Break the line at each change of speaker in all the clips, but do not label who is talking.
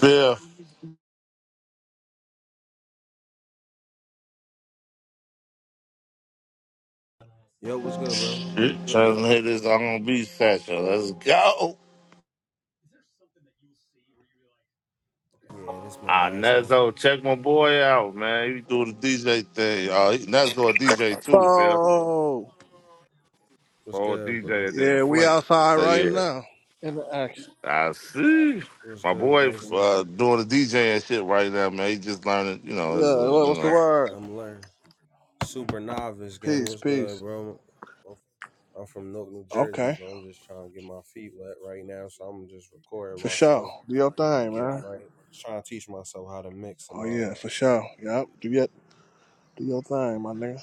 Bill,
Yo, what's good, bro?
trying to hit this on beat session. Let's go.
Yeah, this my
Ah,
last one.
Nezzo, check my boy out, man. He do the DJ thing. Uh, he- Nezzo a DJ too, Bill.
Oh,
What's
Or a
good, bro?
DJ there in
yeah, we
Flint.
Um,
outside
So
right
yeah,
now in the action.
I see.
What's
My
good,
boy
gangster?
uh, doing the DJ and shit right now, man. He just learning, you know. Is uh,
Yeah, what-
you
what's the
know.
word?
I'm learning. Super novice, gang.
Peace,
What's good,
peace.
bro? I'm I'm from Newark, New Jersey,
Okay,
bro. I'm just trying to get my feet wet right now, so I'm just recording
for
myself.
sure. Do your thing,
Get
man.
right. Trying to teach myself how to mix and
Oh
all
yeah,
that.
for sure. Yep, do your do your thing, my nigga.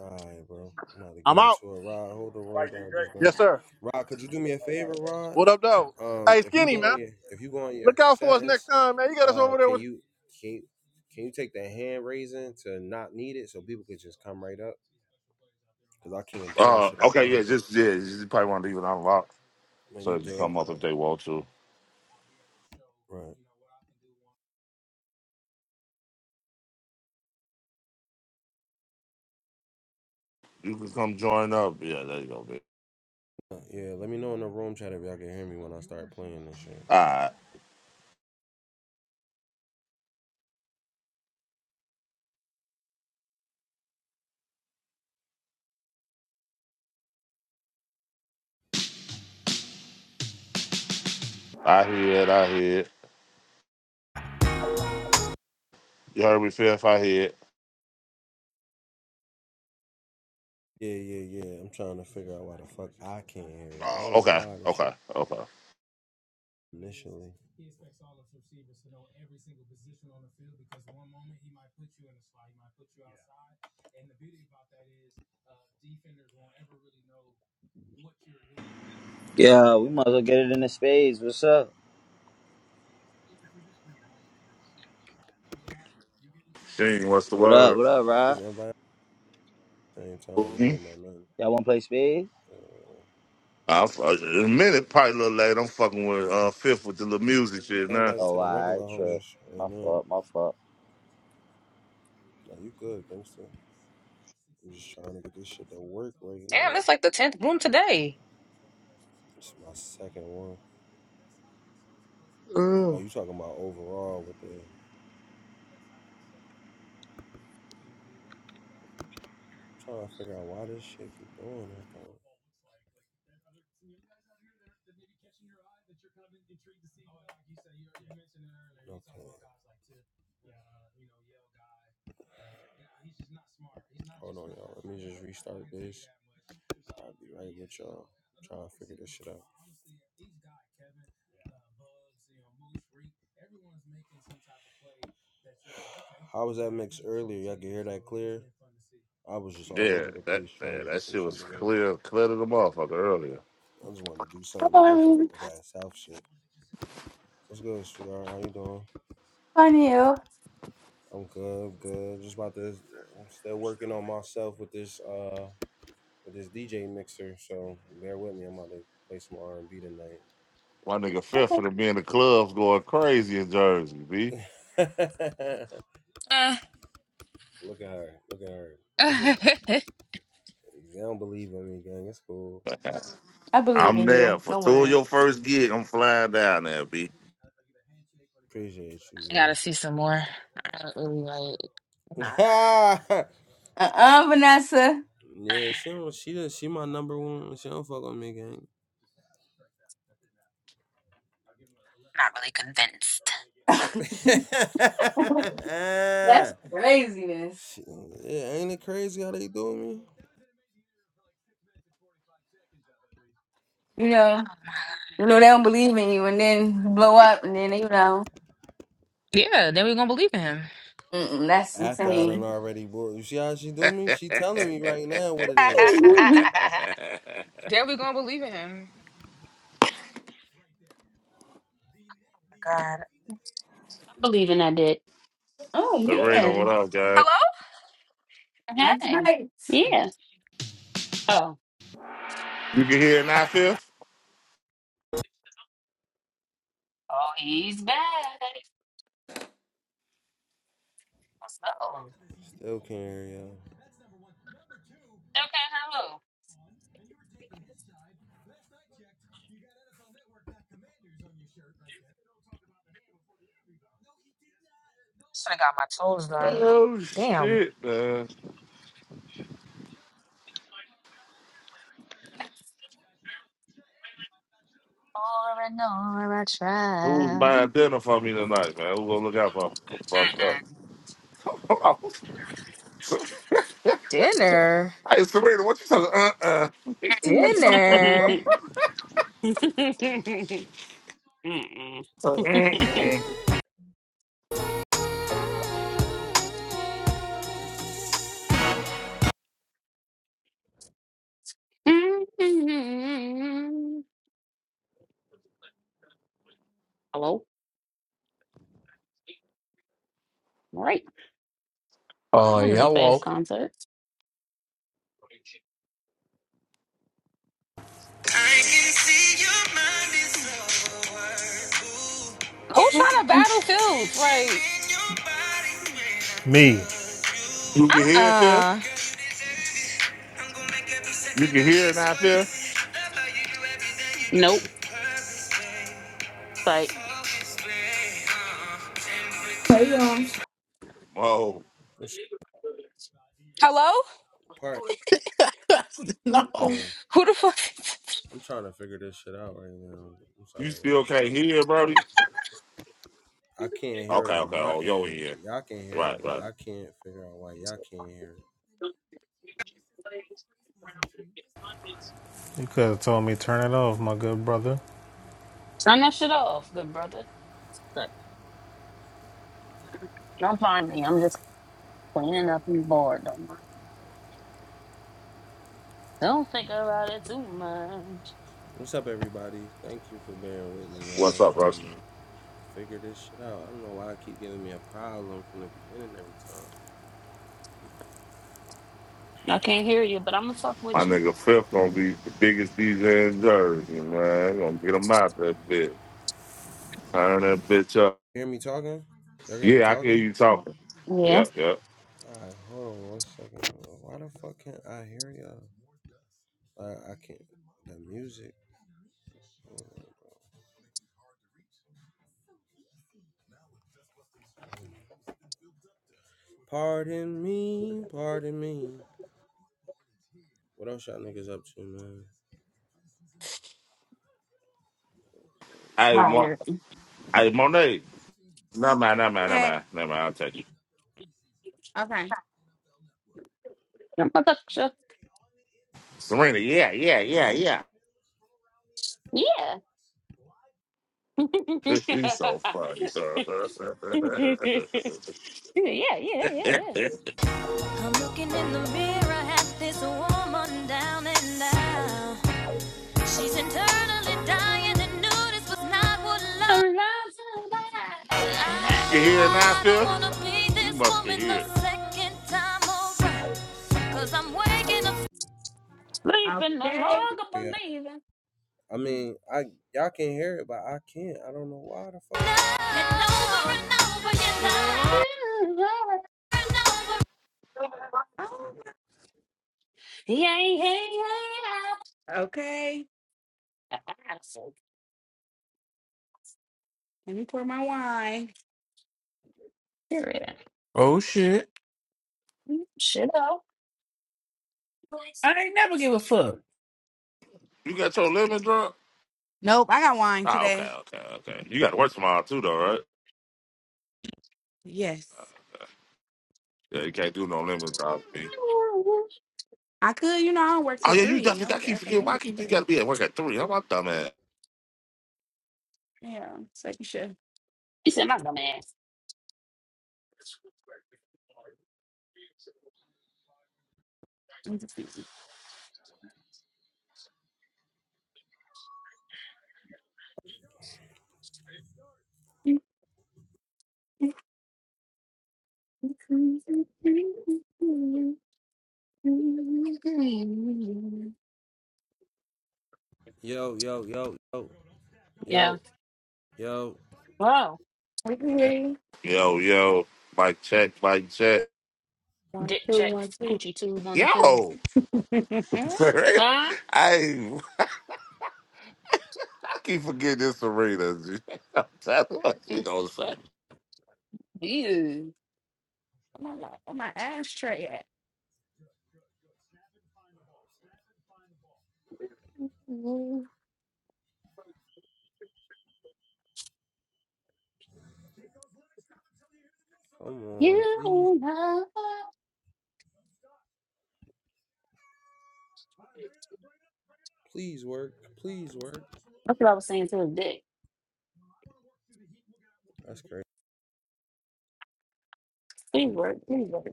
So, all right, bro. I'm about to get
I'm out.
into it. Rod, hold the room down. Just bring.
Yes, sir.
Rod, could you do me a favor, Rod?
What up, though?
Um,
Hey,
if you
skinny
go
man,
on your if you go on your
look out for us next
settings,
time, man. You got us
uh,
over there
can
with.
you can you, can you take the hand raising to not need it so people could just come right up? Cause I can't do that
Uh,
shit on
okay, yeah,
club. But
just yeah. You probably want to leave it unlocked
no,
so
you
they can
good,
come up if they want to.
right?
You can come join up. Yeah, there you go, Bill.
Uh, Yeah, let me know in the room chat if y'all can hear me when I start playing this shit.
All right, I hear it. I hear it. You heard me, Fifth. I hear it.
Yeah, yeah, yeah. I'm trying to figure out why the fuck I can't hear it. I
Oh,
don't know
okay,
why this shit.
okay, okay.
initially. He expects all of his receivers to know every single position on the field because one moment he might put you in the slot, he might put you outside. Yeah. And the beauty about that is uh, defenders won't ever really know what you're doing because I don't
Yeah,
think
we
we're
might as
ever
well
going
get
to
it in the
just.
spades. What's up?
If we just rewind to your decision to slide, this was not you getting three.
Dang, what's the
What up?
word?
What up,
He's
Rod?
invited at the same time. That
hmm
ain't about nothing.
Y'all want to play spades?
Uh,
I, I, in a minute, probably a little late. I'm fucking with uh, Fifth with the little music shit
I
now.
invite
Oh,
to the regular
alright, true.
homies,
My
and then
fault. My fault.
now you good, gangster. I'm just trying to get this shit to work right
Damn,
now.
it's like the tenth room today.
It's my second one. Oh,
Mm.
you talking about overall with the? I'm trying to figure out why this shit keep doing that though. There other- some guys out here that, are, that may catching your eye that you're kind of intrigued to see. Oh, yeah, like you said, you, you mentioned it earlier. Okay. You talk about guys like Tip, uh, you know, Yale guy. Uh, yeah, he's just not smart. He's not Hold on, smart. y'all. Let me just restart this. I'll So, be right yeah, with you all Trying to figure this shit out. honestly, each guy, Kevin, uh, Bugs, you know, Moose, Freak, everyone's making some type of play that you How was that yeah, mix earlier? Y'all can hear So that clear? I was just all
Yeah,
over the
that
place trying
yeah,
to
that
get some
shit
shit
was
together.
clear, clear to the motherfucker earlier.
I just wanted to do something different
Hello.
with that South shit. What's good, sweetheart? How you doing?
Hi, Neil.
I'm good, I'm good. Just about to I'm still working on myself with this uh with this DJ mixer, so bear with me. I'm about to play some R and B tonight.
My nigga Fifth
Okay.
for being in the clubs going crazy in Jersey, B.
Uh,
Look at her. Look at her.
I
They don't believe in me, gang. It's cool.
I believe
I'm
in
there
you.
for
Don't
two of
worry.
your first gig. I'm flying down there, B.
Appreciate you, gang.
gotta see some more. I don't really like. Nah,
Uh-uh, Vanessa.
yeah, she
not
don't. She does. she my number one. She don't fuck on me, gang.
really convinced.
That's craziness.
She- yeah, ain't it crazy how they do me?
You know, you know they don't believe in you, and then you blow up, and then you know,
Yeah, then we gonna believe in him.
mm-mm, that's
After I done
insane.
already bought. You see how she do me? She telling me right now what it is. So
oh
then we gonna believe in him. God,
Believing I did.
Serena, what
man,
up, guy?
Hello?
that's
Hey.
right.
Yeah. Oh.
You can hear it now, Fifth?
Oh, he's back. What's up?
still can't hear y'all.
Okay, hello.
and you were taking his side. Last I checked, you got NFL Network dot commanders on your shirt right there. They Don't talk about the hand before the air rebound. No, he did not. No.
should have got my toes done.
Oh
Damn.
shit, man.
Over and over I
Who's
try.
buying dinner for me tonight, man? Who gonna look out for fucked up?
Dinner,
hey, Serena, what you talking? Uh, uh,
dinner.
Mm-mm. Mm-mm.
uh, mm, mm.
Mm-mm. Hello? Right.
Oh,
That was a fast
hello.
concert.
I can see your mind is overworked.
Who trying
yeah.
to
Ooh.
battle Phil?
Tension
Like,
in your body when I Me.
You can
uh,
hear it there.
uh
I'm gonna make every
You
second
can
of
hear it
this
out there.
worth it. Love how you do everything you do.
Nope.
Mm,
Purpose, babe.
Like,
Focus, babe. Uh-uh.
Hey
Temperature
y'all.
Oh,
Hello?
part?
No,
Okay.
I'm
Who the fuck?
trying to figure this shit out right now. I'm
you
sorry,
still
y'all.
can't hear, it, Brody?
I can't hear it
Okay,
on
okay.
my
Oh, yo,
end.
here.
Y'all can hear it,
Right,
but
right.
I can't figure out why y'all can't hear it.
You could have told me turn it off, my good brother.
Turn that shit off, good brother. Look, Don't mind me. I'm just cleaning up and bored. Don't mind me. Don't think about it too much.
What's up, everybody? Thank you for bearing with me, y'all.
What's
I'm
up, bro?
trying to figure this shit out. I don't know why I keep giving me a problem from the beginning every time.
I can't hear you, but I'm gonna fuck
My
with you.
nigga Fifth gonna be the biggest DJ in Jersey, man. Gonna get him out that bitch. Turn that bitch up.
Hear me talking? Y'all hear me
Yeah, I can hear
talking?
you talking.
Yeah,
Yep, yep.
Alright, hold on one second. Why the fuck can't I hear y'all? I, I can't. The music. Pardon me, pardon me. What else y'all niggas up to, man?
Hey, Mo-
tired.
hey, Monet. No man, no man, no
Hey,
man, no man. I'll touch you.
okay,
I'm gonna fuck you.
Serena, yeah, yeah, yeah, yeah.
Yeah.
He's so funny, sir.
yeah, yeah, yeah,
you
yeah.
I'm looking in the mirror at this woman down and out. She's internally dying and knew this was not what love.
I'm Alive,
I,
I'm
hear it
alive.
now,
don't
Phil?
wanna be
You
this
must be
woman
here.
the second time around. Cause I'm waking up
Sleeping, no
Okay.
longer
Yeah,
believing.
I mean, I y'all can hear it, but I can't. I don't know why the fuck. and over and over
Yeah,
oh,
yeah, yeah.
okay.
yeah. I'm so
Let me pour my wine.
serious.
Oh, shit.
Shit up.
I ain't never give a fuck.
You got your lemon drop?
Nope, I got wine
Ah, okay,
today.
okay, okay. You got to work tomorrow too, though, right?
Yes,
Yeah, you can't do no lemon drop. B.
I could. You know, I don't work
Oh
till
yeah, you
three.
definitely
I
got to
work
keep
after
forgetting. Why
midnight.
keep you got to be at work at three? How about dumb ass?
Yeah, second shift.
You said my dumb ass.
I'm just busy.
Yo, yo, yo, yo,
Yeah.
yo, yo.
Wow.
We can hear you.
Yo, yo, mic check, mic check.
One,
Dick
two,
check.
one, two.
Coochie two, one, two. one two.
Yo,
Where
Serena,
Huh?
I I keep forgetting this Serena. That's what she gonna say.
You.
my where my ashtray at?
Come on, please,
You love.
please work, please work.
That's what I was saying to the dick.
That's crazy.
Please work. Please work.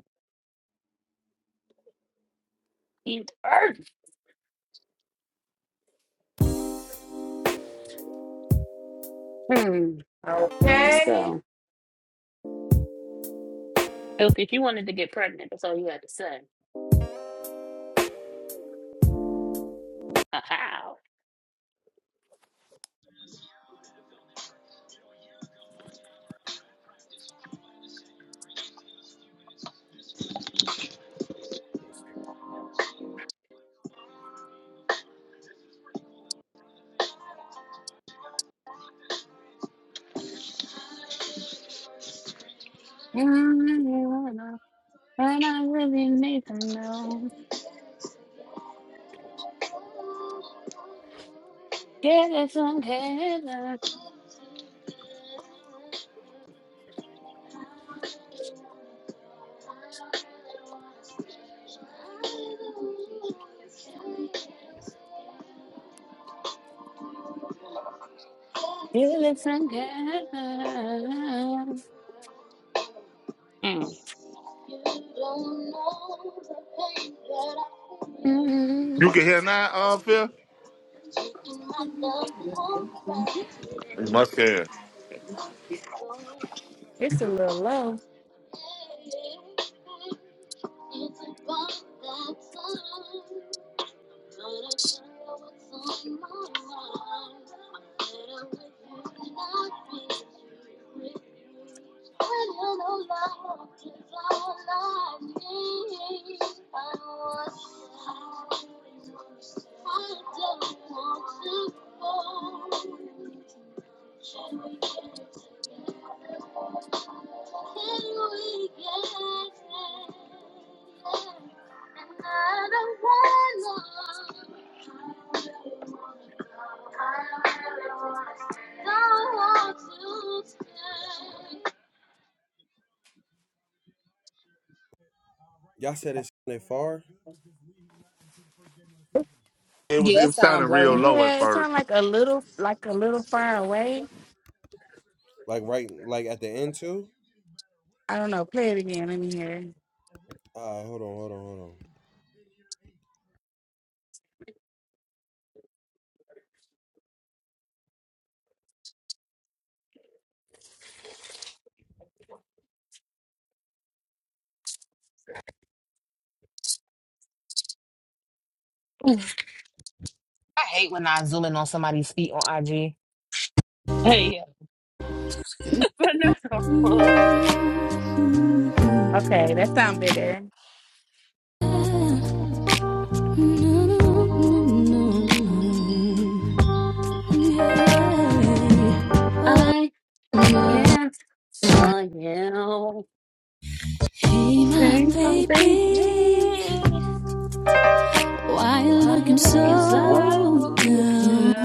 Eat earth. Hmm. Let's
Okay,
go. If, if you wanted to get pregnant, that's all you had to say. Uh, How? And I really need to know. Get it together. Get it together. Mm.
You
Mm.
can hear now, uh, Phil. It must have.
it's a little low.
Y'all said it's they far.
It was
yeah,
it
it
was
sound
sounding real
blurry.
low at
Yeah, It
first.
not like a little, like a little far away.
Like right, like at the end too.
I don't know. Play it again. Let me hear.
All right, hold on, hold on, hold on.
I hate when I zoom in on somebody's feet on IG.
Hey, but no.
Okay, that sound better.
I can't for you.
Hey, my
Ain't no thing.
baby,
Please,
why you
are you
looking
looking so
Oh,
so down?
You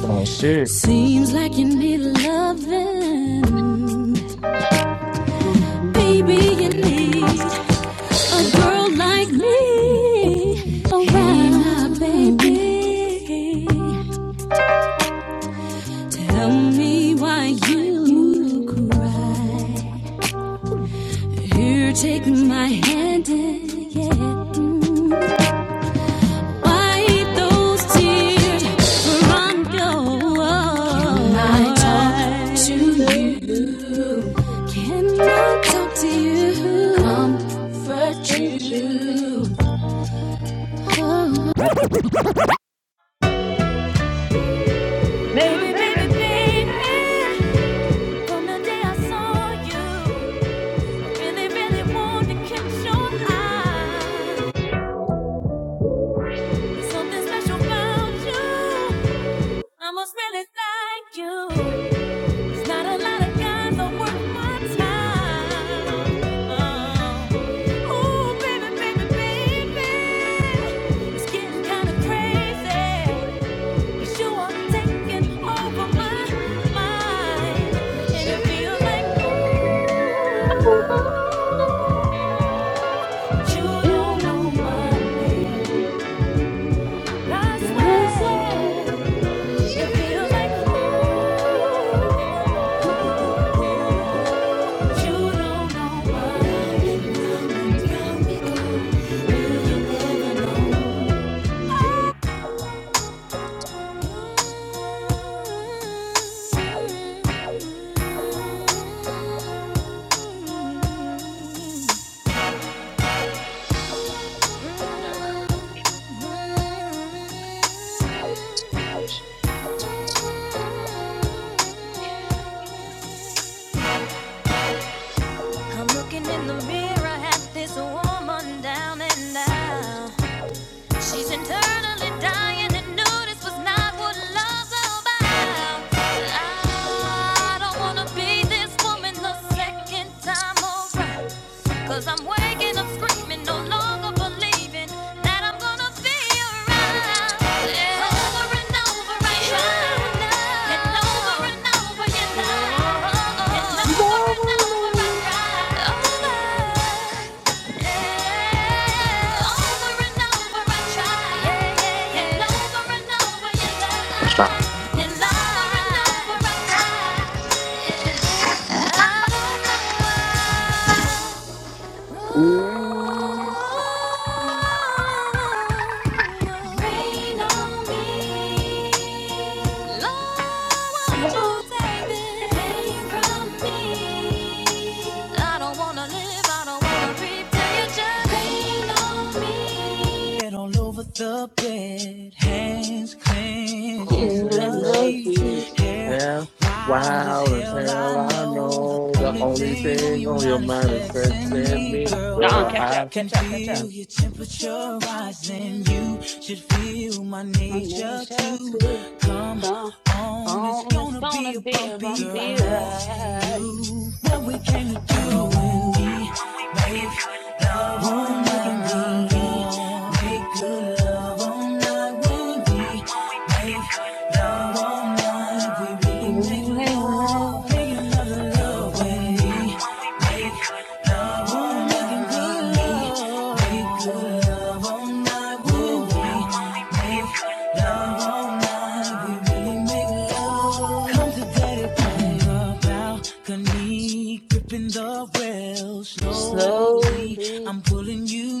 gonna shit.
Seems like you need loving, baby. You
Who
need. A girl like me, oh my baby,
young?
tell me why you
you.
cry. You take my hand and yeah, mm, those words. Do you
To you.
not talk to you? Comfort
Such you.
you,
Baby,
baby, baby,
baby, baby.
baby. From the day I saw you, really, really wanted to catch your eye. Something special about you. I must really like you. There's not a lot of guys that worth my time. Oh, ooh, baby, baby, baby. It's getting kind of crazy. 'Cause You are taking over my mind. And it feels like you
You
don't know
don't know
my
my name.
I
You're
swear.
a slut.
It feels like, ooh. I'm looking in the mirror at this woman down and out. She's internally dying to know this was not what love's about. I don't wanna be this woman the second time around. Cause I'm waking up screaming, no longer believing that I'm gonna be around. Yeah. Over and over I tried, and over and over you lie, and over
Yeah.
and over I cried. Over. Yeah. Over and over I try. Yeah. And over and over you lie. And over and over I cry. Yeah. I don't know why.
No,
Rain on me. Lord, won't you take this pain from me? I don't wanna live, I don't wanna breathe till you just rain on me. Get all over the bed, hands clenched in the sheets, hair wild as
Wild as
hell.
hell,
I
I
know the
know the
only
only
thing on
thing
your
on your
mind is
mind is
sex
sex
and
and
me,
me,
girl.
girl.
I
catch
I
up,
can
catch up, catch up.
feel your temperature rising. You should feel my
My name
nature
shall
too.
to
Come
come
on, it's
on. It's
gonna
gonna
be a
be a
bumpy
bumpy
ride.
ride.
Gripping the rail slowly,
Slowly,
I'm pulling you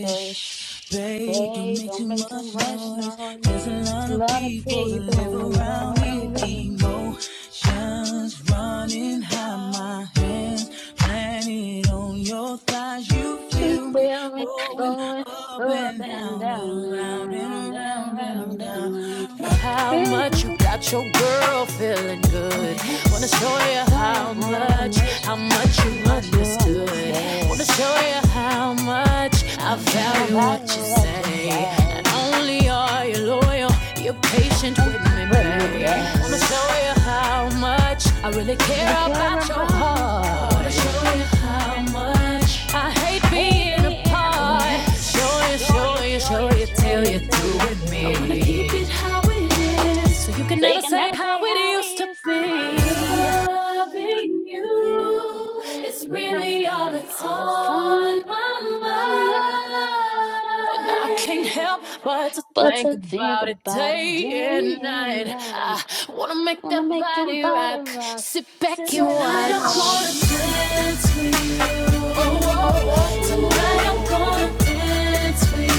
so shh,
Babe, don't
hey,
make
don't
too
make too
much
much
noise.
noise.
There's a lot
A
of
lot of
people that live
people
around here.
around me.
Emotions running high, my hands planted on your thighs you
She
feel me
feel me
going
going
up
up
and
and
down
down
and
and
around and
round and
around and
round
around?
and round.
How
Girl,
much you got your girl feeling good? Wanna show you
tell you
how
how
much,
much,
how much you
much you
understood.
understood.
Wanna show you how much I
And
value what you
value what you
say. Not
say.
only are you loyal, you're
It
patient with
Thanks for
me,
putting me
babe. Wanna
back.
show you you how much I really
I
care
really care
about your
about your
heart. I Wanna
heart.
show you how much I hate
I hate
being
being
apart.
apart.
Show you,
Sure
show
you,
you,
sure
show
you,
you
sure
till
you
you're
till
through
you're
with
through
me. I
with
wanna keep it
me.
how it is, so you can
So you
never
can
say
never
how
say
it
how
used to
it used
be.
to be.
Loving you
You.
is really all that's
That's on
on my mind. I can't help but to
But
think
to think
about it
about it
day
day
and
and
night.
night.
I wanna make
Wanna
that
make your
body
body
rock.
rock.
Sit back
Sit
and
back
watch.
and
Tonight I'm
watch.
gonna dance with you. Oh, oh.
Oh,
oh.
wanted
Tonight
to
I'm
oh, oh,
gonna dance with you.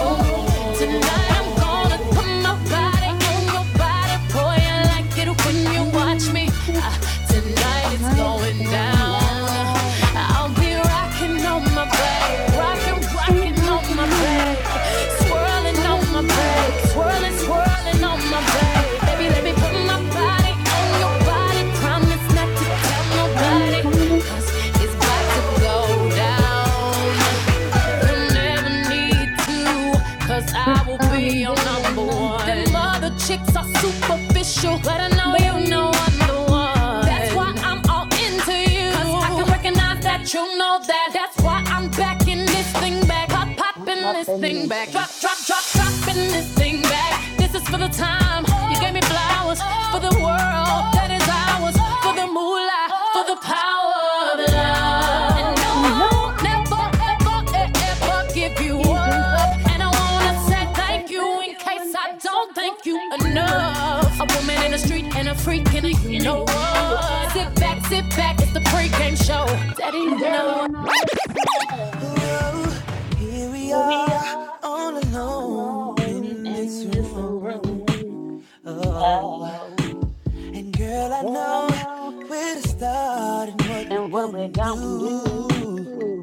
oh, oh. oh.
I'm gonna put my
Put my
body on
body
your body, boy. I
on
like it when you
when you're
watch me.
my tree.
Ah, tonight
like
it's
Night is
some
going
going
down.
down.
I'll be rocking on my babe, rocking,
Watching
rocking on my
rocking on my
babe, swirling on my
serving on my
babe,
nose. Sweet on my body. I'm being number
swirling.
one. Then
That's why
I'm
I can this
nothing
thing back.
Wednesday.
Drop, drop, drop, dropping this thing back. This is for the time you gave me flowers, for the world that is ours, for the moolah, for the power of love. And no,
No,
I won't
I won't
never,
let ever
ever, e- ever give you
give you
up.
up.
And I
I
wanna say
wanna say
thank you
thank
in
you
case
in
I
case I
don't thank
don't
you
thank you. uh,
enough. A woman in the
Oh
street
man,
and a
and
freak
I
and a you
freaking
know
you know
what. Sit back,
it.
sit back, it's the pregame show. Daddy,
And
you
then
know what.
you
stuff.
know it's sad.
Well, here we
We
are,
are
all alone
alone
in this
in this
room.
room.
Oh,
Oh,
and girl, I
well, I
know
know.
where to start and what
And
we're
what we're
gonna
gonna
do.
do.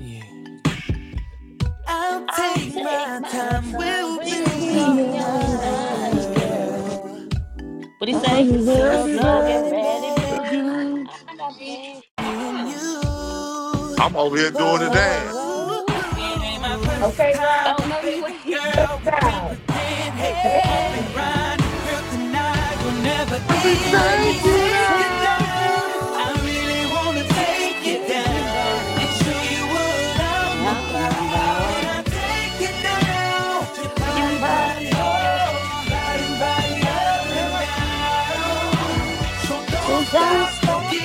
Yeah. I'll
I'll
take
take
my
my
time,
time.
we'll
We'll
be all
be all
night,
night,
girl.
girl. What do you say? And
So get
so get
ready,
man,
ready,
babe.
babe. I got plans.
and
Uh-uh.
you.
I'm over here doing the dance.
Oh.
Whoa.
It ain't my first
Okay,
time,
Rob.
Oh
but
no, you
baby
ain't.
Bust
girl, we can
out.
pretend. Hey, this
Hey.
bump and
Hey,
grind, girl, tonight will never
Let me
end. Let
I
me
take you
wanna
take you
take you
down.
down.
down,
I really wanna take you
take you
down and
down.
show you what I'm
I'm
about. I
about
take you down, your
your
body,
body,
body,
body,
oh, body,
your body,
body up
body
and
up and
down.
down.
So
So don't stop.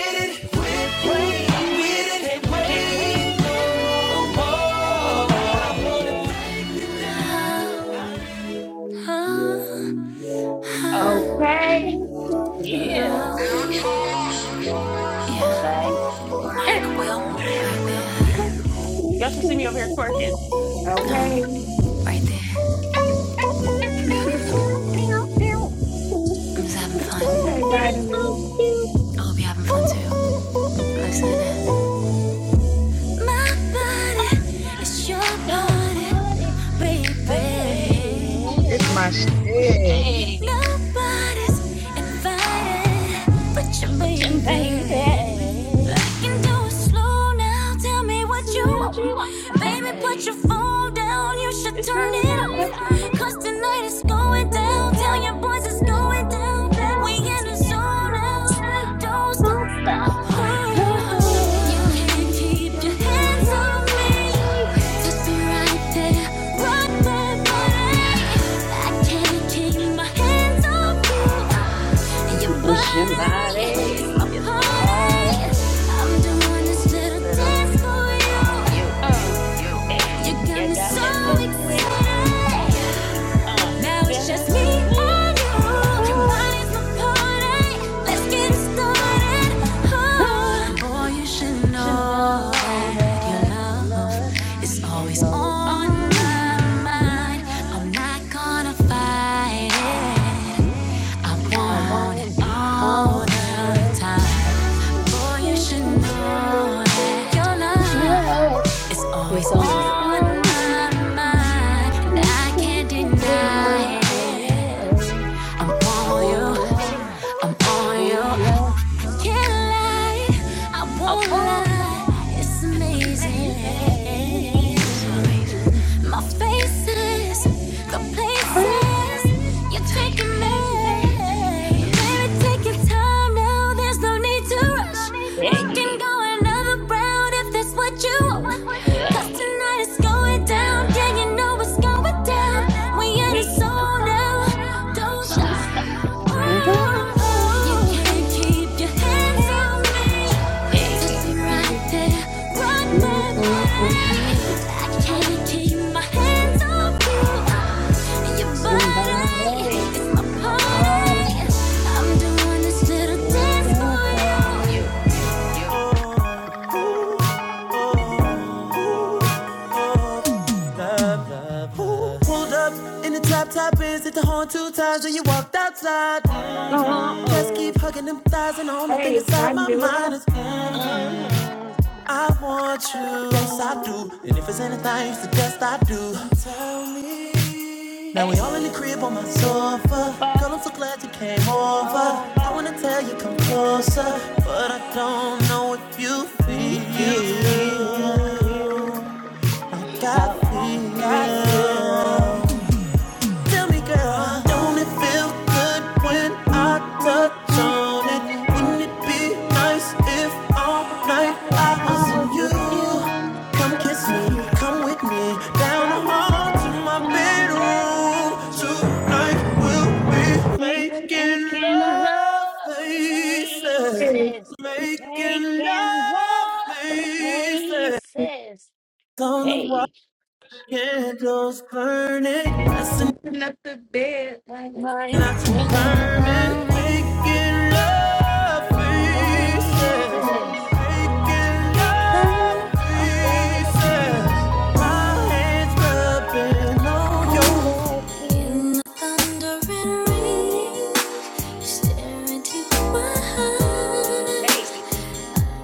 Mm-mm-mm. Can't wait no more. Oh,
Okay.
yeah. You
Yeah,
Say,
Mike will. Right
y'all should see me over here twerking.
No,
Okay.
right there. I'm just having fun.
Okay,
I
Dance on
vitamin.
you,
hope you're having fun too. Listen My body is your
your body,
party, baby.
It's my
babe.
shit.
Hey,
Nobody's invited but your
watching
baby. I
baby.
can do it slow now. Tell me what
Smell
you
you.
want. Baby, put your
Hey,
phone down. You should
this
turn
is
it off.
But
how.
the
tonight is going down. Tell your boys it's going
light.
down. down. We in the zone now. Don't stop.
Don't stop.
Can you
Oh,
keep children?
my hands off me. It's your body. It's my body. I'm doing this little. Uh,
You
hey,
got me
you got me
so
so weak.
excited
Hey, uh,
now it's
yeah,
just
it's
me
to see.
and you. Your
Oh,
body's my party. Let's get it started. Oh,
oh,
boy, you should
should
know
know
that your
that your love
love is
is
always
always
on
on
my
my
mind.
mind.
I'm not gonna fight it. I
I
want it
want
all
all
the
the time.
time. Boy, you should know that your love.
Love
It's always
is always
on
on
my
my
mind, and
mind.
I can't deny
Deny
it.
it.
I'm
I
on
want
you,
ya.
I'm
I
on you.
want ya.
Can't lie, I
I
won't
want
lie.
life.
It's
It's
amazing.
amazing.
My faces, the places
Please,
you're taking me.
baby.
Baby, take your time now. There's no need to rush. We can
Hey,
go another round if that's what you want. 'Cause
hey.
tonight it's going down. Yeah, you know it's going down down. We in a
We in the
zone now.
sauna.
Don't
Don't
stop.
stop.
Oh, oh. You can't keep your
my
hands on
hands up.
me.
I
Touch me
Hey.
right there. Run that way.
Mm-mm-mm-mm.
I can't
can't
keep my
keep my
hands on you. Your body
Somebody
is my
in my
party.
party.
I'm doing this little
will
dance
dance
for
for you.
you. Love, love, love. Pulled up in the top top is Hit the horn two times and you walked outside. Mm-hmm.
Uh-uh,
Just keep hugging them thighs and the only thing
Hey, I
inside
need
my
a
mind
laugh.
is mm-hmm.
uh huh.
I want you, yes I
uh-uh.
do. And if it's anything you suggest I do, tell me. Now we all in the
Hey,
crib on my sofa.
fuck
Girl, I'm so glad you came over. I
over.
wanna tell you come closer, but I don't know if you feel.
You
You feel.
feel
I
how I
feel. I
feel.
feel. Tell me, girl, don't it feel good when
Mm,
I
mm,
touch
mm,
on it?
mm, mm.
Wouldn't it be nice if all night
Night,
I
I
was
I
was
in
was
you?
with
you.
you
Come
Don't
kiss
you
me,
me.
come with me, down the
Down the
hall to
hall.
my
in my
bedroom.
bedroom.
Tonight we'll
Must
be
be
making
Listen,
making
love
love,
love
faces,
is.
faces,
making
making
love,
love
faces
faces.
on the wall.
Hey,
Candles burning, blessing
Listen up the bed. like
my
not to
making
burn it.
love
Making love pieces,
faces.
making love
Okay,
pieces. My hands rubbing on
only
you.
us can.
In the thundering rain, staring into my eyes,
Hey,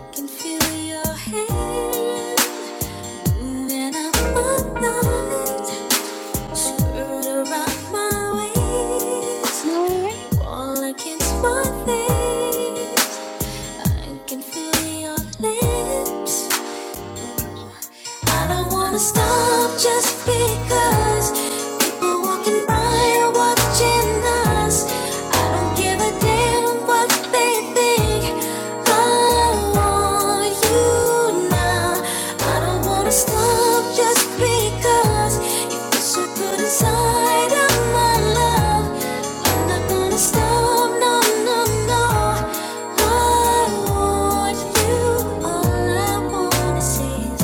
I can feel your hand moving up my night. Skirt around my waist,
no,
fall against my face. I can feel your lips I don't wanna stop just because people walking by are watching us. I don't give a damn what they think. I want you now. I don't wanna stop just because you feel so good inside of my love. I'm not gonna stop, no, no, no. I want you. All I wanna see is.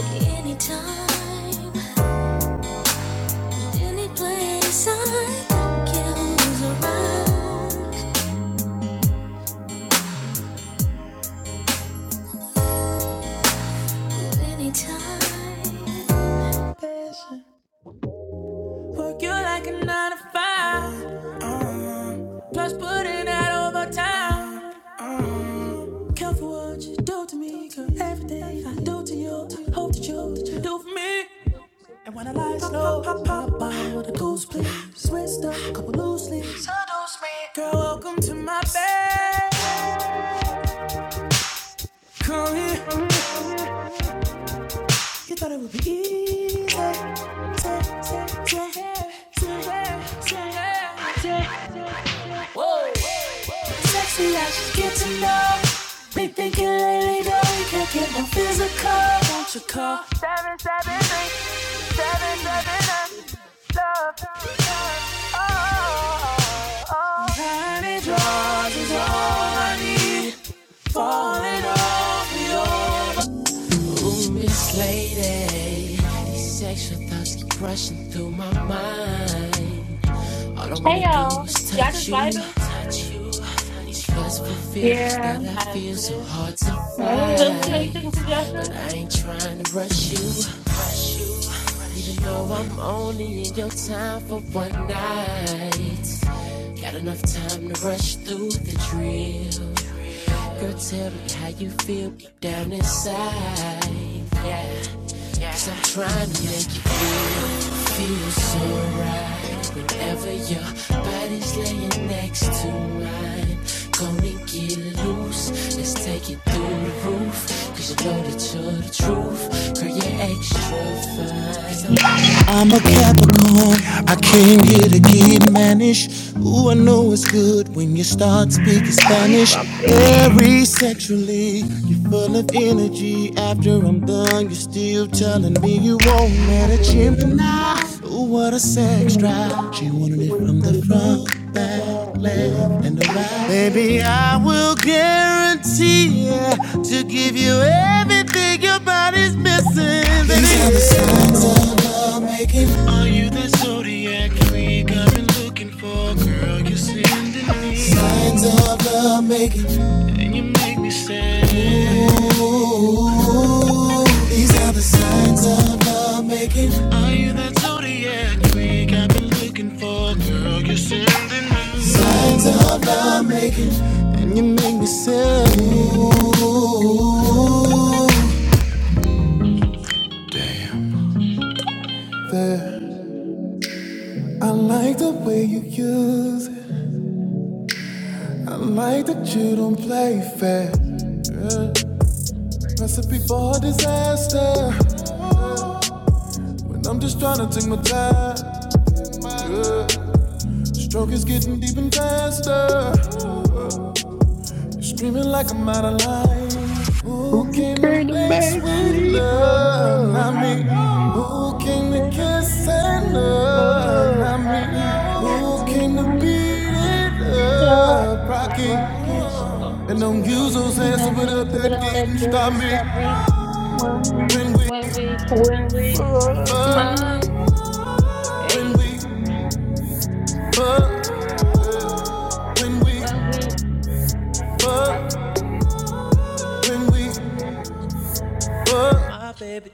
Anytime, any place I can move around. Anytime. Nine to five. Uh, plus putting out overtime. Uh, careful what you do to me, cause everything I do to you, I hope that you do for me. And when I lie slow, pop, pop, pop, out with a goose, please. Switched up, couple loose leaves. Seduce me. Girl, welcome to my bed. Come here. You thought it would be easy. Whoa. Sexy, I should get to know. Been thinking lately that we can't get more physical. Won't you call? Seven, eight, seven, seven, um, love. Oh, oh, oh. Tiny draws is all I need. Falling off, we all This lady, these sexual thoughts keep rushing through my mind. All I
Hey
wanna do is
y'all, y'all
touch
just
you,
vibing?
touch you. These lustful feelings that
Yeah.
I
I just
feel so
still
hard to
do
Hey.
fight,
anything
but
suggestion
I ain't trying to rush you, rush you. Even though I'm only in your time for one night, got enough time to rush through the drill. Girl, tell me how you feel deep down inside. Yeah. I'm trying to make you feel so right Whenever your body's laying next to mine Come and get loose, let's take it through the roof. 'Cause you know that you're the truth Girl, you're extra fine I'm a Capricorn, I came here to get mannish. Ooh, I know it's good when you start speaking Spanish. Very sexually, you're full of energy. After I'm done, you're still telling me you won't let
I'm
a
never gonna
Gemini.
not
Ooh, what a sex
say
drive. She
God.
wanted
He
it
went
from the
from
front, back,
that
left,
left
and the
and
right.
right.
Baby, I will guarantee yeah, to give you everything your body's missing. These are the signs of
down to the
love
left.
making Are you that zodiac freak I've been looking for, girl? You see, signs of love making. Ooh, these are the signs of love making. Signs of love making. And you make me say, Ooh, there. I like the way you use it. I like that you don't play fair. Recipe for disaster. When I'm just trying to take my time. Good. Stroke is getting deep and faster. You're screaming like I'm out of line. Who came to
came to
make
make
sweet
sweet
love?
love,
Not me.
not me?
Who
Who
came to
came to
kiss
make
and
sweet
love?
love,
Not me.
not me?
Who came
it's
to
not
beat it up?
of
Rocky.
rocky.
And don't use those hands to
Don't
put
hit
up
the bit
that
of
Not
gate
that
and
me.
gate
stop
and
me.
stop me
When we
When we
when we.
when we
fuck.
fuck,
fuck.
when
Hey,
we fuck,
Ooh.
yeah. when we
when we,
fuck, when we
when
My baby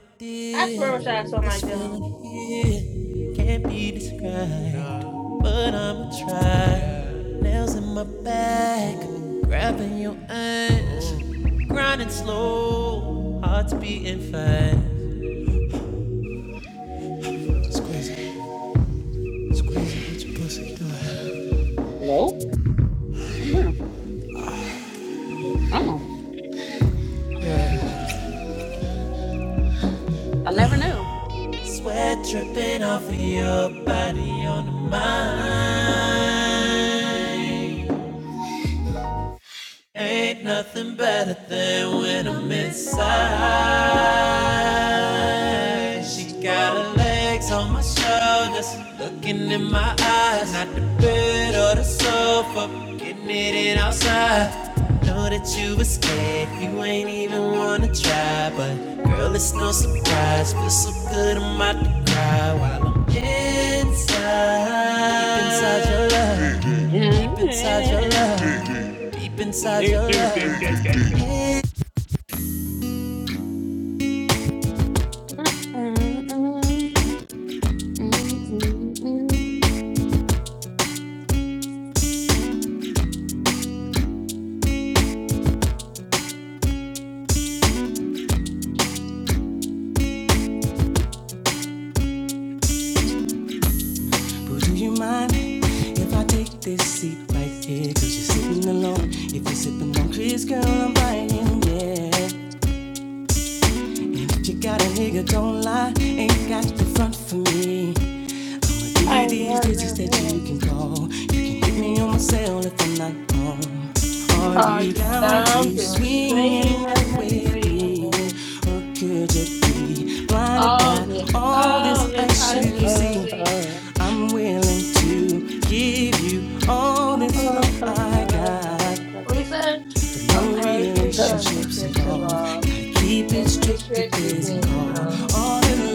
I swear, I
dear,
wish I had something
this
like him.
feeling here can't be described, but I'ma try. Nails in my back, grabbing your ass, grinding slow, heart's beating fast. Squeezing, squeezing, what your pussy doing?
we, mm, mm, I never knew.
Sweat dripping off of your body on mine. Ain't nothing better than when I'm inside. She got her legs on my shoulders, looking in my eyes. Not the bed or the sofa, getting it in outside. Know that you were scared, you ain't even wanna try. But girl, it's no surprise. Feel so good, I'm about to cry while I'm inside. Deep inside your love, deep inside your love, deep inside your love. But do you mind if I take this seat right here? Cause you're sitting alone. If you're sipping on Chris, girl, I'm buying, yeah. And if you got a nigga, don't lie. Ain't got the front for me i am give you
I
these
love
digits that you can
you.
call. You can hit me on my cell if I'm not home. Are
Are
you
you
down
down
to
to
swing
scream
and
of
act
my
with me?
dreaming?
Or could you be blinded
All
by
this,
all this
all this,
ice
I
you
do
see?
see.
I'm willing to give you all this love I got.
Reason of
No
her to go and
relationships
get to
involved.
wrong.
Gotta keep it
Give me a
strictly
stretch, we fit to
physical.
go.
All in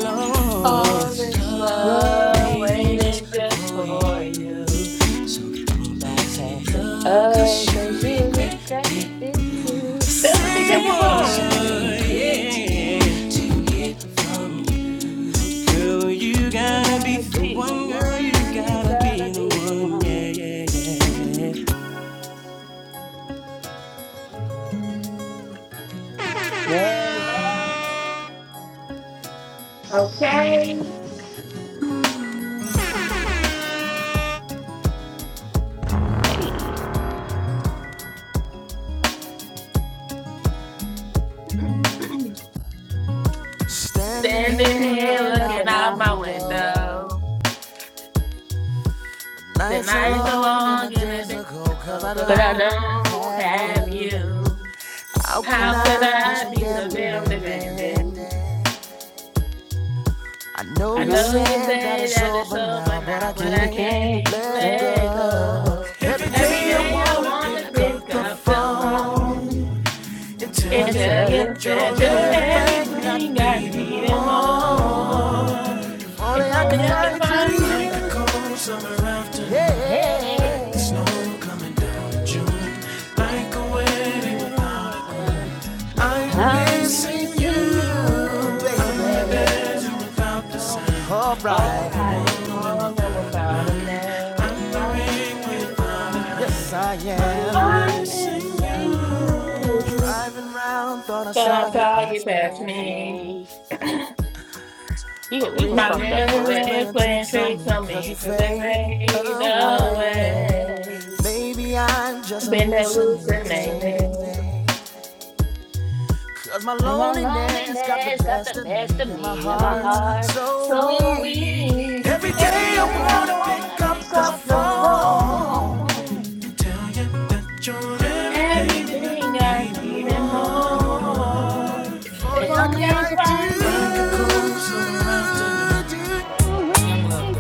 All
love.
this
Love
love
Love
waiting just
waiting
waiting
just
just
for
for
for
you.
you.
you.
So don't
Don't
pass
pass
it
it
up.
up,
Cause you
cause you
regret
regret
it.
it too.
Bill be
Say
Say
check your
what?
a
phone.
word.
Yeah. To get from you. Girl, you
You
gotta be
gotta
the
be the
one. Girl, you
one. You
gotta
gotta
be the
be the
one.
one.
Yeah, yeah, yeah.
Yeah, yeah.
Okay.
Hey.
Standing
Standing
here
here
Here
looking
looking
out
looking
my
out
out
my
my
window.
window.
window. The
Nights are
nights
I
are
long and my
thought,
long and the
days
days
are cold
are
cause I
cold cause
But
I
I
don't
don't
don't
have
have
have
you.
you.
you.
How can
How
How
could
could
I be
I
so
I
be
be
damn
so
so
damn
damn
demanding?
demanding?
demanding?
I know
I
you
know you
Love,
said that
say
it's
that it's
over
over
now, but
now,
I
but
and
I
I can't
can't
can't
let
let
let
go.
go.
go.
Every
Every
Every
day I
day
day I
I
wanna
wanna
wanna
pick
pick
pick
up the
up
up the
the
phone
phone
phone.
and
and
tell
and
you
tell
tell you
you
that you're
that
that
you're
you're
everything I
everything
everything
I
I
need and
need
need
and
and more.
more.
more.
If only
If
If
I
only
could
I
only I
can
find
could
you.
find
find
I
you.
could
you.
go somewhere after. Yeah. It's no
Yeah.
June, like a
I'm
wedding.
ready without a
I'm
I'm
missing you,
missing you, oh,
baby.
baby. All
Alright,
I can
right.
wander without a name. I can sing without a
yes
name.
I am.
I
I'm
will
missing
sing you.
you.
Driving round, thought I saw
Thought
That's
I
you
how
saw
you
pass
you
pass
me.
pass
me.
me.
A
Yeah, we was
My
fucked
rearview
up for
rebel
mirror's blank,
real.
is playing tricks on
'cause you
me because they
fade
made the
away.
way.
Away.
Main journey,
Been
and
hallucinating.
And my loneliness got the best of
my
me and my
heart's
heart
so weak.
So
so
we
weak.
If
every day
Every
you
day
I
I
wanna
wanna pick
pick up
up
the
the phone.
phone. Everything
Everything
I
I
need
need
and
and more.
more. If
If
only
only
I
I
could
could
find
find
you.
you. Ooh-wee.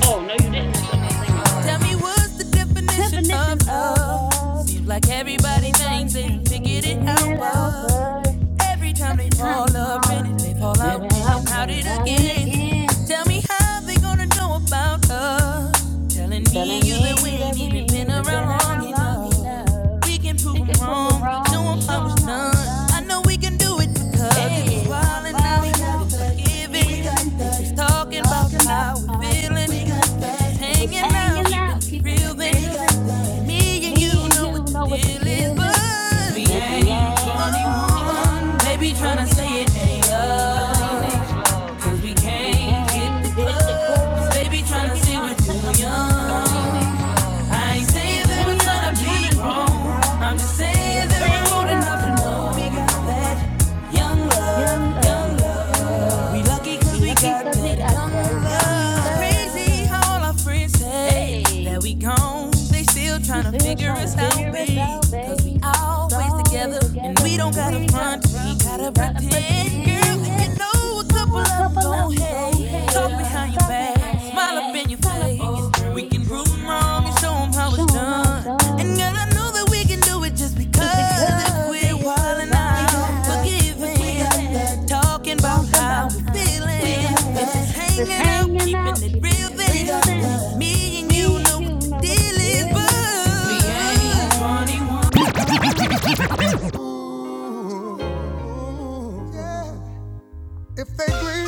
Oh, no, you didn't mess up my singing
Tell
part.
me what's the definition
Definition
of
of
love?
love.
Seems like
Think
everybody thinks
everybody
they done
can can
figured it
get
out,
it out
but
first.
Every time they
Every time you
fall up in
talk,
it, they fall
maybe
out in and
I'll
out
get
it
out and
again.
again.
Tell me how they gonna know about us. Telling me and
Telling
you that
me
we
you
ain't
that we
even
ain't
been
even been
around long
around long
enough.
enough.
We can prove
We
'em
could prove it
wrong, show
wrong,
'em how
show
it's
'em how it's
done. I
done.
know we can do it because it was
Hey, when we're
wild and now we
falling
got it
out,
forgiven. We got
forgiving,
that. just
let's
talking about
talk about
how we're
how we're
feeling. We got
feeling.
that.
If it's
hanging out,
hanging
keeping
out,
it
keeping
real
it
then. We
real,
got
then.
that. Me and you
Me
you
and
know what
you
the
know what the
deal is,
deal is.
but we
Since we
ain't
ain't 21,
21. Baby,
they
tryna
be
say
trying
it
to say
ain't
it ain't love.
love. Cause we
Cause you
can't hit
can't
the
hit the
clubs.
club.
Baby,
They
tryna
be
say
trying
we're
to say
too
I'm too
young.
young.
I ain't
They
saying that we're
saying
trying
I'm
to
trying
be
to be
grown. I'm
grown.
just
I'm
saying
just
that we're old
saying I'm
enough to
old
know.
enough
We
to
got that
know.
young
Young
love, young
love, young
love. We
love.
lucky
We
cause we
lucky
got
cause we
that
got
young
that young
love. It's crazy how all
love.
our friends say
Hey.
that we gone. They still
You
trying to
still
figure
trying to
us out,
figure us
babe.
out,
Cause we
babe. It's
always together
always
and
together.
we don't
And
got a
we ain't got to
front. to me.
front. We
Gotta
ain't got to
pretend, girl,
pretend.
and you
Yes.
know a couple of
Oh, a
them
couple of
gon'
them
hate.
gon'
Yeah. Talk
hate.
behind your
Talk
back,
behind
hey.
your
smile up
back.
in your
Smile up
face.
in your
Oh, girl, we can
face.
prove 'em wrong and show 'em how it's
Showing how it's
done. And
done.
girl, I know that we can do it just
Just
because if
because
we're
if we're
wildin' out,
wild
we
now,
forgiving, we got the-
forgiving.
talking about
Talk
how
about
we're
how I'm
feeling, we got the- We're
feeling.
just
Just
hanging out,
hanging
keeping
out,
it
keeping
real.
it
Then we
real
got
then.
the- me and you
Me and
know what
you
the
know what the
deal is,
deal
but
is.
we
You
ain't
ain't funny one.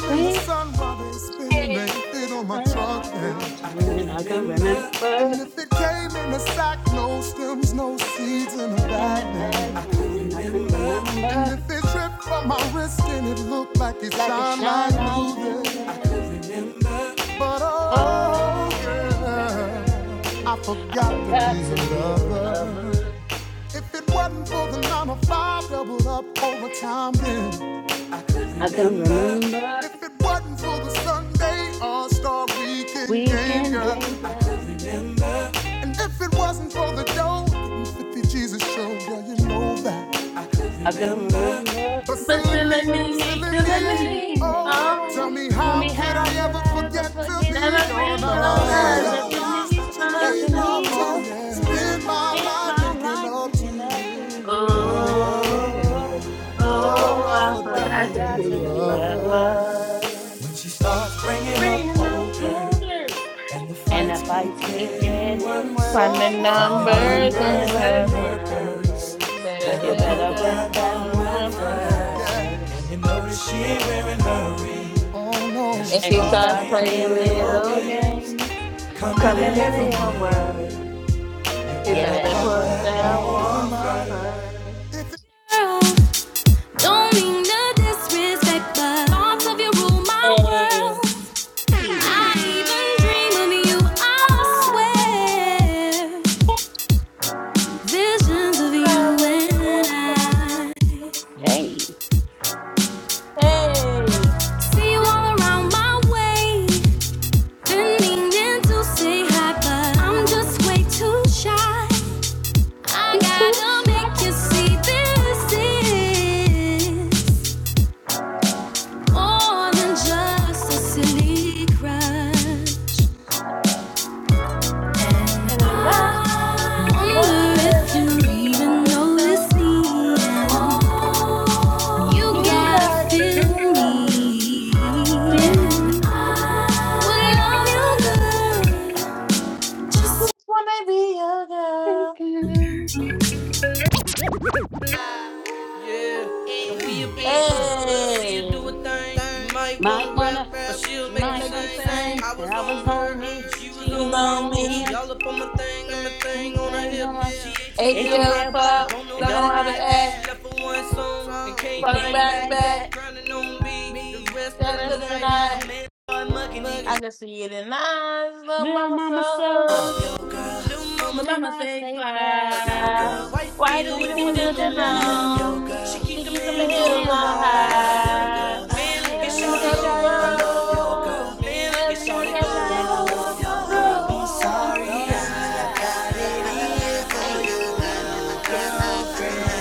Please stay around my
drunk.
mountain. I can
And
remember
if it came in a sack, no stems, no seeds in a
in
bag,
the back
then.
then. I can
And
remember
if it dripped from my wrist and it looked like it
like a
shone like
shine like you
moving.
then.
But oh,
Oh,
girl,
girl,
I
I
forgot to be
forgot to
a
be your
lover.
lover.
If it wasn't for the nine to five, doubled up overtime, then.
I can
remember.
remember
If it wasn't for the Sunday All Star Weekend game,
weekend
girl.
game down.
And if it wasn't for the dough, 50 Jesus show, girl, you know that.
I can remember
But
But
silly me,
silly
silly
me,
me,
silly
silly
silly
me,
me,
me.
oh,
baby.
tell
Oh,
me
For
how
me,
could
how
I
could
ever
I ever
forget to
forget
be
never
to
your
be
lover?
your
I
realized
love?
I could
realized
need
that you
love
that you
need love to
need
too.
oh,
love
yeah.
to
spend my
spend
life
my
making
life
love to
taking up to
you.
you.
Oh,
Oh,
Oh,
oh,
oh,
I
I
oh, I
forgot
forgot
to
to
be
forgot
your
to
be a
be your
lover.
lover.
lover.
When she starts bringing up
Bringing up
old older.
borders.
And the
And the
fights keep
fights keep
getting
getting
worse. Oh,
Find the
worse.
Finding
Finding
numbers in
numbers in
her
numbers
her
in her
brain.
purse.
purse.
Better
Better
You
put
better
put
put
them
that
that
on my
woman
woman
first. Yeah.
brain.
And you
first.
notice she ain't wearing her ring. Oh, no. And no. she
If
And
she
she
starts
starts
starts
playing
playing
playing
little
little
little
games.
games,
games.
Coming in
coming
Coming
to
late from
me
work.
in
for
for
You
work,
words.
you
You
better
better
better
put
put
put
that
that
that
woman
woman
woman
first.
first.
first.
girl. Don't mean to disrespect, but thoughts of you rule my
Hey.
world.
Hey.
I even dream of you, I swear. Visions of you and I
Hey.
see you all around my way. Been meaning to say hi, but I'm just way too shy. I
Be too
gotta
shy
make you see this is more than just a
Hey.
silly crush.
And I
I wonder if
wonder if
you
we
even
even
notice me.
noticing.
You
You
gotta
gotta
feel
feel me.
me.
to me.
We love you, girl.
Oh, just wanna be a
Oh,
girl.
girl.
we a big hood. She a
Hey,
do a thing. Might wanna
Might
rap,
wanna,
she'll
she
make
you
you
might
make it
want to
sing.
say
sing.
I
that
was
I
on
was on
her,
me,
and she was
She was
been
on
on
him.
on
me.
She
him,
all up on my thing, and my
I'm
thing on her
saying
hip.
I'm a
She ATL
ATL
ATL
pop
pop,
fuck.
don't know
and
Don't
how to
know
don't know
how
how
to
to
act.
act.
act,
She left for one song and
and
came
Fucking
right
came
back,
back,
right
back.
back
grinding on me. The rest
the
of the
That's for
rest
the
of the
night.
night.
night, I'm in
I can see it in eyes. Little
Little
mama
mama
saw
so,
her. My
little
mama
mama
say
stay
fly.
fly.
Why you
Like
beating with
things
a
with the
chin on?
denim,
To keep them
keep your
heels
hands
on
on right.
high. Hey, look
Then you
at
look at
Tony
Shawty Roll.
go. Hey, look
Hey,
at
Look at
Tony
Shawty go,
go, go,
go. I'm
go.
sorry, I gotta. Hey, hey, hey, hey.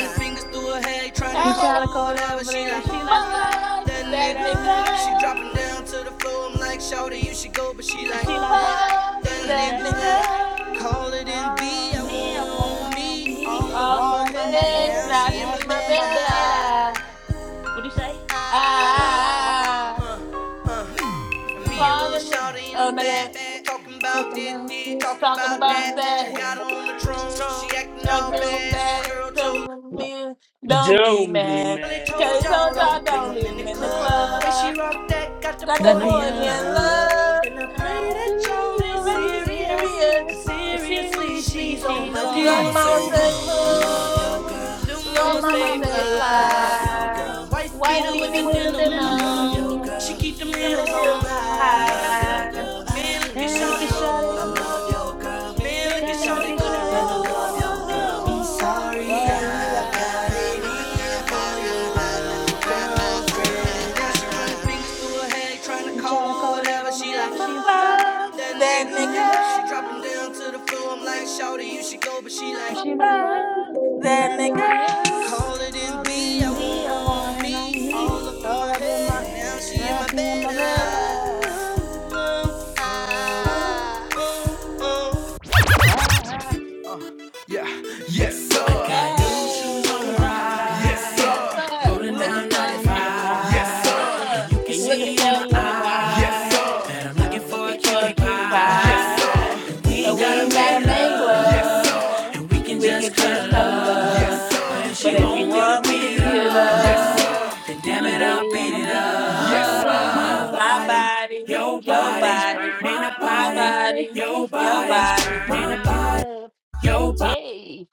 my fingers through her hair.
He tried
Hey,
to call over there, and she like fuck
fuck
That
that
that
nigga.
nigga,
nigga,
she dropping down to the floor. I'm like, Shawty, you should go, but she
and
like,
she like fuck
Fuck
that
that
that
nigga.
nigga.
nigga.
Call it in
Calling
B, I
on me,
want
I'm
her
going
on
on
me,
me,
all up in
All
all
my
in
up
my
in my
head.
head,
head.
Now
now
she in
Now
she
my
in
she
my
in
bed.
my
bed.
bed. I,
I,
I,
what do you say?
I,
Ah,
I,
I, I.
uh, uh. Me and little
Calling me.
Shawty
Oh,
in the
no, yeah.
back, back talking about
talking
this,
about
this,
this,
talking
Talking
about
talking
about
about
that.
shit.
that. Got her on the throne, she acting
Y'all
all
too
bad.
mad,
Girl chose.
come with me, don't be mad.
They told
Cause told
y'all
y'all
don't bring
don't
them
leave
in the
him in the
club. Way
club.
she rocked that got the
Got
The
the
boy
boy
in
niggas
in
in
love.
love.
love,
And I
and I
pray
want
that
you to
y'all ain't
feel very
Seriously,
serious.
serious.
'cause
serious.
If
seriously,
seriously
she's on
she's
my dick.
on
Little
my
Lil'
mama
mama
dick,
so
say hood,
little
lil'
mama
Did the
mama
stay
mama
say
say fly.
fly.
fly.
Wife
White
beater
Like
with
beanie
the
with
Peter
the
with the
denim. I
denim.
denim,
She keep them
keep them
heels
heels
on high.
on
I love your
high.
girl. Man, look at
And look at
Shawty
shot
roll.
it.
I love your girl. Man,
Man,
look at
look
And look
at
Shawty
at
how
go.
they
shot it.
Man, I love
go,
your
Ooh,
go, go,
ooh, I'm
go.
sorry. I-
head trying to
I'm
call
trying to
her
call her
whatever
over
she like.
there, but she's fine.
that
that
That nigga.
nigga. She drop
nigga.
him down to the floor. I'm like, Shawty, you should go, but she
And
like,
She like fine.
that
That
nigga.
nigga.
call it in
Calling
B. I
in me. I want
want
it on
me
me.
all up in
All
my
up in my.
head. Now she in
Ah,
my
She in
bed.
my bed. Ah.
Ah, ah,
ah,
ah. Got new shoes on
He's
my
on my
Hey.
ride,
Yes,
ride,
sir.
rolling
on
Looking
down
for a
around
95.
95.
uh,
You can
And you can
see
looking for
in my
a
see in
Kim
eyes yes,
my
sir.
pie.
eyes
that I'm
that
looking
I'm
I'm
for a
looking
looking for
for
a
cutie
a
cutie
pie. Yes, sir.
guy.
pie.
We
And
And
ain't
We
we
gotta
ain't
ain't got to
gotta
make love,
make
make love,
love.
and we can
we
We
can
could
just
just
just
cuddle
cuddle
up.
color.
Yes, sir.
up.
But if
But
she
And
if
if
you
you
want me to
want
don't
me
want
to
beat her
be
me
the
to
up. Yes,
love,
love,
Then Damn
then
it, I'll
baby, I'ma
beat it
beat
up.
it up.
my body,
Yo, body.
Your
your body,
body, my
my
body,
body,
your
your
body is
body.
burning up. Hey,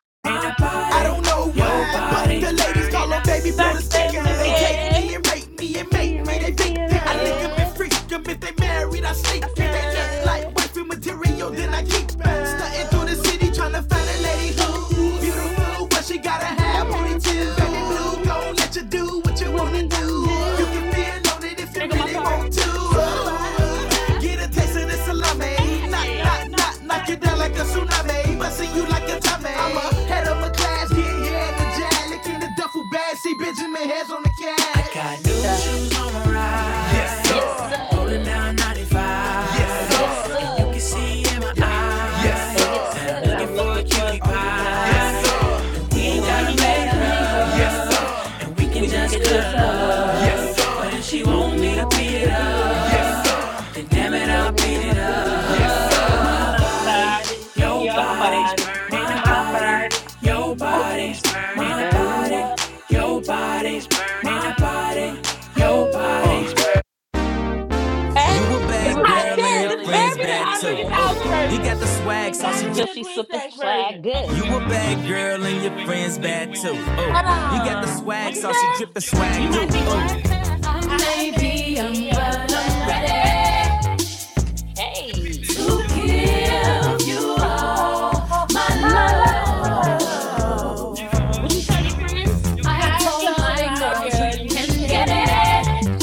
I don't know why, but the ladies call her baby
it's
blue
Not
the
like a
sticker.
crazy
They take
again.
them
me and rape me and
See
make
you
me
right
they
here
victim. I lick 'em and
again.
freak 'em if they married, I sneak
I said,
'em. They look like
yeah,
wifey material, then I keep 'em. Stunting through the city trying to find a lady
something to
who
do.
beautiful, but she got a high
That
booty too.
happened
Baby blue Who
too.
gon' let you do what you
What
wanna
we
do?
gonna
You can
do?
feel on it if you
Here go my
really
part.
want
Two eyes.
to. Get a taste of this salami. Knock,
Hey.
knock, knock,
again.
knock you down like a tsunami. Busting you like a tummy. I'm a head of a class, yeah, yeah, the jazz. Licking the duffel bag, see Benjamin hands on the cash. I got
That. um,
Yes,
Yes,
sir.
rolling
sir.
down 95. Yeah.
Uh,
Yes,
Yes,
sir.
You
sir.
can see in my eyes. Yes,
Uh, Yes,
sir. That I'm
That
sir.
I'm
looking for a
looking for a
cutie
cutie
pie. Yes,
pie.
sir. And We
And we
ain't
And we
gotta
ain't
ain't
got
make
a
gotta
new
make
love.
friends.
Yes,
love.
sir. We can
And
We
we
can
just
could
just
just
cut
cuddle up.
love.
go
And
on
if you want me to beat it up, baby, I'ma beat it
My
up.
body, your body, my body. Oh,
It's burning up.
man.
You a
This
bad
You
is
a
my
girl
bad
and
shit.
your
girl
This
and your
better
friends
be the
bad
friend's
Andre
too.
this
bad
Oh,
house
too.
you
version.
got the swag,
It
so she
gotta
drip.
So
be the
she's
twin
super
sex
swag
version.
good.
You a bad girl and your friends bad too. Oh,
Hold
you got the
on.
swag,
What you
so she
say?
drip the
You
swag do.
might be what?
I
I
may
I'm
may
be
be
young,
baby,
young,
I'm
but
but I'm
I'm
Madam
ready
Freddy.
ready.
Hey,
to
to
give
give you
you
all
all
my
my
my love.
love.
What you
love.
tell your friends?
I
I
told
I
told
my
told
my
my
girls you
girl
friends
you
can
he
can
get
get
can get
it.
it.
it.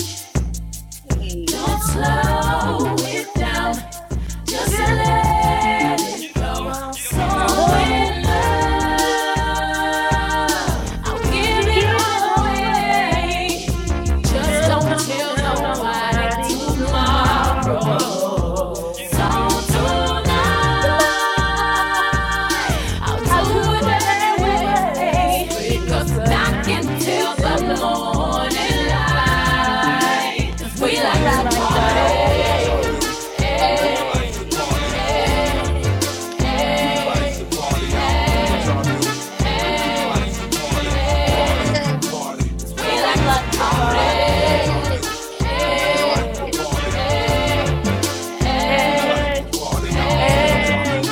Hey.
Don't
Don't talk
slow it down.
about it.
Just
Just
let
let
it
it
go.
flow.
So
flow.
So
in love, I'll
I'll give
give
give
it
it
all
it
all
all
away.
away.
away.
Just
Just
don't
Just
don't
don't
tell
tell
tell
nobody
nobody
nobody
tomorrow.
tomorrow.
So
tomorrow.
tonight, I'll do
I do
it
it
every
every
way.
Every
way.
way,
We
Because
could
I
not
clock
can
get
tell the
till
until
the
the morning.
morning
morning light.
light. 'Cause we
Cause we
Cause
like
we
to
like
like
to
to
party.
party.
party.
Hey.
Hey,
Hey,
hey, hey, hey. We
like,
like to party. Hey,
hey.
hey, hey.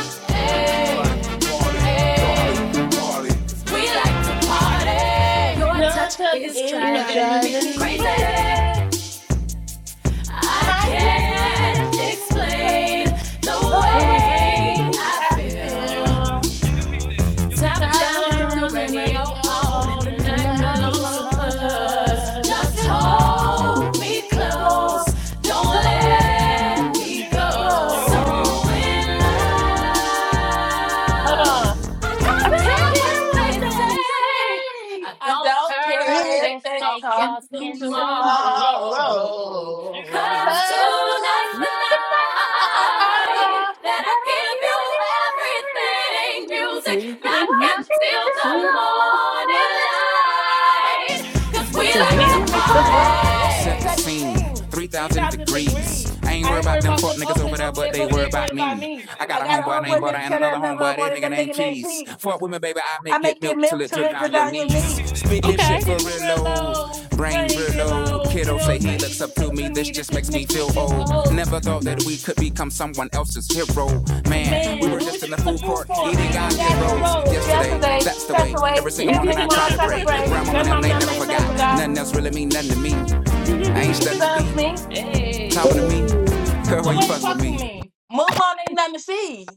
we like to party. Your
Your
touch
touch
is
is
It's
driving
driving
me
driving
me
me
crazy.
crazy.
crazy.
I
I
can't
can't
explain
explain
the
the
The
way
way
I
way
I
I
feel.
feel.
feel.
Top
Top
Top
down with
down
the
with
down
the
and a
radio
radio
on, and
on
the
and the
and a
night
night
nice
belongs
one
to
belongs
long
to
to
us.
us.
us.
Just
Just
hold
hold
me
me
close.
close.
Don't
Don't
let
let
me go.
me
So
go.
in love.
Hold on
I
I
don't
don't
don't
care what
care
care what
they
what they
they
say.
say.
say.
I
I
don't
don't
care if
care if
Here
they
is
they
fake
talk
talking
to me
talking
tomorrow.
tomorrow.
tomorrow.
Cause
But soon
tonight's the
tonight, I, I, I,
night that I
they'll give you everything.
give you everything. Music knocking
Watch it
till
till
the
the
morning
morning light.
light. Cause we
We
Because
like
we
to
like the
like to
party.
border.
Set the
Set the
scene,
party.
scene.
3,000
3,000
degrees.
degrees.
I ain't
I
worried
ain't
about
worried
them
about
fuck
them
niggas over
openings
there,
over
but
there,
they
but they
worry
ain't worried
about
about
me.
me.
I got
I
a
got a
homeboy named
homeboy
Butter
named
and
Cheddar,
another
another
homeboy, that
one,
nigga
that
named
nigga named
Cheese.
Keith.
Fuck with me, baby, I
I
make it
make your
milk till
milk
it
to
drip
live
down your knees.
without your meat. Speak that
Okay.
Shit for
shit for
real
real
old,
low,
brain
rain real
reload.
low. Get
Kiddo
old, say you look
to
so
me,
to
this
me. This
just
just
makes me
make
feel
me feel
old.
old.
Never we could become someone man
Man, we were just in the food court eating goddamn rolls
today.
yesterday.
That's the
That's
way.
the way.
Every single
They
hey.
morning
make
I
my
try
heart
to
try to
pray.
break.
Grandmama and them,
Grandmom
they
not
never
made
fuck
nothing for
nothing else
It stuns me.
for me.
Hey.
Girl,
Go away and fuck with me. Move on, ain't nothing to see.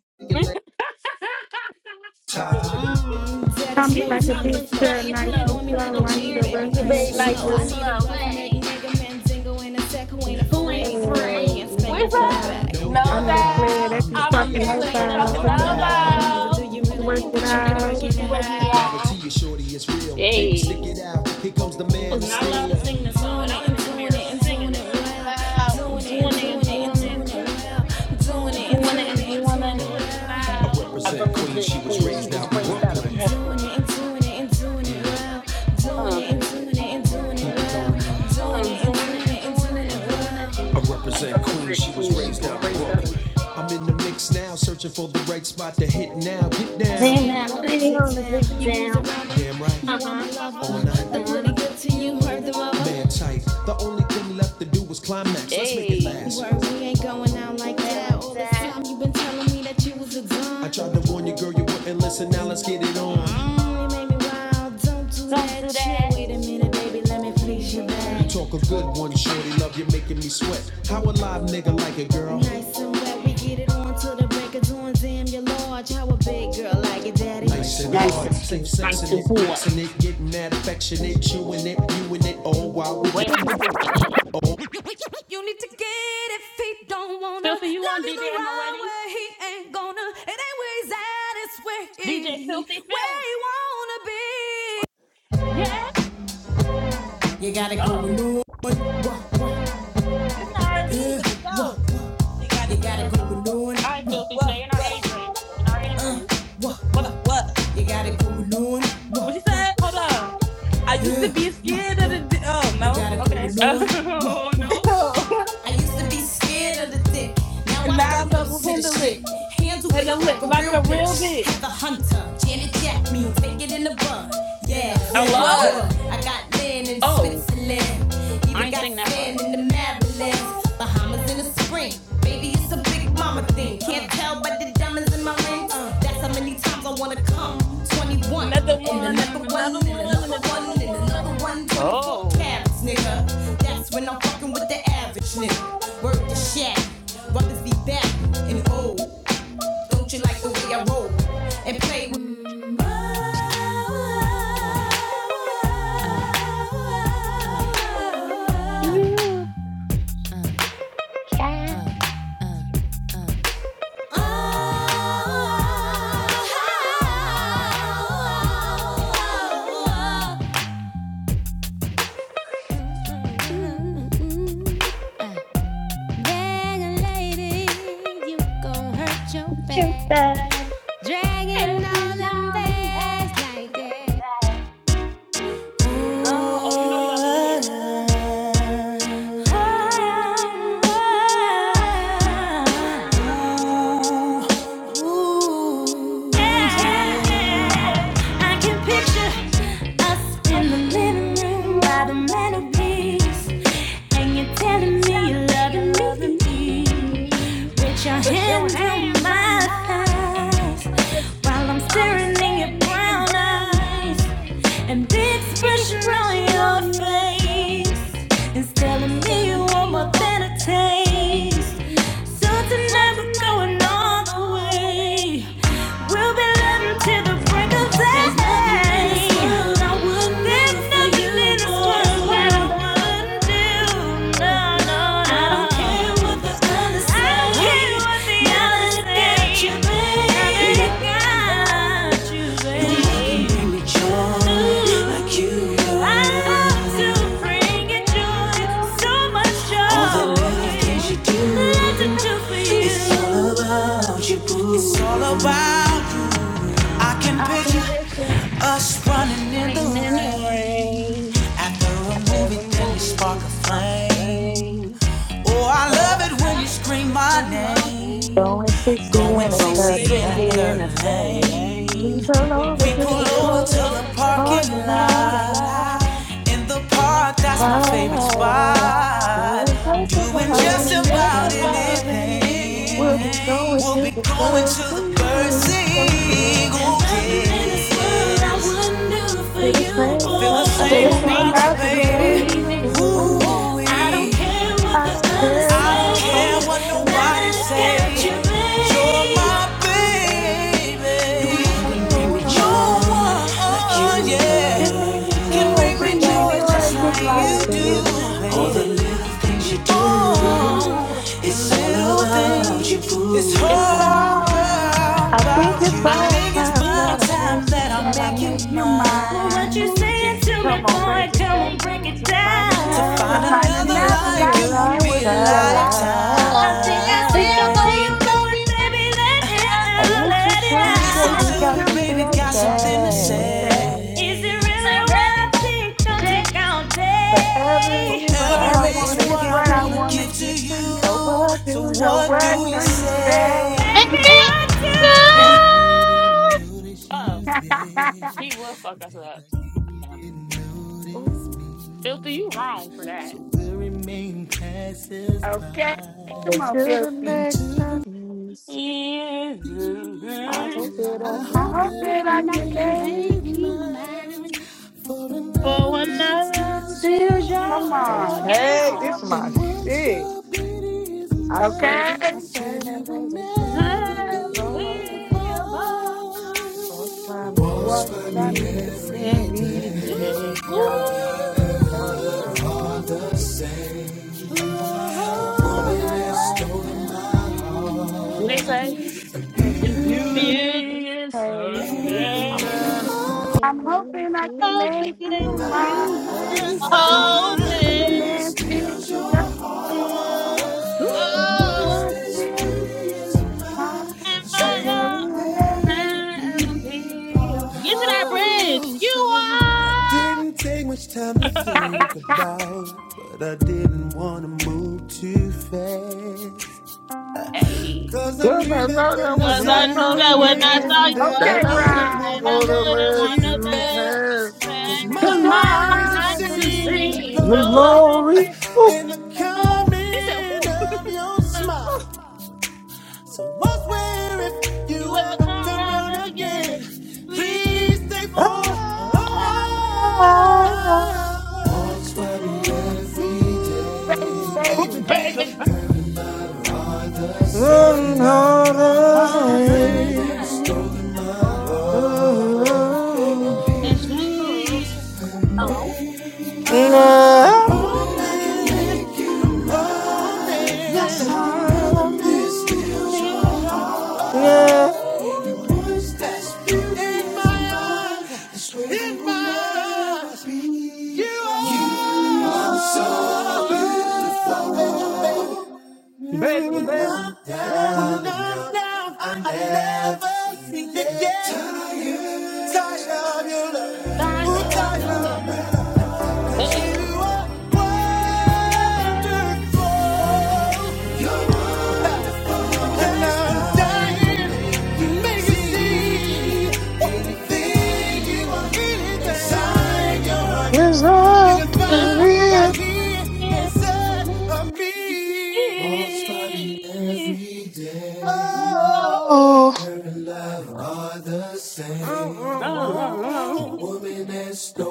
Mm, daddy,
Tell me
she
slow
was
like a
my
down your
big
flow.
girl,
Brazilian
nice
Put it
and
flow.
on me
Put it
like a
slow.
on
I need
G,
me
a
baby,
rough
nice
neck
and
baby,
slow.
nice and
I
nigga.
need a
slow.
rough neck
Hey,
nigga, mandingo ain't a tech who ain't
who
Hey,
ain't
afraid to pull my
afraid?
hand, spank me
Where's
no
from the
that?
job.
back. No
No
I'm the
doubt,
player
doubt.
that
I'm
you
the
I'm the
player
I'm
talking
the
that
cat
you're
that
player
you're
talking
that
about.
you're
talking
Hey,
about.
talking
we
Mm, but
about.
about.
do you
can
do
really
work
you
think
it
that
really
you can
think
Look at
that
work
out.
you
what
it
they
could work
out? I
me
loud.
guarantee
out?
you, shorty, it's real. Baby, stick
Hey.
it out. Here comes the
I
man
was
of
not allowed to
steel.
sing this song,
I'm Doing
and I
it
Doing
was
and
in the
it and
doing
mirror
it
doing it
and
and
singing
doing
this
it
doing it
song.
well.
loud.
Doing it and
Dwana and
doing it and
Dwana,
doing it well.
and
Doing it and
doing it
Dwana
and
doing
and
it
doing it
and
and
doing
Dwana.
it
doing it
well. I
loud.
I
represent Queens,
represent
she was
Queen. She
raised out
was
in
raised out of
Brooklyn. Doing it
Brooklyn.
and doing it and doing it well. Doing it and doing it and doing it well. Doing
I'm
it and
doing
doing
it and
it and
doing
doing
it and
it
doing
well.
it.
I
I
represent Queens,
represent
she was
Queen. She
raised out
was
in
raised out
Brooklyn.
of
I'm in the mix now, searching for the right spot to hit now. Get down.
Down,
Damn, I
down,
love a dick
down.
down. You use a
down.
rubber. Damn right. You
Uh
are
huh.
my
Why,
lover. All
motherfucker?
night. The
Uh
pretty
huh.
good to you, heard the mother. Man tight. The only thing left to do was climax. Let's make it
Hey,
last. Word, we ain't going out like
down
that.
like
All this
that.
time you been telling me that you was a dumb. I tried to warn you, girl, you wouldn't listen. Now let's get it on. Mm, you made me wild. Don't do
Don't
that.
do
You
that.
Wait a minute, baby, let me please your back. You Talk a good one, shorty, love you making me sweat. How a live nigga like it, girl? Nice and wet, we get it on till the break of dawn. Damn, you're large. How a big girl like it, daddy? Nice and
Nice to
hard, safe
scoot. Nice
sexing
to
it,
board.
flexing it, getting that affectionate, chewing it, viewing it, Oh, why would it
When we're doing it.
all. You need to get it if he don't wanna
Filthy, you
love
on
you
DJ
the
at my
right
wedding?
way. He ain't gonna. It ain't where he's at. It's where
DJ
he,
Filthy
where
Filth.
he wanna be.
Yeah. Oh, all
It's not R and B, but it's dope. You got it going on.
right, Filthy.
What?
Stay in our
What?
age range. Stay in our age range.
What? What? What you said? Hold on. I used
Yeah,
to be
what,
scared of the. d- Oh
You
no.
gotta go
Okay.
alone. What,
Oh
what?
no.
I used to be scared of the dick. Now I
and
throw
now I'm
lips
gonna
to the
handle
shit.
it.
Handle it
Handle
like
it
a
like
real
a real
bitch.
bitch.
Have the hunter. Janet Jack me. Take it in the bud. Yeah,
Oh,
yeah,
Hello?
boy.
What?
I got land in
Oh,
Switzerland.
I
Even
ain't
got
sing that part.
sand in the Maryland. Bahamas in the spring. Baby, it's a big mama thing. Can't tell by the diamonds in my ring. Uh, That's how many times I wanna come. 21.
Another
And
one
another
and
one,
another
and
one and
another one,
another
and
one.
another one. 24
Oh.
carats, nigga. That's when I'm fucking with the average nigga. Work the shack, brothers be back and old. Don't you like the way I roll and play? with-
Yeah. Trying
You gon' hurl
to
back,
find
drag
every now and
back like-
back. back. Oh, oh, you know you gotta leave it here. Yeah, yeah.
I can
I can
picture
picture
us in the
us in the
living
living
room by
room
the
by the
mantelpiece,
mantelpiece,
and you're
and you're
telling me
telling
you're
me you
loving
loving
me.
me.
Put your
Put your
hands on
hands
my
on my
thighs
thighs
while I'm
while I'm
staring in your
staring at your
brown
brown
eyes
eyes.
and the expression on
Expression
your
on your
face
face,
is
is
telling me you
telling me
want
you want a better days. So tonight we're going all the
me.
way. We'll be laughing till the break of
There's nothing in this
day.
world I wouldn't do for you,
This
that
world
I
that I wouldn't do. No, no,
don't care what
no.
the others say.
no.
Now others that I you,
Now
babe,
that I got you, babe, Ooh, I have to bring you joy. So I shall always do for
It's
you.
all about you. I can
I can
picture
picture
us
us
running in the
lying in the
rain.
rain.
After
I
a
could
movie, then you
remove you
spark
in
a
this fuck's
flame.
rain.
Oh, I
Oh, I
love it when you
love it when
scream
you
my
scream my
name.
Going
name.
60
We're
Go and
and a
see.
going
Going
60 in the
sixty and
60 in
third
the
39.
ferry
We
lane.
lane.
turn
we
over
We
to
pull
pull
the
We'll
over
over
to
front,
pull
to the
the
over to the
parking
hard to
parking
line.
parking
lot.
lot.
lot.
In the
In the
park, that's
park,
my
that's my
favorite
favorite
Fine.
spot.
Doing
spot.
just
Doing
about
just
in
Doing
Doing
these
just
just
about
days.
about
about
anything.
We'll
anything.
anything.
be going
We'll
to
be
the
going to
first
the
city.
bird
Oh,
sing. There's Oh, nothing in
yes.
I yes. wouldn't do
I
for
feel the
you,
same
boy.
as
feel the
I
I
can
For
feel
same
the
like
feel
Everything
something
about
same
you.
you,
about
about you,
you,
about you,
baby.
baby.
baby.
baby.
Mm.
Oh,
Ooh,
Ooh,
I don't care what
I
the
don't
others say.
care
I
what
don't
I
care
don't
nobody
what
care what
says.
nobody
nobody
says.
You're
say.
my
You're
baby.
You're
my
my
baby. You can
Oh,
baby.
No
oh, oh,
one, like
yeah.
you yeah,
Give me
do.
the
can
joy
bring me
Can
just
Bring
bring
me
joy
like
me
joy
just
you
joy
just
just
like
like
you
do,
like
do.
you
you
baby.
baby. All
do.
the little
do.
things you do. Oh,
Mm,
it's so little things you do. It's
It's
all
all
I
love.
about
think
you.
it's
I
about
think
I
it's
time
think
about
that I
time
about
make you
that I
time
That I
that
make you
I'm
make
mine.
you
making my.
mine.
mine.
Oh, what you saying
Come on,
to
break
me,
it
boy?
down.
Come on,
To
break
find
it down.
To
another
To
find
find
like
another
you would
another
be
like
a
like
you will
you
be
would
a
be a
lifetime.
Think
lifetime.
I
I think
lifetime.
feel
I
we
see
Think I
the
see
way you're
gone,
where
going,
baby.
it's going,
baby. Let
baby.
it
Let
let me
And
it
out,
out.
listen
let it
to
out.
me,
Let
down.
it
Listen
baby,
to
out.
Listen
got
me,
to me,
baby,
something to
got
baby, got
something to
something to
Okay,
say.
say.
say.
Is it
It's
really what I
around,
think? Don't take all
baby.
Forever
day.
is
Forever
what I
Forever
is
want to
is
what
give
I
what
to
I
wanna
want to
give
you.
to
give to
you.
But
you.
what
So
do you
So
what do
what
you
do
say?
you
say?
say?
Baby, I
Baby,
do. Sorry, didn't notice you there. Then again, you didn't notice
Ooh,
feel
me. So
that.
the remain passes by.
okay, come on,
Until the
Filthy.
next time we see, I
Yeah.
hope that I
I
I
can
hope
hope
that
make
No,
that
I
but
I
can
I
you
can
can
make
make
you
make
mine.
you.
you
mine.
mine.
For another
For
man
another
steals
man,
Steal
your
take
your
Come
heart.
on,
Get
heart.
us
Okay,
down.
this is
all.
my
And once
shit.
your beauty is
I
mine,
swear
okay?
we
I
will
swear we will
never
never
be
I'll Be
be
apart.
a part
apart.
Don't find me
Walks
What's
by me
every
funny?
every
day.
every
day.
day.
Ooh,
Hello,
All
Augustine. One that stole my heart
What they
and
say?
you
and
In
and
beauty
beautiful.
beauty
me.
is
her
her
name.
I'm
name.
hoping that it
I'm
makes
hoping I
you
can make
me.
you mine.
You
Will
man
another
Other
Open, open,
man feel just
who
once
oh,
this
feel
business,
mine.
and
I
my
hey.
sure
we
heart.
will
will let
never
you.
never
be
be a
apart.
Get to that
part.
bridge.
Oh,
You
say, I
are.
didn't take much time to
love
think
me.
about, but I didn't want to move too fast.
hey.
Cause I
Cause
knew
I
that
know that
when I
Cause
Come
when
saw
I
I knew
saw
you
that
you
when I
again,
saw
again, that I
that
okay,
I
you again,
wouldn't
right.
wouldn't
that
wanna
I
wanna
wouldn't
let
let
wanna
you
you
make
pass.
you
pass.
pay.
'Cause my
Cause
on
eyes
my
have
I
eyes are
to
seen the
seen
seeing.
the
sing
The
you.
the
glory
story.
uh,
glory.
glory.
Ooh.
and the
Oh,
He said,
coming of your
smile.
smile. So what's where if you
You ever
ever
come
come
round
round again,
again?
please
Please stay
stay for
for
a
a
"What?"
while.
while. Thoughts worry
Ooh,
every day.
baby,
baby,
baby.
baby. Heaven and I are the same. Heaven and I are
Another
All
the
the
same. The
way.
woman Stolen my
same
Oh,
heart.
Ooh.
as you. Hello?
No.
Hoping it can run
Yes, I
me,
do.
steals your
Feels
heart.
your heart.
No.
You
Baby, baby,
are now, I never seen it yet.
tight
Ooh,
and on
darling,
the
you
hey.
And I'm dying to make you see anything you want inside your heart.
Yes,
You
I
can find right
do.
here inside of me. Oh, oh,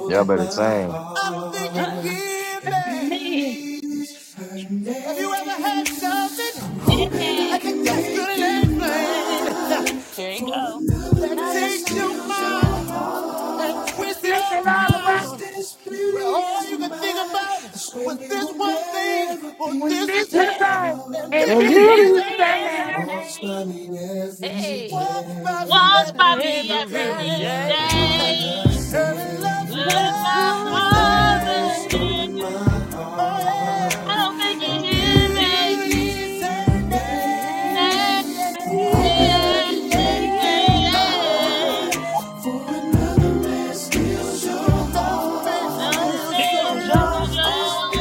Y'all better sing.
I think you give me.
Me.
Have you ever had something that can just couldn't explain?
Here you go.
That
Another
takes
man
your
fill
mind
your
and
heart.
and
twists it
flip
all
it all around.
around. All you can think about was this one thing, well,
When
this
this
is her,
is
Beauty
her
and
and
And
this
beauty
beauty is
is
is
her
all
her
is
name.
her
name.
I
name.
have.
She
Hey,
walks by, she
Walks
never
by me
be
every
kind.
every
day.
Her
day.
love
But
That's all
above
always says.
all
I
the
sing.
things, I don't think you hear
And
me.
Beauty is her name.
Yeah,
Hey, yeah,
yeah,
hey, yeah, hey,
yeah.
yeah.
No, man,
Excuse your heart.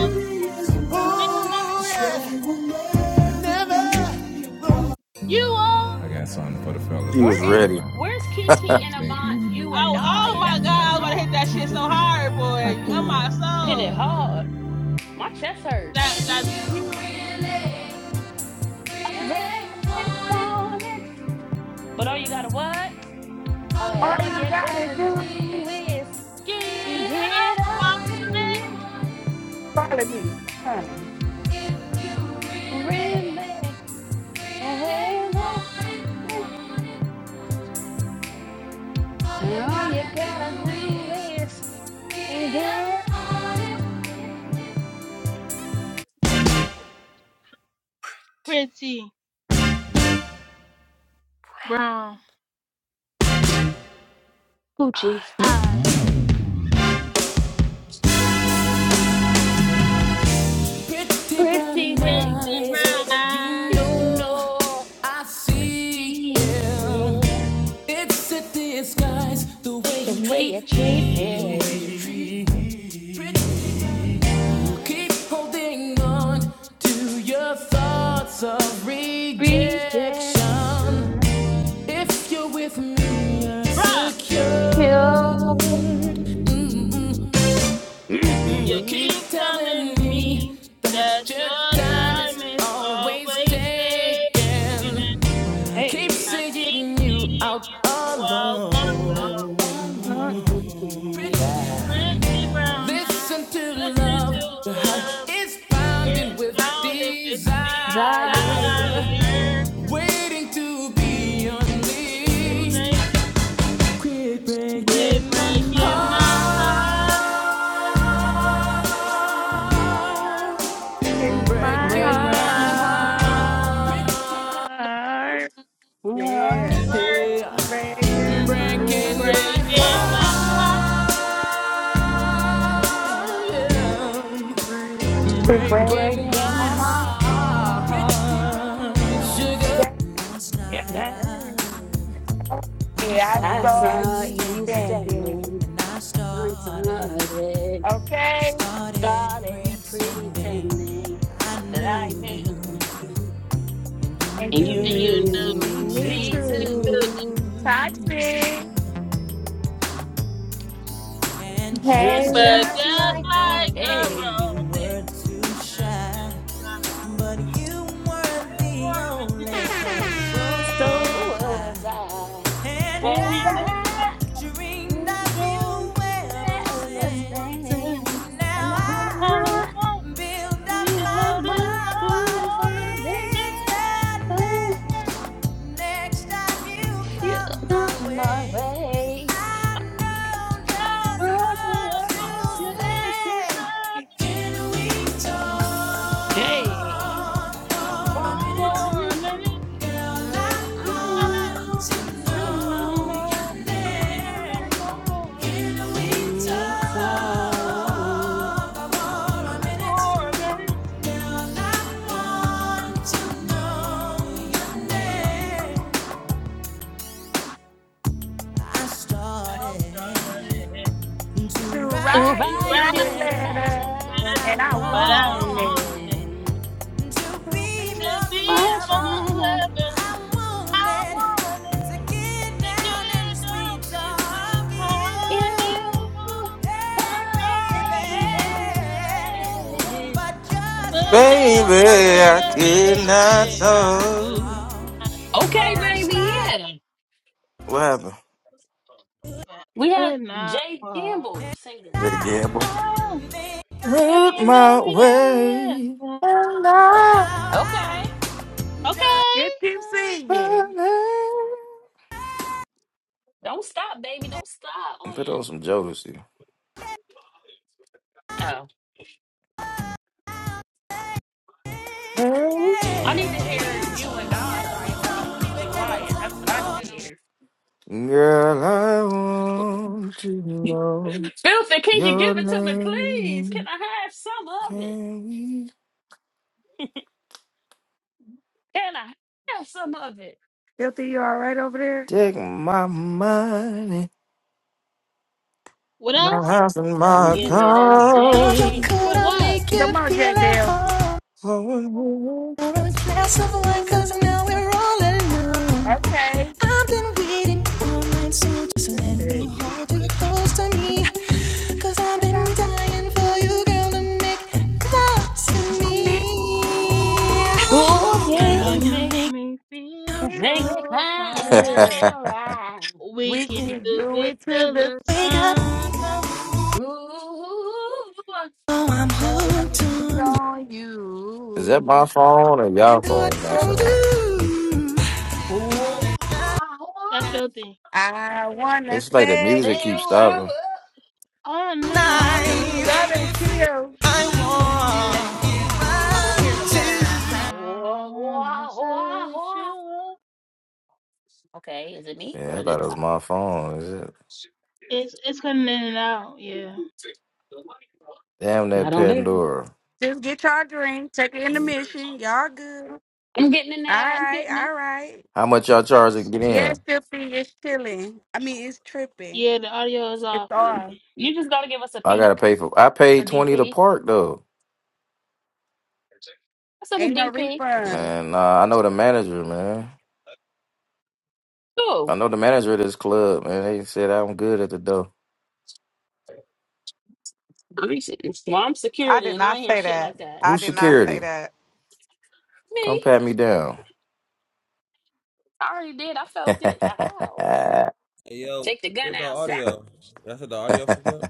Look,
you are.
She was
Where is
ready.
where's Kiki and Avant? You and
Oh, oh
I.
my God!
That's my
I was about to hit
song.
that shit so hard, boy. On my
Hit it
soul.
hard. My chest
If
hurt.
That that.
if
you
you
really,
regret,
really
Keep
want it.
on it. But all you gotta what? Uh,
want
all
All
you
you
gotta
gotta
do is
do is
Get
get
up
up
on
on it.
follow me. Huh.
Really, really, want it.
it.
All you
it.
gotta do is get up on it.
Pretty brown
Gucci,
eyes.
Pretty brown
pretty big
Pretty
eyes,
dick.
you
brown.
You
know
know,
I
I
see
see
them.
it
It's a disguise the
How
way
you
The
you
way
treat
you
treat
treat
me,
me.
me.
keep holding on to your thoughts of rejection.
Rejection.
If you're with me, you're
bruh.
Thank
secure.
you.
Mm-hmm.
You
You keep
Mm-hmm.
keep
telling
telling
me
me that
that your
your
time
time
is
is
always
always taken.
taken. I keep
I
Hey.
keep
seeing you
seeing
out
you all along.
alone.
Mm-mm.
Pretty brown eyes,
Listen to
listen to
love, your heart
love.
is pounding
It's
with
founded with
desire,
Zion,
desire.
waiting to be
It you
unleashed.
make it
Quit
quit
breaking my
breaking my
breaking my
heart.
heart,
heart.
in my
Breaking my
Breaking
breaking my
my
heart.
heart,
heart?
heart,
Yeah,
hurt,
Yeah.
breaking my
Breaking my
heart.
breaking
heart.
breaking
my
my heart.
heart,
Yeah. Breaking
It
my
Breaking my
breaking
breaking
heart.
my
my
heart.
heart.
Yeah.
day.
Hey,
I
That's
saw
You
how
you
you send
standing.
me. I
started,
started,
Okay?
started
started
pretending.
pretending
I
that
knew
I
you.
knew.
You
And you
You
You
knew
knew,
knew
me
knew
me
me
too.
too.
too,
Toxic.
And
And
and
just
Hey,
But
just
like a
just
like that,
like a
moment,
hey,
you
rose,
were too
for a
shy.
minute,
But you were the only
and
cause, so
so
was
was
I.
I,
And
and
I
that
I
dreamed of you ever
ever
I don't even
since.
know
stand.
what to say.
and
Now
now
I
I
I
want
build up
to
gave
my
up
build up
my
my
confidence
confidence,
confidence.
that next time you
you
come my
got my
way,
way.
I know
No
just
It's worth
what
it
words
to
will
to
do,
say.
said
say,
Can we
hey,
talk for a
for a
minute,
minute,
for me.
girl? I
girl, I
I
want
want
want
to
to
know
to
know.
know
your name.
your name
Give me time
for a minute.
I
I'm
started
sorry
to
to
to
write
write
you
write
you
you
a
a
letters,
letter.
letter,
but I
And I
and
but
I
I
wanted
want
wanted
wanted
it
to
to
be
to
be.
more
be
much
clever.
more
better.
clever.
I
I
wanted to
wanted
get
to
down and
get on
sweet
me,
talk
sweetheart,
you.
you
You, oh
are
baby.
baby. But
like
just
Baby,
like
I
a
could
baby,
not
I could
hold.
not
Okay,
talk,
baby, yeah.
What happened?
I
We had
could not
Jay
walk.
Gamble singers.
They gamble.
I
of
Root
dreamed
my
of
way.
you.
And
how
I
Okay,
Okay,
Just keep singing.
don't stop, baby, don't stop. Oh
Put
yeah.
on some Jodeci.
Oh,
Girl,
I need to hear you and I by Avant and Kiki Wyatt. That's what I need to hear.
I want to know
Filthy, can you
your
give it to me, please? Can
name.
I have some of it?
Can we
Can I have some of it?
Filthy, you all right over there?
take my money,
what
my
else?
house, and my
Give me the
your
name.
coat,
For
i
what?
make you
Come on, J
feel at
Bill.
home.
car?
Pour a glass of wine, cause now we're all alone.
okay,
I've been waiting all night, so just let me
Hey.
hold you close to me. Cause I've
'Cause
been
I
dying for you, girl, to make love
miss
to
so
me.
many
Oh,
Girl,
Girl,
you
yeah.
you
make
make
me
me
feel
feel
Make
real
it
so
high,
fine.
good.
all right.
We
We
can
good.
can
do
do
it
it to
till
the
the
Wake up.
sun comes.
Ooh,
Oh, I'm
girl
hooked
I'm
on
on
Is that my
you.
phone or y'all
And this
you. What
is
phone
what
I'll
messing up?
do.
ooh, I
That's
want
filthy.
I wanna
It's like the music
sex you
keeps
sex you
up.
stopping.
up
All
all
Y'all
night
tonight,
night.
better chill.
I
I
want.
want,
Hear the pause. Ooh,
I
ooh,
wanna
ooh,
sex you
ooh.
up.
Okay, is it me or
Yeah, I
is it
thought
a
it was
song?
my phone. Is it?
It's it's coming in and out. Yeah,
Damn
I
that
don't hear it.
Pandora.
Just get y'all a drink. Take an intermission. Y'all good. All
I'm getting it now. I'm
right,
getting it.
all right.
How much y'all charge to get
Yes,
in?
Tippy, it's chilling. I mean, it's tripping.
yeah. The audio is
It's
all
all.
filthy.
You just got to give us a
I gotta
peek.
pay for. I
A
paid twenty to
DP?
park though.
I said a
Ain't no
DP.
refunds.
Man, nah, I know the manager, man. I
Who?
know the manager of this club, man. They said I'm good at the door.
I mean, shit, it's- well, I'm
I
security
did
and I
not
ain't hear
say
shit
that.
like that.
I
Who's
did not say
security?
that.
Come
Me?
pat me down.
I already did. I felt it. How?
Hey, yo,
Take the
what's
gun
with the
out. Zap.
audio? I said the audio fucked up.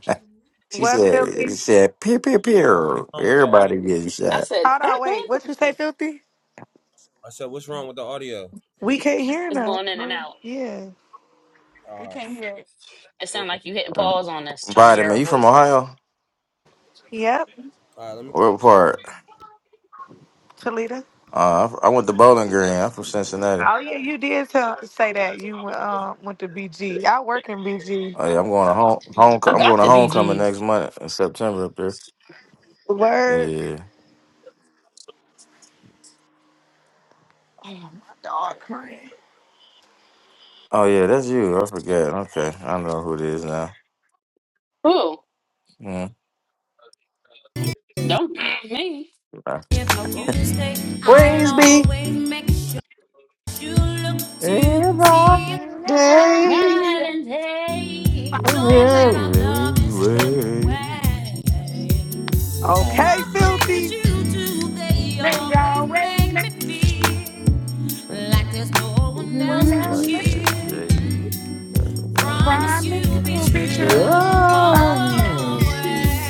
she
What
said. She
filthy?
said. Pew pew pew.
What's wrong with the audio?
Everybody getting
I
shot.
said,
Hold
"Bam,
on,
bam,
wait.
bam,
What you say,
bam."
filthy?
I said, what's wrong with the audio?
We can't hear
it's
that.
going in and
No.
out.
Yeah.
We
All right.
can't hear it.
It
hold on.
sounds like you hitting pause on us, trying to hear
Vitamin,
our
you from
voices.
Ohio?
Yep,
All right, let me.
What
so-
part?
Talita.
Uh, I, I went to Bowling Green. I'm from Cincinnati.
Oh yeah, you did tell, say that you um went to BG. I work in BG.
Oh, yeah, I'm going to home, home.
I
I'm going
got
to
the
homecoming
BGs.
next month in September up there.
Word.
Yeah.
Oh, my dog crying.
Oh yeah, that's you. I forget. Okay, I know who it is now.
Who?
Mm.
Don't me,
If you
knuckle.
stay, I'll
Praise be
always make sure you look to see if
everybody
Feeling bright,
day.
Ride
that's
and
my thing.
don't that I love is slipped
Everywhere.
away.
Okay.
Okay,
Some things
filthy.
you do, they
They
always
always
make
make
me feel like there's no one else
one
but
else
Like
you.
that,
forget.
shade. Like a lot of-
Promise
Promise
you'll be
you'll be
true
true. Oh,
Oh,
always.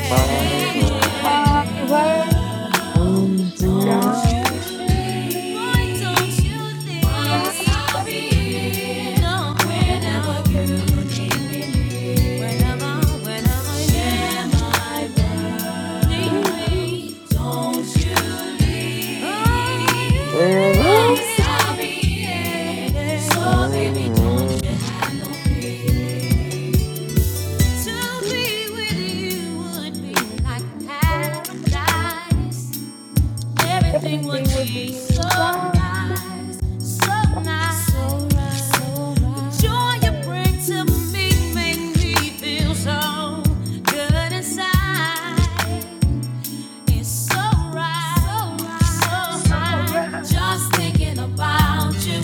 my God.
My way.
don't you
Don't you leave.
promise that you'll
Mm-hmm.
be paradise.
To be with you would be like paradise everything
Everything
would
will
be
be
so
right.
nice, so nice. So right, so right. The joy you bring to me makes me feel so good inside. It's so right, so right, so
So
high,
right.
just thinking about you.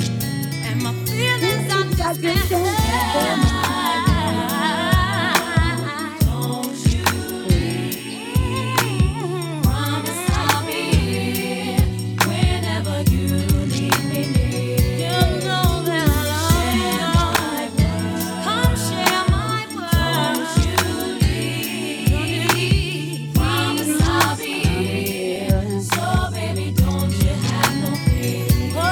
And my feelings, I
I
just
just
can't
can't stay
hide. Don't you leave. Promise I'll be here whenever you need me. You know that I love you. Come share my world. Don't you leave. Promise I'll be
I'm
here.
here.
So baby, don't you have no fear. Oh,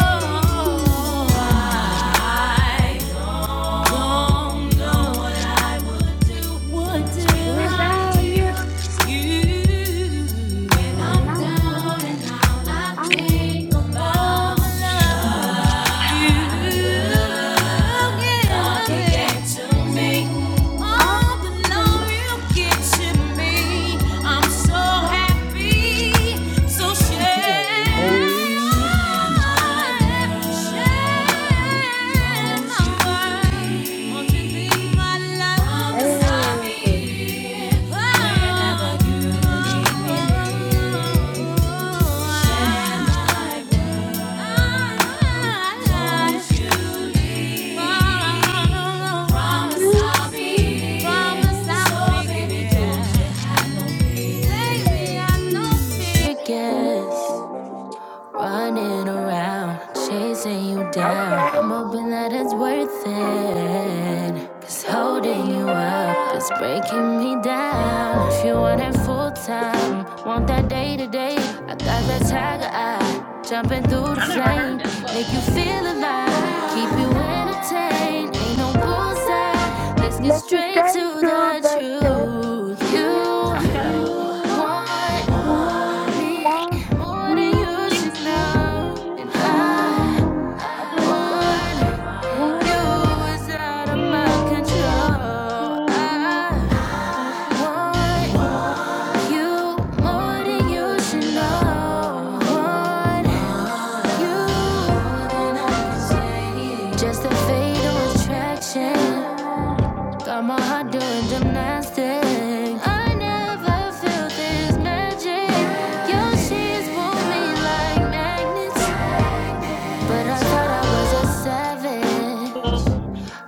I don't know what I Would do. Without
without
you.
you. And I'm through. I'm through. I'm the
I'm so
love.
happy. So
I'm babe.
Promise
Hey.
I'll be, promise I'll be, baby, I know. She done it,
Okay.
want that
I never heard this, but okay.
Keep you entertained, ain't no bullseye. Let's get
Let's just
straight
straight
to
to
the
the chase.
truth. You
Okay.
You
want
want
down?
more than you
me
should
more
know,
than
and
you should
I
know.
Okay, let me go.
I
want
want
you is out of my
you inside
control.
of my.
I
control,
want you more than you should know. Want you just a fatal attraction. Got my heart doing gymnastics. I never felt this magic. Your sheets pull me like magnets. But I thought I was a savage.
but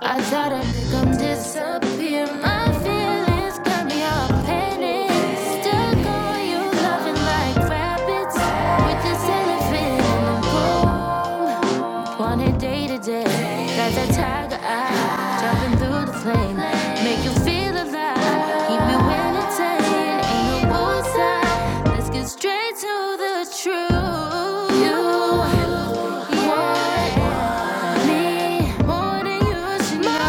I thought
thought
I
I'd
was
make 'em disappear. My feelings got me all
savage.
panicked. Stuck on you, loving like rabbit. And day that you feel me with you. More than you know.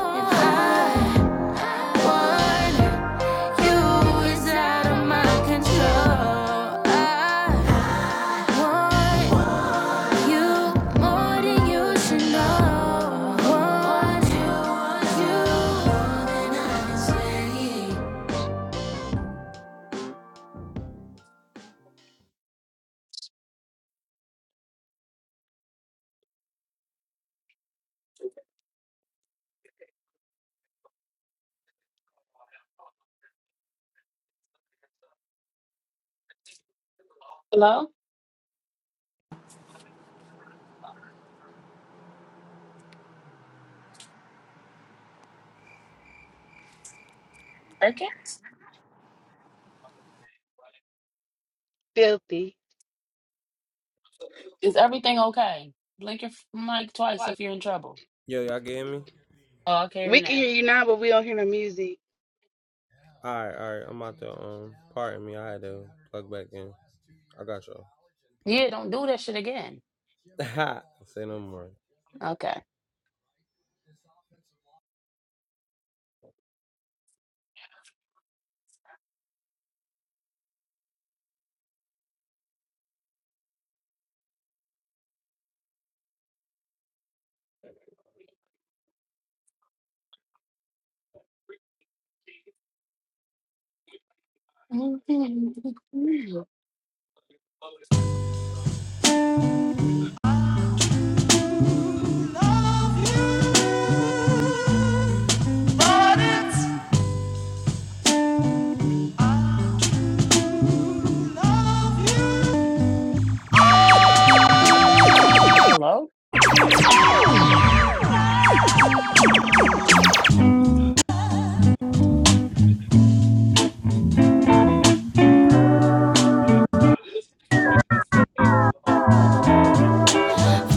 I is out of my control. I,
Hello? Okay.
Filthy.
Is everything okay? Blink your f- mic twice if you're in trouble.
Yo, y'all get me?
Oh, I'll
We
carry
can
now.
hear you now, but we don't hear no music.
Alright, alright. I'm out to um pardon me, I had to plug back in. I got y'all.
Yeah, don't do that shit again.
Ha say no more.
Okay. Hello?
Love you, but it's love you.
Hmm.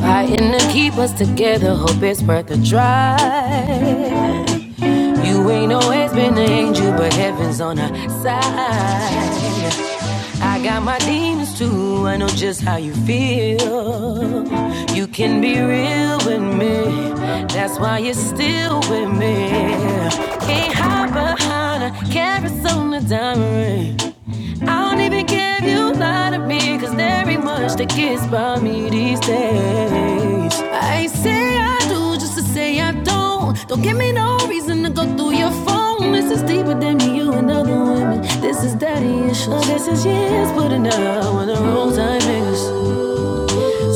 Fighting to keep us together, hope it's worth a try. You ain't always been an angel, but heaven's on our side. I got my demons too, I know just how you feel. You can be real with me, that's why you're still with me. Can't hide behind a carousel on a diamond ring. I don't even care if you lie to me, cause there ain't much that gets by me these days. I say I do just to say I don't. Don't give me no reason to go through your phone. This is deeper than me, you and other women. This is daddy issues. Oh, This is years putting out on the wrong time niggas.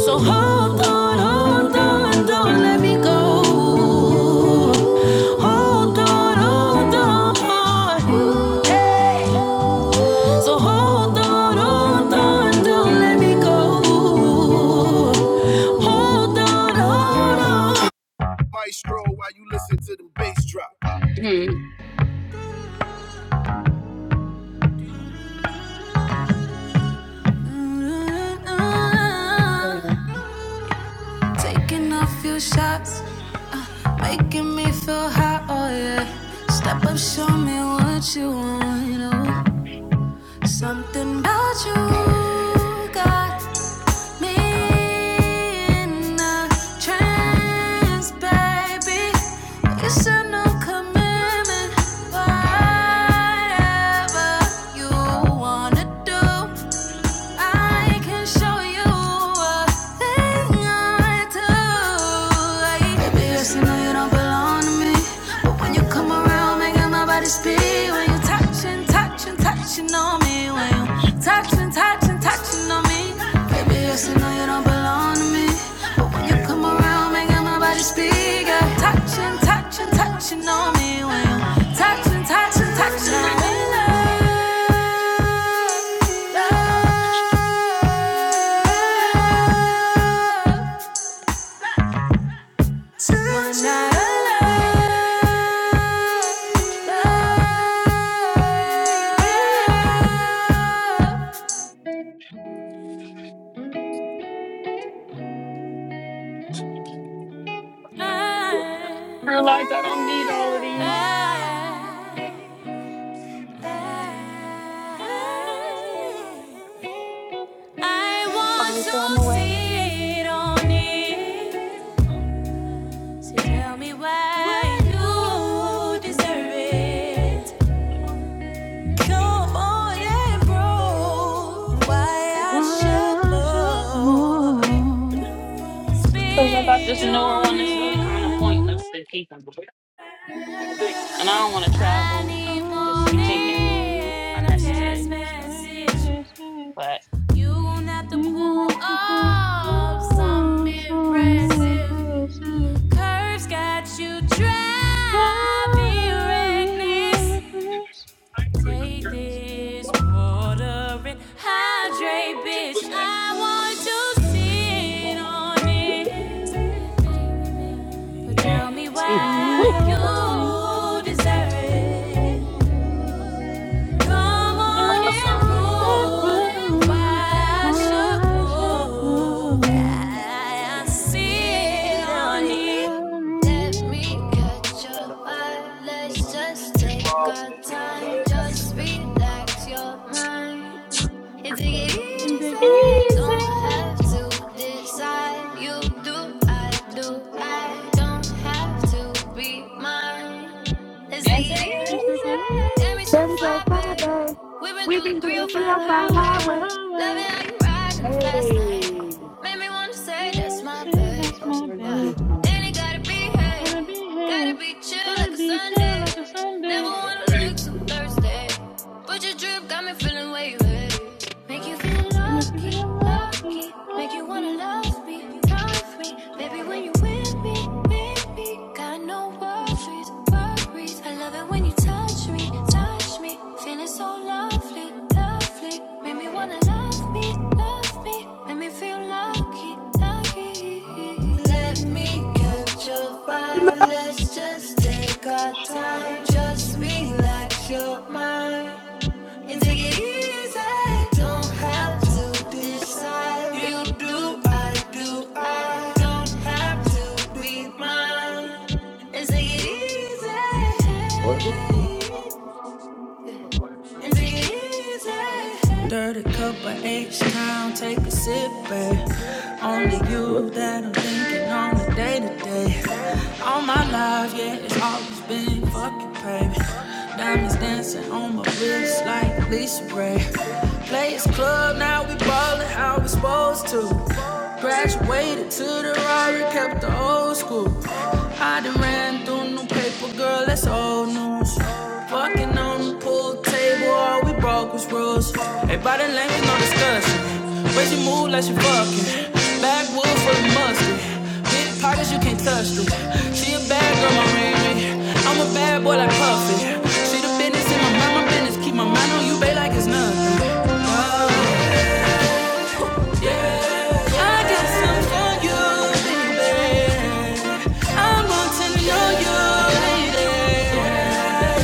So hold on, hold on, don't let me go. Hold on, hold on. Hey. So hold on, hold on, don't let me go. Hold on, hold on. Maestro, while you listen to them. ba-
Damn.
Taking off your shots, uh, making me feel hot, oh yeah. Step up, show me what you want, you know. Something about you, God. me in a trance, baby. It's a no commitment. Whatever you wanna do. I can or no, you don't belong to me. But when you come around, making my body speak. When you touching, touching, touching on me. When you touching, touching, touching on me. Baby, I see no, you don't belong to me. But when you come around, making my body speak. Yeah. Touching, touching, touching on me. When you touching, touching, touching on me.
Realize I don't need all of these.
I
I
want
finally threw them
to
away.
see it on it. So tell me why you deserve it. Come on and prove why I
Why
should
I should
more.
move?
Because I got this
Spin
Speed
newer
on
one that's really kind of
it.
on
pointless
it.
to keep them. And I don't want to
I
travel
need
and
I
more
just be
need
taking
more
than a text
unnecessary
rain.
stuff.
Like
message.
message,
But
You won't have to
you
pull
got to put
up some
moves on the
impressive
pressure.
curves. Got you driving
Drive me
reckless.
reckless.
Take this water and hydrate, bitch. I want to sit on it. But tell me
Tell me
why you
why you
deserve
want
it.
to
Come
Go
I
on
put
and
some.
on and
prove
prove
why I should
why I should
move.
love
I see
you.
it on you. Let me catch your vibe. Let's just take our time. Just relax your mind. It's
And
easy.
take it
Don't have
easy,
to decide. You do, I do. I don't have to be mine. Let's take it
just take it
easy. Damn, it's so
There we
easy.
go,
far, babe.
Friday.
We've been
We
through the
can do the
We've
305
got a
305
three or
highway.
four
highway.
Loving
highway.
how you riding fast lane.
Hey.
Made me wanna say
Make one
that's my
say
babe.
that's my babe.
Yeah. And it gotta be hey.
Gotta be
Gotta
hey,
be chill like
gotta
a
be chill
Sunday.
like a
Never
Sunday.
wanna look so thirsty. But your drip got me feeling wavy. Make you feel
And make you
lucky,
feel
lucky.
lucky,
Make you wanna
lucky.
love must be Baby, when you with me, with got no worries, worries. I love it when you touch me, touch me. Feeling so lovely, lovely. Made me wanna love me, love me. Made me feel lucky, lucky. Let me catch your fire. Let's just take our time. Just relax your mind and take it easy. Don't have to decide. You do, I do, I don't have to be mine. And take it
Whatever.
easy. Is it easy?
it is,
Dirty cup of H town, take a sip, babe. Only
What?
you that I'm thinking on the day to day. All my life, yeah, it's always been fuck you, baby. Diamonds dancing on my wrist like Lisa Ray. Players club, now we ballin' how we supposed to. Graduated to the Rari, kept the old school. I done ran through no paper, girl, that's old news. Fucking on the pool table Boy, all we broke was rules. Hey, body language, no discussion. But you move like you fucking. Backwood for the mustard. Big pockets, you can't touch them. She a bad girl, my Riri. I'm a bad boy like Puffy. She the business in my mind, my business. Keep my mind on you, babe, like it's nothing. Oh, I got something for you, baby. I'm gonna tell you, lady.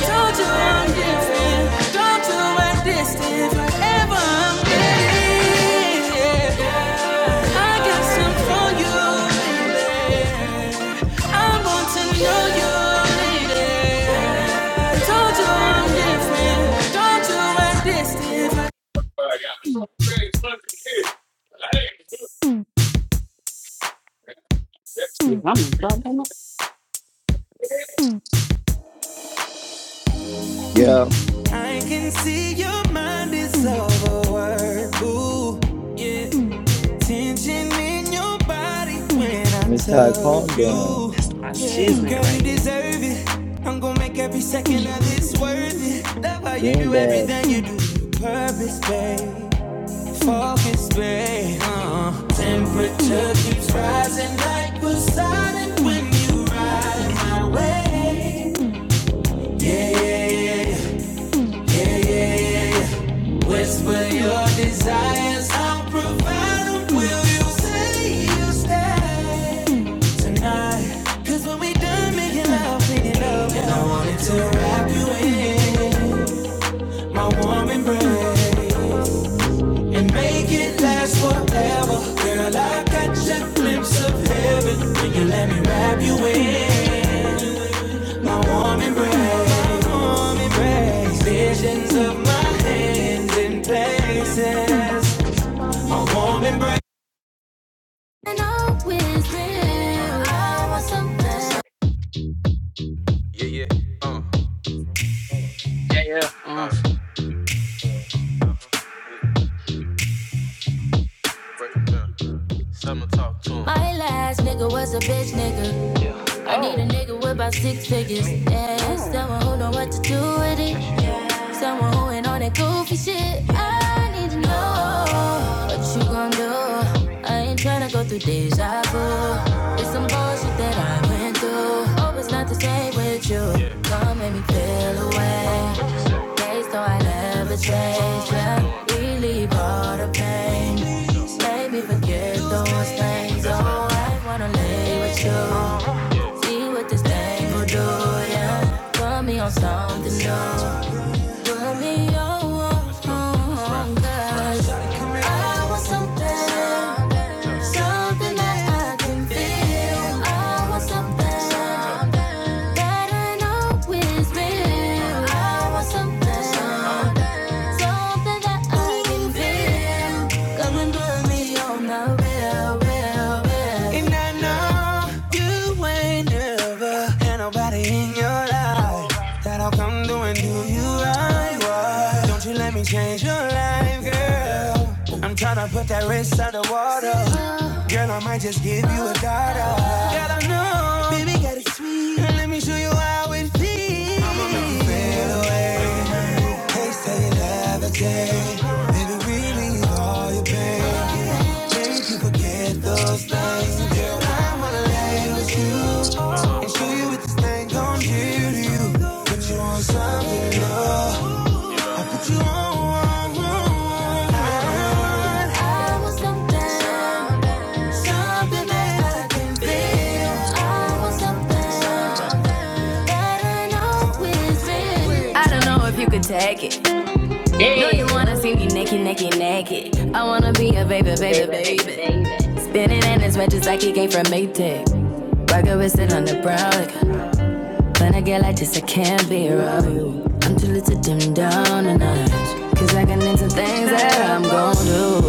Told you I'm different. Don't you I'm I'm getting. Yeah. I got some for you, baby. I want to know you, lady. Told you I'm different. Don't you i
Yummy, goddamn it.
Yo,
I can see your mind is overworked. Ooh, yeah. Tension in your body when I
Miss Todd, calm
touch
down.
you.
That's my
Yeah,
shiznit
girl,
right
you
here.
deserve it. I'm gonna make every second of this worth it. Love how you
Being
do
bad.
everything you do. You purpose, babe. Focus, babe. Uh-uh. Temperature keeps rising like Poseidon when you ride my way. Yeah, yeah, yeah, yeah. Whisper your desires, I'll provide them. Will you say you stay tonight? Cause when we done making love, clean it up, and I wanted to wrap you in my warm embrace. Yeah, yeah, uh,
Uh,
uh, talk to 'em. My last nigga was a bitch nigga. I need a
Oh,
nigga with about six figures. Yeah,
oh.
someone who know what to do with it. Yeah. Someone who ain't on that goofy shit. I need to know what you gon' do. I ain't tryna go through deja vu. It's some bullshit that I went through. Hope it's not the same with you. Yeah. But yeah. baby, forget those things. Oh, I wanna lay with you. See what this thing will do. Yeah, put me on something new. I want something, something that I can feel. And I know you ain't never had nobody in your life that'll come through and you right. Why Don't you let me change your life, girl. I'm tryna put that wrist out the water. And I might just give you a dollar. Girl, I know. Baby, got it sweet. And let me show you how it feels. I'ma fade away. Taste how you levitate. Baby, release all your pain. Make you forget those things. And girl, I wanna lay with you. And show you what this thing gon' do to you. Put you on something, love. I put you on, on, on, on. I want something, something something that I can feel. I want something something that I know is real. I don't know if you could take it. No, you wanna see
Yeah.
me naked, naked, naked. I wanna be a baby, baby,
Baby, baby,
baby.
baby.
Spinning in his red just like he came from Maytag. Rocket with it on the
Mm,
brown.
mm,
Like
mm,
but I get like this, I can't
mm,
be
mm,
around you.
mm,
I'm
mm.
too little to dim down the night. Cause I can into things that I'm gon' do.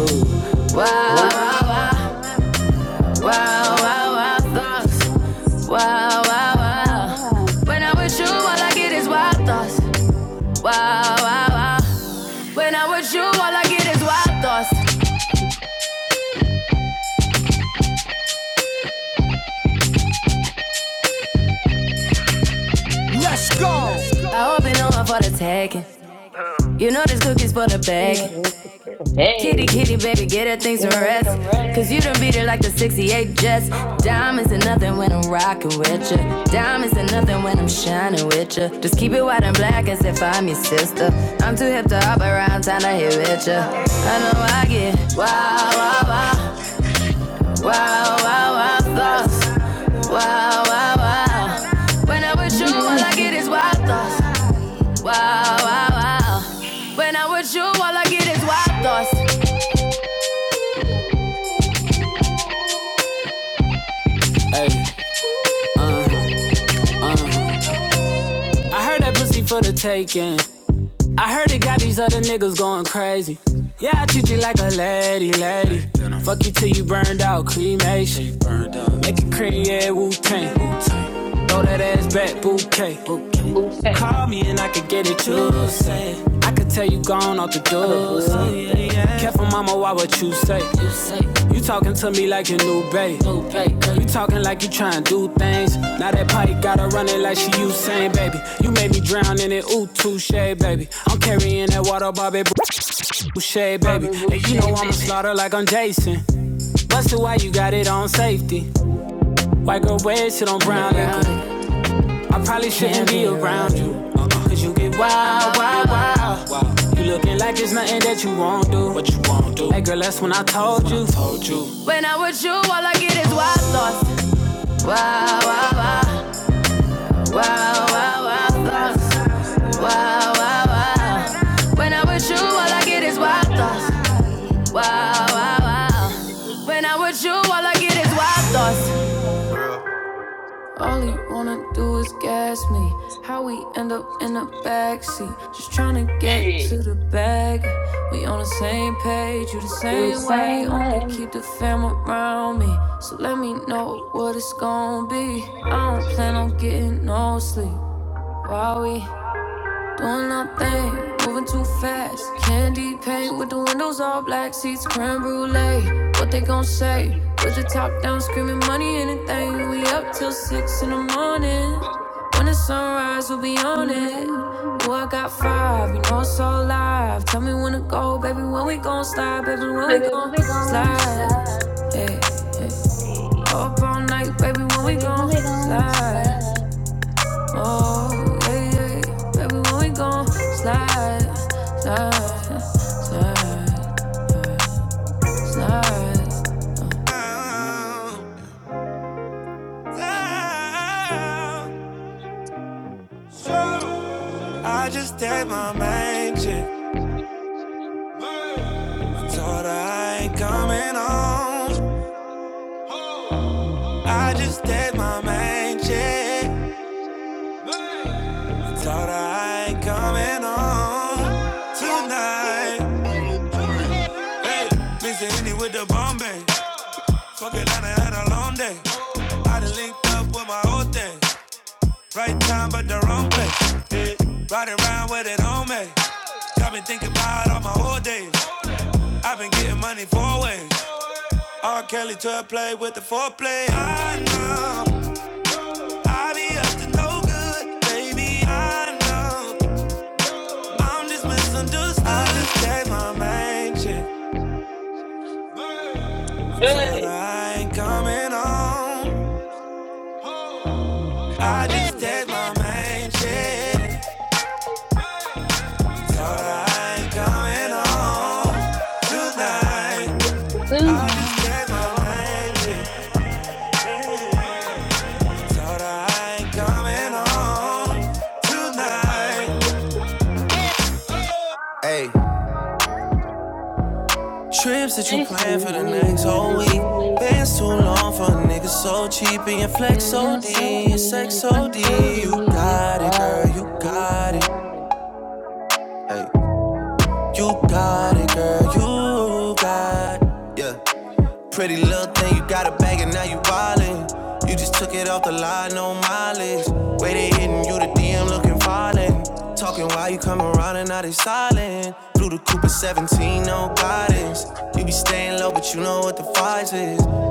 Wow,
Wow, wow,
wow,
wow.
wow, wow, wow,
Wow,
wow,
wow,
thoughts.
wow.
Wow, wow, wow.
Ah,
When I'm with you, all I get is wild thoughts. Wow, wow, wow. When I'm with you, all I get is wild thoughts. I hope you know I'm for the taking. You know this cookie's for the baking. Kitty,
Hey,
kitty, baby, get her things to
get a little
rest.
rest.
Cause you done beat her like the 68 Jets. Diamonds are nothing when I'm rocking with ya. Diamonds are nothing when I'm shining with ya. Just keep it white and black as if I'm your sister. I'm too hip to hop around, time to hit with ya. I know I get wow, wow, wow, wow, wow, wow, thoughts. Wow, wow, wow, wow, wow. When I'm with you, all I get is. Hey, uh, uh. I heard that pussy for the taking. I heard it got these other niggas going crazy. Yeah, I treat you like a lady, lady. Fuck you till you burned out, cremation. Make it cream, yeah, Wu Tang. Throw that ass back, bouquet.
Okay.
Call me and I could get it, you say. I could tell you gone off the
What a
door,
beautiful day.
Careful, mama, why what you say? You talking to me like your new babe. New babe, You talking like you trying to do things. Now that pipe gotta run it like she Usain, baby. You made me drown in it, ooh, touche, baby. I'm carrying that water, Bobby, touche, baby.
Brother
And you
Boucher,
know I'ma
baby.
slaughter like I'm Jason. Busted, why you got it on safety? White girl, red shit on brown liquor. I probably shouldn't be around you. uh-uh, Cause you get wild, wild. You looking like there's nothing that you won't do. What you won't do? Hey girl, that's when I told you. told you. When I'm with you, all I get is wild thoughts. Wow, wow, wow, wow, wow, wow, thoughts. Wow, wow, wow. When I'm with you, all I get is wild thoughts. Wow, wow, wow. When I'm with you, all I get is wild thoughts. All you wanna do is gas me. How we end up in the backseat, just tryna get to the bag. We on the same page, you the
We'll
same
say,
way. Only
hey,
keep the fam around me, so let me know what it's gonna be. I don't plan on getting no sleep. While we Doing thing, moving too fast. Candy paint with the windows all black, seats creme brulee. What they gon' say? With the top down, screaming money, anything. We up till six in the morning. When the sunrise, we'll be on it. Ooh, I got five, you know it's all live. Tell me when to go, baby. When we gon' slide, baby. When we
baby, we'll
gon'
be gone
slide.
slide.
Ay,
Hey,
Up all night, baby. When we
baby,
gon'
we'll be gone
slide.
slide.
Oh, when we gon' slide. I just did my main chick. Told her I ain't coming home. I just did my main check. Told her I ain't coming home tonight. Hey, busy Henny with the Bombay. Fuck it, I done had a long day. I done linked up with my old thing. Right time, but the wrong place. Yeah, riding around with it on me. Got me thinking about all my whole days. I've been getting money four ways. R. Kelly to play with the foreplay. I know. I be up to no good, baby. I know I'm just misunderstood. I just did my main shit. Told her
Hey,
I ain't coming home. I just did my main shit.
tonight.
Tips that you
Nice and
plan for the next
new,
whole week.
nice and weak.
It's too long for a nigga so cheap and your flex
Feeling
OD.
so
Your sex
deep,
so
feeling so deep. You
got it,
got
girl.
it,
You
girl, you
got it.
got it.
Begging now you out the DM, lolling, silent. Blue the Cooper 17, no guidance. You be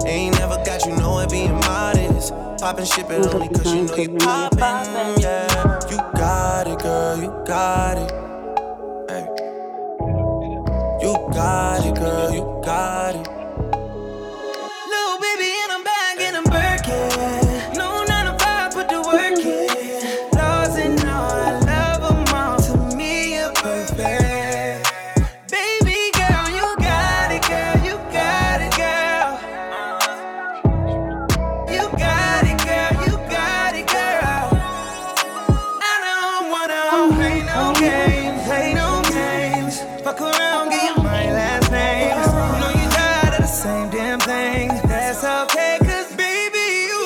Ain't never got you know it being modest. Poppin' shit, but only
Motherfucking
cause you
gun,
know
cause
you
you know you're
poppin'. Yeah,
popping, girl.
got it, girl, you got it. You got it, girl, you got it. Little baby in a bag in a Birkin. No nine to five, put the
If
work
it would,
in. Lost and all, I love 'em all. To me, you're perfect. Baby girl, you got it, girl, you got it, girl. You got it, girl, you got it, girl. don't wanna play
wanna
no
play no
games, play
games,
no
play no
games. Fuck
fuck
around, give you
around
my
in my
last
life.
name. You Know you tired of the same thing. That's okay, cause baby, you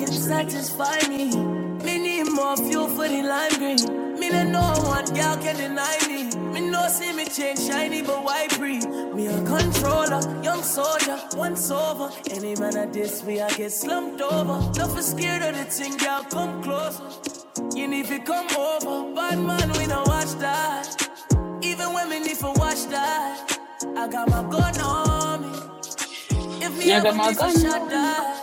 can satisfy me. Need more fuel for the lime green. No one girl can deny me. Me no see me change shiny, but why pre controller? Young soldier, once over. Any man at this, we I get slumped over. Not for scared of the thing, girl, come closer. You need to come over, bad man, we don't watch that. Even when me need to watch that, I got my gun on me. If me ever
I
need to
got no
shot
one
that,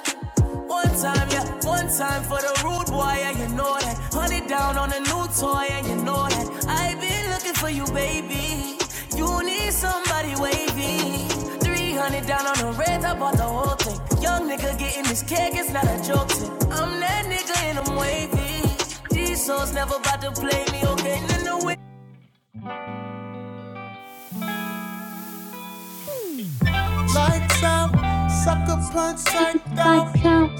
one time, yeah, one time for the rude boy, yeah, you know that. Honey down on a new toy, yeah, you know that. I've been looking for you, baby. You need somebody wavy. 300 down on the red, I bought the whole thing. Young nigga getting this cake, it's not a joke. thing. I'm that nigga and I'm wavy. These souls never about to play me, okay? Then the way
like now,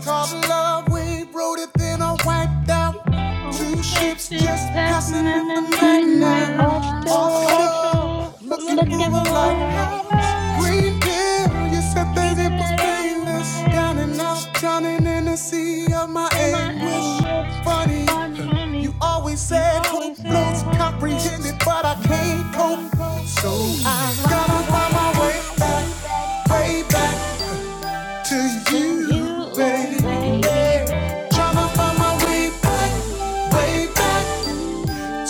Oh, that's just passing in the night
feeling right
now.
now,
After the
Offshore,
Offshore
looking
looking
customer,
for
looking
a
for
for a
a
I'm
lighthouse. Green
lighthouse.
lighthouse.
deal, you said
You
that
You
said
it
said
was
that
that
it was
it was
painless. Down and out,
painless.
drowning in the sea of my
still my
anguish.
anguish,
Funny, huh,
funny,
Funny,
you always
you
said hope
always said
floats
hope
comprehended,
floats.
but I
but I
can't cope.
can't cope.
So I
Cause I
gotta find
gotta
my
find my
way
way back
back to
to
you,
you,
baby.
baby.
Tryna find my way back, way back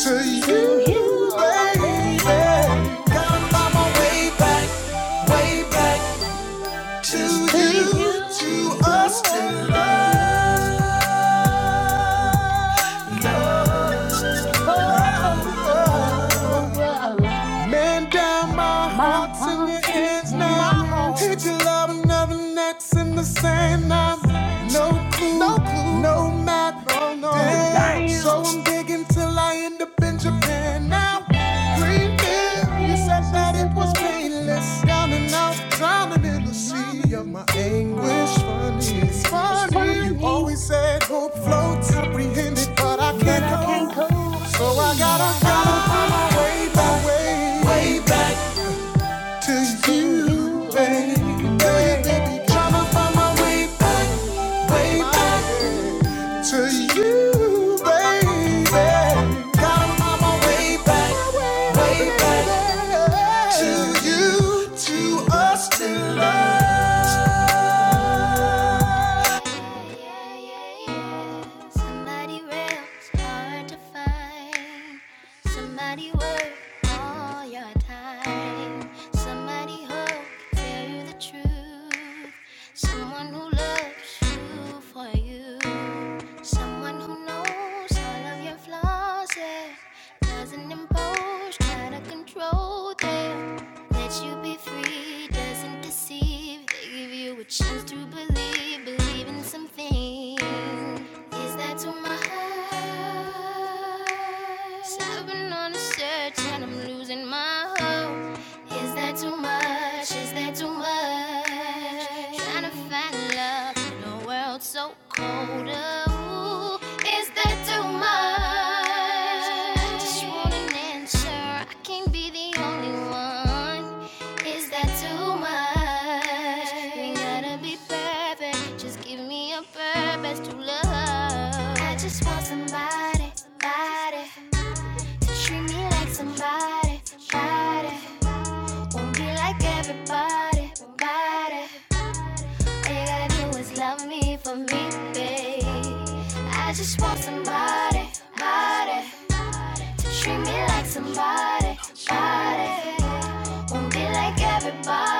to
To
you,
you,
baby. Got on
baby.
my way back, way back to
To
you,
you,
to
to
us, to
us, to
love.
love. Oh, oh,
love.
oh, oh.
Man down, my
My
heart's in your
heart's in your
hands
hands now.
now. Hit your love and never next in the sand now. No clue, no, clue. no map, no, no. Damn, so I'm digging till I end up in Japan now. Green bill,
Three
you said
years you
that
still
it was
got it.
painless. Down and out, drowning in the sea of my anguish. Funny, it's
It's
funny. You
funny,
always said hope floats, apprehended, but I
but
can't
I can't
go.
cope.
So I
So
gotta,
I gotta
find my
find
way back, way, way back to you,
to
baby.
you.
Baby,
Eh.
Tryna find my way back, way back to you, baby. Gotta find my way back, way back to you, to us, to love yeah, yeah, yeah. hard to find. Somebody worth all your time. Somebody who can tell you the truth. Someone who loves you for you. Someone who knows all of your flaws. Yeah. Doesn't impose, try to control them. Let you be free doesn't deceive. They give you a chance to believe, believe in something. Is that too much? I've been on a search and I'm losing my hope. Is that too much? Is that too much? Trying to find love in a world so cold. Ooh, is that too I just want an answer. I can't be the only one. Is that too much? We gotta be perfect. Just give me a purpose to love. I just want somebody, body, to treat me like somebody, body. Won't be like everybody, body. All you gotta do is love me for me, babe. I just want somebody, body. Treat me like somebody. Won't be like everybody.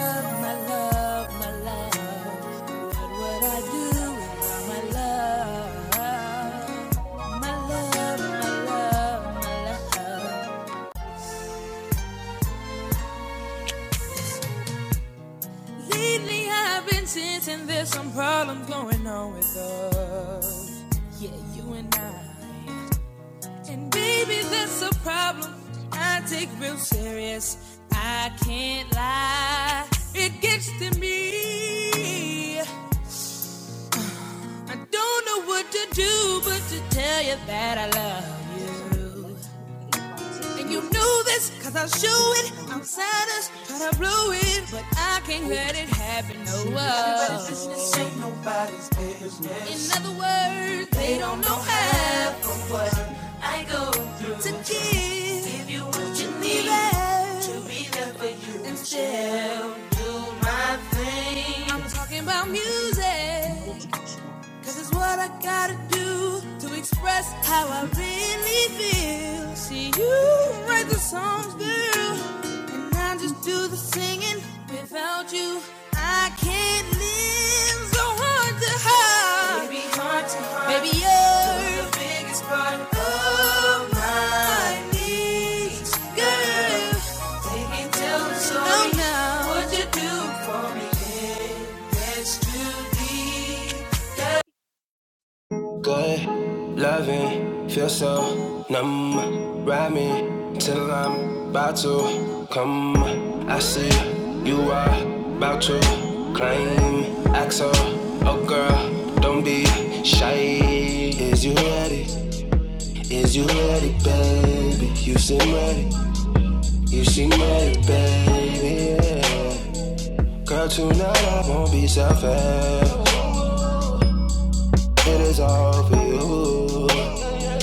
My love, my love, my love, my love, my love. Lately I've been sensing there's some problem going on with uh, you and I. And baby, that's a problem I take real serious. I can't lie. It gets to me. I don't know what to do but to tell you that I love you. And you knew this, cause I'll show it. Outsiders try to blow it, but I can't let it happen. No, oh. Business ain't no test. In other words, they, they don't know half of what I go through to give, give you what you need to be and still do my thing. I'm talking about music. Cause it's what I gotta do to express how I really feel. See, you write the songs, girl, and I just do the singing. Without you, I can't live so hard to hide. Baby, Baby you're the biggest part of my needs, girl. You can tell the story, oh, no. what you do for it's too deep. Good loving, feel so numb. Ride me till I'm about to come. I see you are about to climb. Axel, oh girl, don't be shy. Is you ready? Is you ready, baby? You seem ready. You seem ready, baby. Yeah. Girl, tonight I won't be selfish. It is all for you.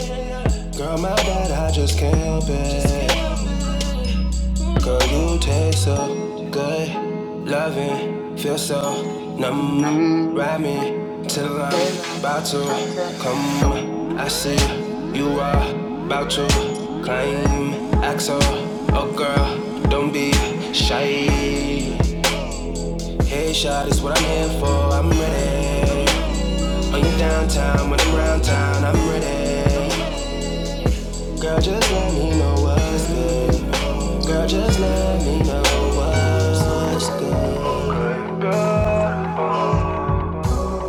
Girl, my bad, I just can't help it. Girl, you taste so good. Loving, feel so numb.
Mm,
Ride me till I'm
tell 'em,
about to
I'll tell
come.
'em.
I see you are about to climb. Axel, oh girl, don't be shy. Hey, shot is what I'm here for. I'm ready. When you downtown, when I'm round town, I'm ready. Girl, just let me know what's good. Girl, just let me know what. Good Girl,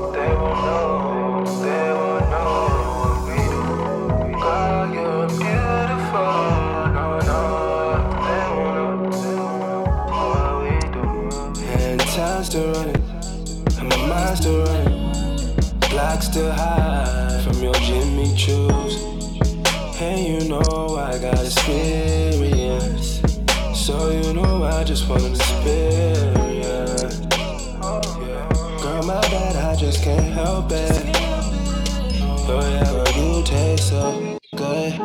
they won't know, they won't know what we do. Girl, you're beautiful, no, no, they won't know what we do. And time's still running, and my mind's still running, Blocks still high from your Jimmy Choo's. And you know I got experience, so you know I just wanna experience. Girl, my bad, I just can't help it. Oh yeah, girl, you taste so good.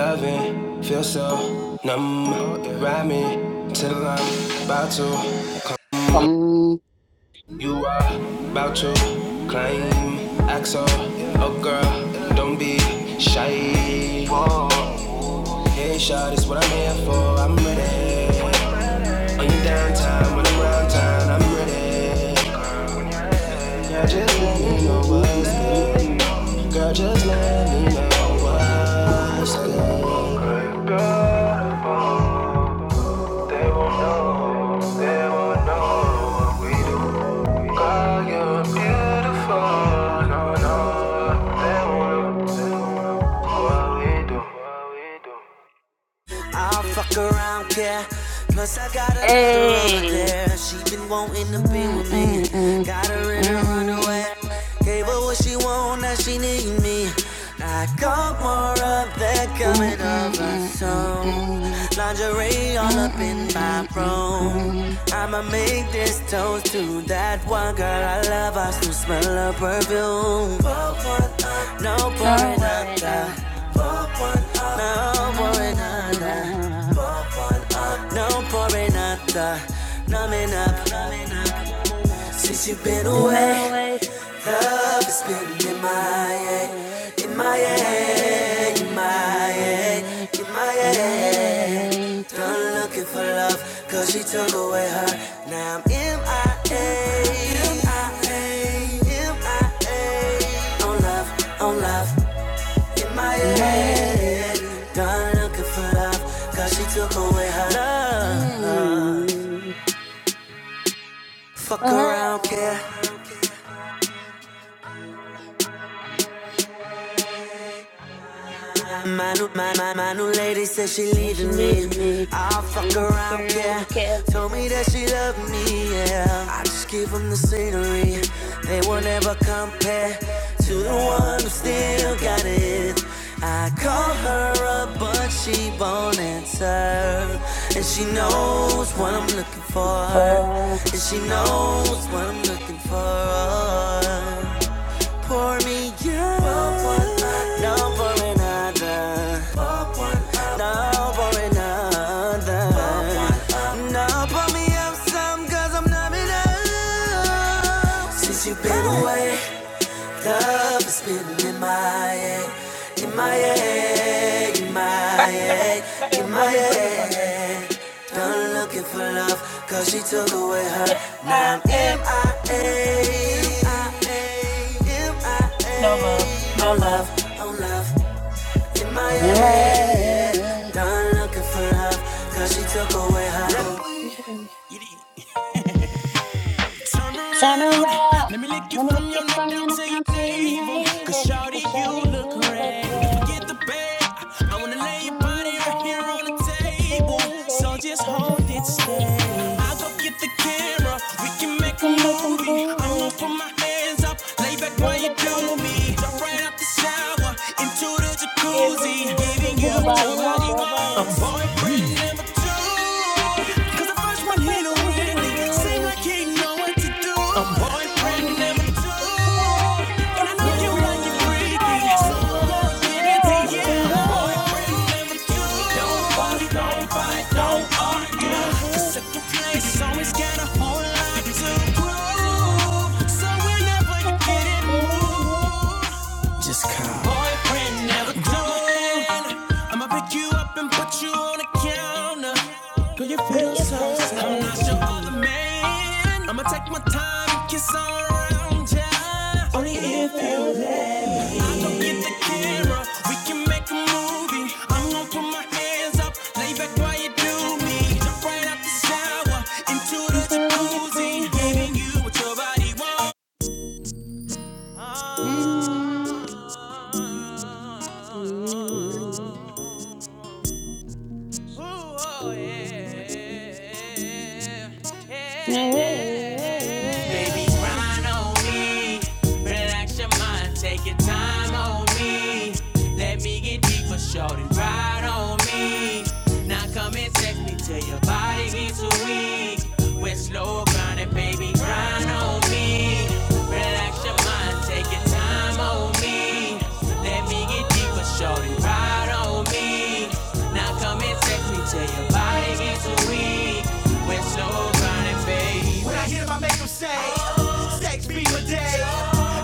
Loving, feel so numb. Ride me till I'm about to.
Um,
You are about to claim axo. Oh girl, don't be shy. Ain't shy, that's what I'm here.
mm, mm, mm, mm, mm, mm, mm.
I'll fuck around, care. Plus, I got another over
Hey.
there. She been wanting to be
Mm,
with me.
mm, mm,
Got her
mm,
in her
mm,
underwear. Gave her what she want, now she need me. I got more of that
mm, mm, mm,
coming over
mm,
soon. Lingerie all up in
mm,
my
mm, mm,
room.
mm.
I'ma make this toast to that one girl I love. I still smell her perfume. No
Don't
pouring up
worry
the.
now, now.
No por nada.
Don't worry now, now.
No por nada. Numbing up. Since you've been
Driven
away,
away,
love has
love's
been in my
been
head.
MIA.
In my head. In my
MIA,
head.
MIA,
In my head. Done looking for love, cause she took away her. Now I'm M I A, M I A. M I A. On love, on love in my head.
MIA,
Done looking for love, cause she took away her love.
MIA.
Fuck around, care.
Up,
My new, my, my, my new lady says she
station
leaving me.
leaving me.
I'll
I
fuck
want the
around, yeah.
girl kept
Told me that she loved me, yeah. I just give them the scenery. They will never compare to the one who still got it. I call her up, but she won't answer. And she knows what I'm looking for.
for
And she knows what I'm looking for pour me yeah. Pop one, no por nada. Pop one, no por nada. Now pour me up some, cause I'm not enough. Since you've been away. Love is spinning in my head, in my head, in my
I've never heard
head,
anybody
in my
above me play this on here.
head. Done looking for love, cause she took away her. Now I'm
N-I-A.
MIA,
No love,
MIA,
no
on love,
love.
on love.
in my head.
Done looking for love, cause she took away her. Turn
Turn
around,
around.
let me lick you
Let me look
from your
it
neck
from
down
your neck
to your
down to your
navel. Cause
navel.
shawty,
Cause
you
shawty, you
look
look
ready. Forget
ready.
the bed, I wanna lay
I'm
your
gonna leave
body
your
right
body
here
right
on the
here on the
table.
table.
So just
So just
hold it
hold it
steady. I'll go
steady.
get the camera, we can
You
make a
can make a
movie. I'm gonna
movie.
put my hands up, lay back while
Lay
you
back
do
while you do it.
me. Jump right out the shower, into the
Giving
jacuzzi.
you what
Giving you
your
Baby,
what
body
your
you what
body
your
wants.
wants.
body
I'm
wants.
boyfriend number two, cause the first one
The
on, he
first
don't
one, he don't
really seem
really.
like he know what to do. A boyfriend
One from
never do.
number two
You
And I
like
know
it
you like it
freaky.
freaky,
Someone
so
with
I'm
it
gonna
to
give it to
you.
but
you.
to
A
you.
boyfriend never do. Don't
We don't
worry, don't
fuss, don't
fight, don't
fight, don't
argue. The
argue.
second place is always got a whole lot to prove. So whenever you
Whenever
get
we
in
get in the mood,
the mood boyfriend never doing. I'ma pick you up and put you on a counter. Girl, you
girl,
feel
you
so
feel
sad. I'm
so
not your other
sexy.
man. I'ma take my time and kiss all around ya. Only if you
Only if you
let
let
me. I don't
me
get the camera. We can make a movie. I'm gonna put my hands up, lay back while you do me. Jump right out the shower into the
into the jacuzzi. Mm-hmm. Yeah.
Grind on me, relax your mind, take your time on me. Let me get deeper, shorty, ride on me. Now come and text me till your body gets weak. We're slow grinding, baby, grind on me. Relax your mind, take your time on me. Let me get deeper, shorty, ride on me. Now come and text me till your body gets weak. We're slow grinding, baby. When I get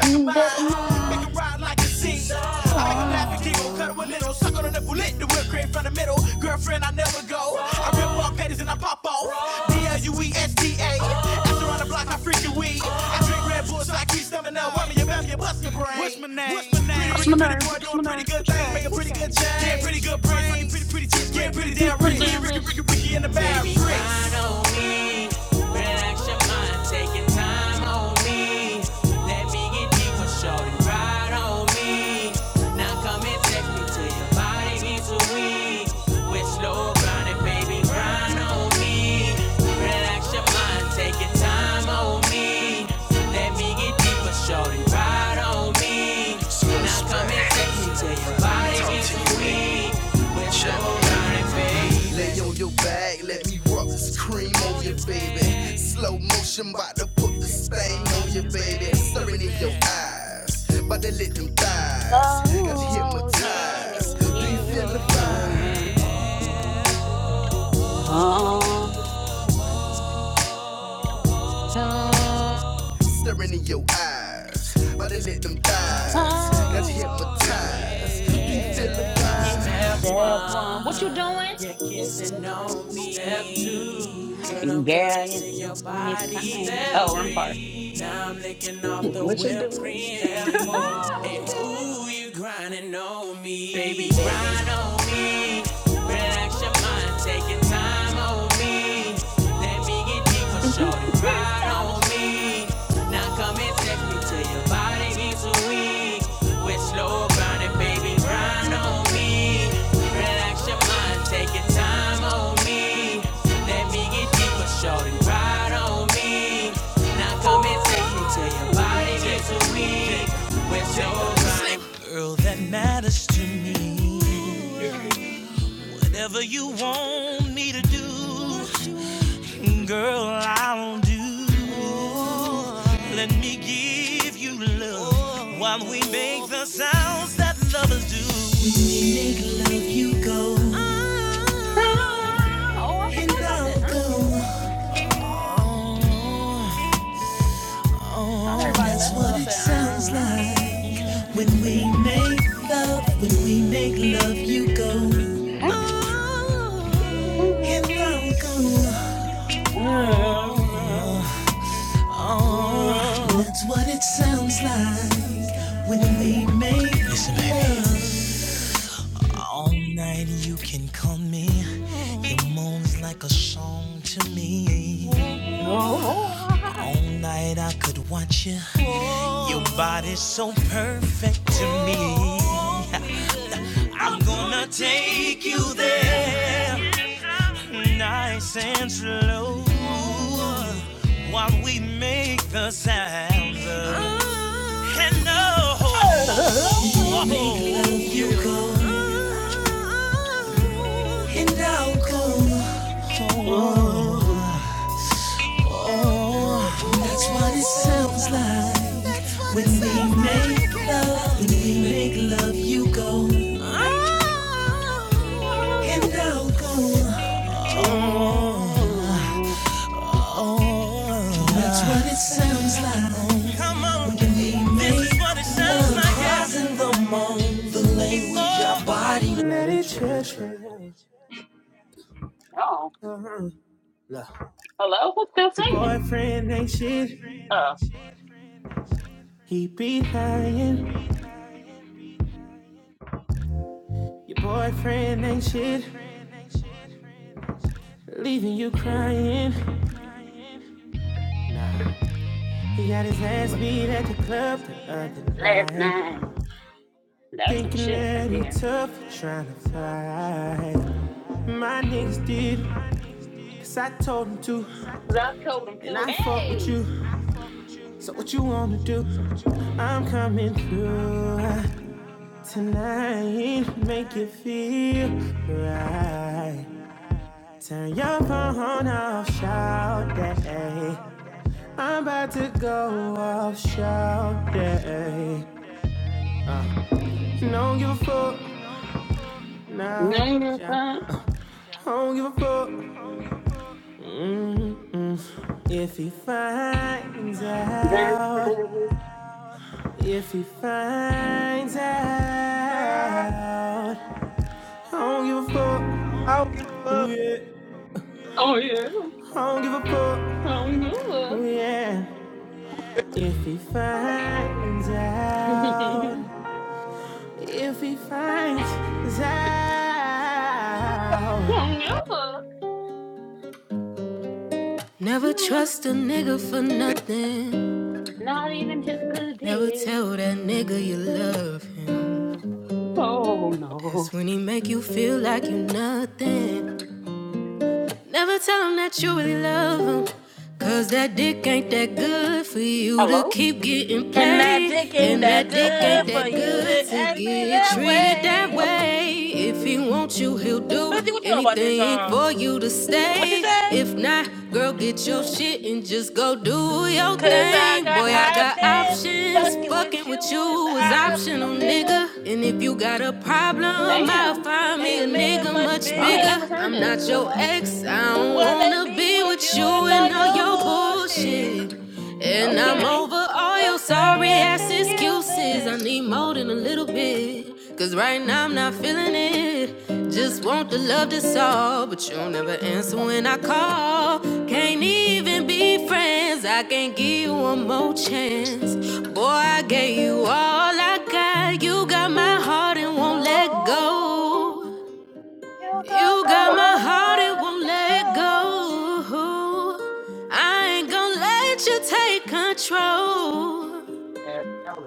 Mm, Back of
up.
my
I can see. I make them laugh and giggle, cut them a
soul.
little, suck on the bullet, the whip cream from the middle. Girlfriend, I never go. I rip off panties and I pop off. D-L-U-E-S-D-A. After on the block, I freak your weed. I drink Red Bull so I keep stamina. Why me your mouth, you bust your brain. What's my name? What's my name? Pretty, pretty, pretty boy doing pretty good things, making pretty good change. Yeah, pretty good brains, pretty, pretty, pretty chicks, getting pretty damn
Super
rich. Pretty,
damn
Ricky, Ricky,
rich.
Ricky in the bag. Baby, Relax your mind, take your time on me. Let me get deep for sure ride on me. Now come and take me till your body gets weak. With slow grinding, baby, grind on me. Relax your mind, take your time on me. Let me get deep for sure ride on me. Now come and take me till your body Lay on your back, let me rub this cream on you, baby. Slow motion, bout to put the stain on you, baby. Staring in your eyes, bout to let them thighs. Got you
Oh, yeah,
hypnotized. Do you feel the vibe?
yeah. Hum, hum,
staring in your eyes. But I let them thighs got you
oh,
hypnotized. You feel the
yeah, yeah.
vibe. Step
Step one.
one,
What you doing?
you're
You're
kissing
kissing
on
my
me. Step
mouth.
two, girl, I'm
Girl, you're
caressing your
kissing me
body.
fine.
Step
Oh, I'm part.
three, now I'm licking off the
What you
whipped
doing?
cream. Step
what
four,
you
and ooh, you grinding on me. Baby,
doing? Baby.
grind on me. Relax your mind, taking time on me. Let me get deeper,
First
shorty, ride
time,
on
what you doing?
me. Now come and take me till your body gets weak. With slow grinding, baby, grind on me. Relax your mind, taking time on me. Let me get deeper, shorty, ride on me. Now come and take
Oh, oh,
me till your
oh,
body gets weak. With slow grinding, girl that matters to me. Whatever you want me to do, girl, I'll do. Let me give you love while we make the sounds that lovers do.
ah. Oh, I forgot about this. Huh? Thought everybody left because I said, ah, ah, ah.
When we make love All night you can call me. Your moans like a song to me.
Oh,
All night I could watch you. Your body's so perfect to me. I'm gonna take you there, nice and slow. While we make the sound.
hello? Who's still
Your
singing?
boyfriend ain't shit, he be lying. Your boyfriend ain't shit, leaving you crying. He got his ass beat at the club the other
Last
night.
nine. That's some
Thinking
shit right
that he
there.
tough, trying to fly. My niggas did, cause I told him to,
'Cause I told him
and
to,
I fuck with
hey!
you. So what you wanna do? I'm coming through tonight. Make you feel right. Turn your phone off, shout day. I'm about to go off, shout day. Don't give a fuck now. shout. Don't give a fuck if he finds out. If he finds
I
out, give a,
don't give a fuck.
Oh, yeah.
give a fuck,
I'm good.
yeah. If he finds out,
I'm
if he finds out.
good. You know what?
It's-
Not even his good
Never
day.
tell that nigga you love him.
Oh, no.
That's when he make you feel like you nothing. Never tell him that you really love him. Cause that dick ain't that good for you to
Hello?
keep getting
And that
played.
dick ain't
And
that
that dick
Okay.
ain't
good for
that
you to
good to
act me
get
that
treated that
way.
way. If he wants you, he'll
Lizzie,
do
what you know about this
anything
song?
for you to
What she
stay.
said?
If not, girl, get your shit and just go do your
Cause
thing.
I got
Boy, I got
options.
options.
Fucking with
Fucking with
you is
you was
optional,
optional,
nigga.
nigga. And if you got a problem, I'll
Damn.
find me a
And make it
nigga
much
much
I
bigger.
ain't
bigger.
never heard
I'm
this.
not your
Hello?
ex. I don't
Wanna
wanna
be
be
with
with
you and
you
all
and all
your
your
bullshit.
bullshit. And I'm
Okay.
over all
Your
your
sorry
sorry
ass
ass excuses. I
excuses.
need more than a little bit. Cause right now I'm not feeling it. Just want the love that's all. But you'll never answer when I call. Can't even be friends. I can not give you one more chance. Boy, I gave you all I got. You got my heart
You
and won't let
go.
go.
You got
You
I
my
know
got my
her
heart and
heart
won't
and
let
won't
it
let go.
go.
I ain't gonna let you take control.
ass out.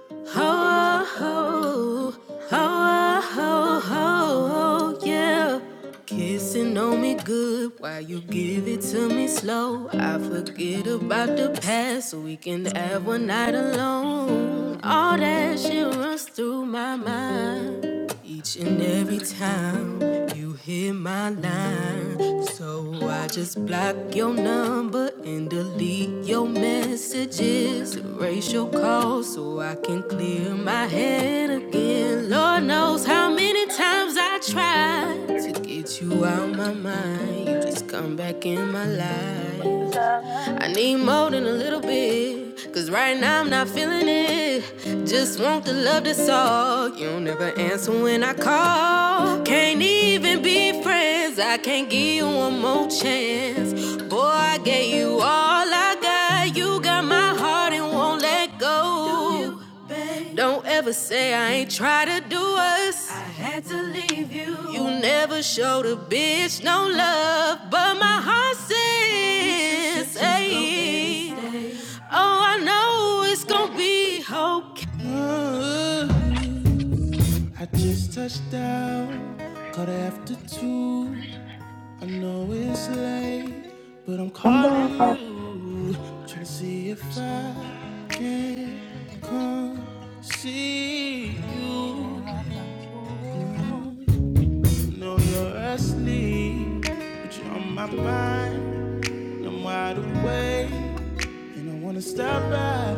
It's gonna be-
Oh oh oh oh ho, yeah. Kissing on me good while you give it to me slow. I forget about the past so we can have one night alone. All that shit runs through my mind. Each and every time you hear my line, so I just block your number and delete your messages, erase your calls so I can clear my head again. Lord knows how many times I tried to get you out my mind, you just come back in my
Cause
life.
I
I need more than a little bit. Cause right now I'm not feeling it. Just want the love that's all. You'll never answer when I call. Can't even be friends. I can't give you one more chance. Boy, I gave you all I got. You got my heart
got
and won't
go.
let go. Don't ever say I ain't try to do us. I had to leave you. You never showed a bitch no love, but my heart says, hey, oh, I know it's gonna be okay. If
gone.
I can't see
Can
you,
I come to you?
you know you're asleep, but you're on my mind. I'm wide awake, and I wanna stop by.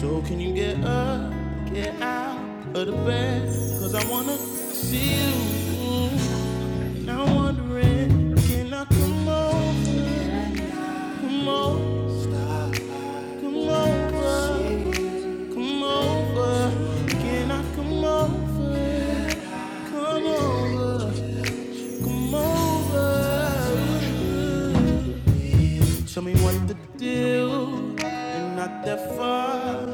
So can you get up, get out of the bed? Cause I wanna see you. And I'm wondering, can I come over? Come over, come over, come over. Can I come over? Come over, come over. Tell me what the deal? You're not that far.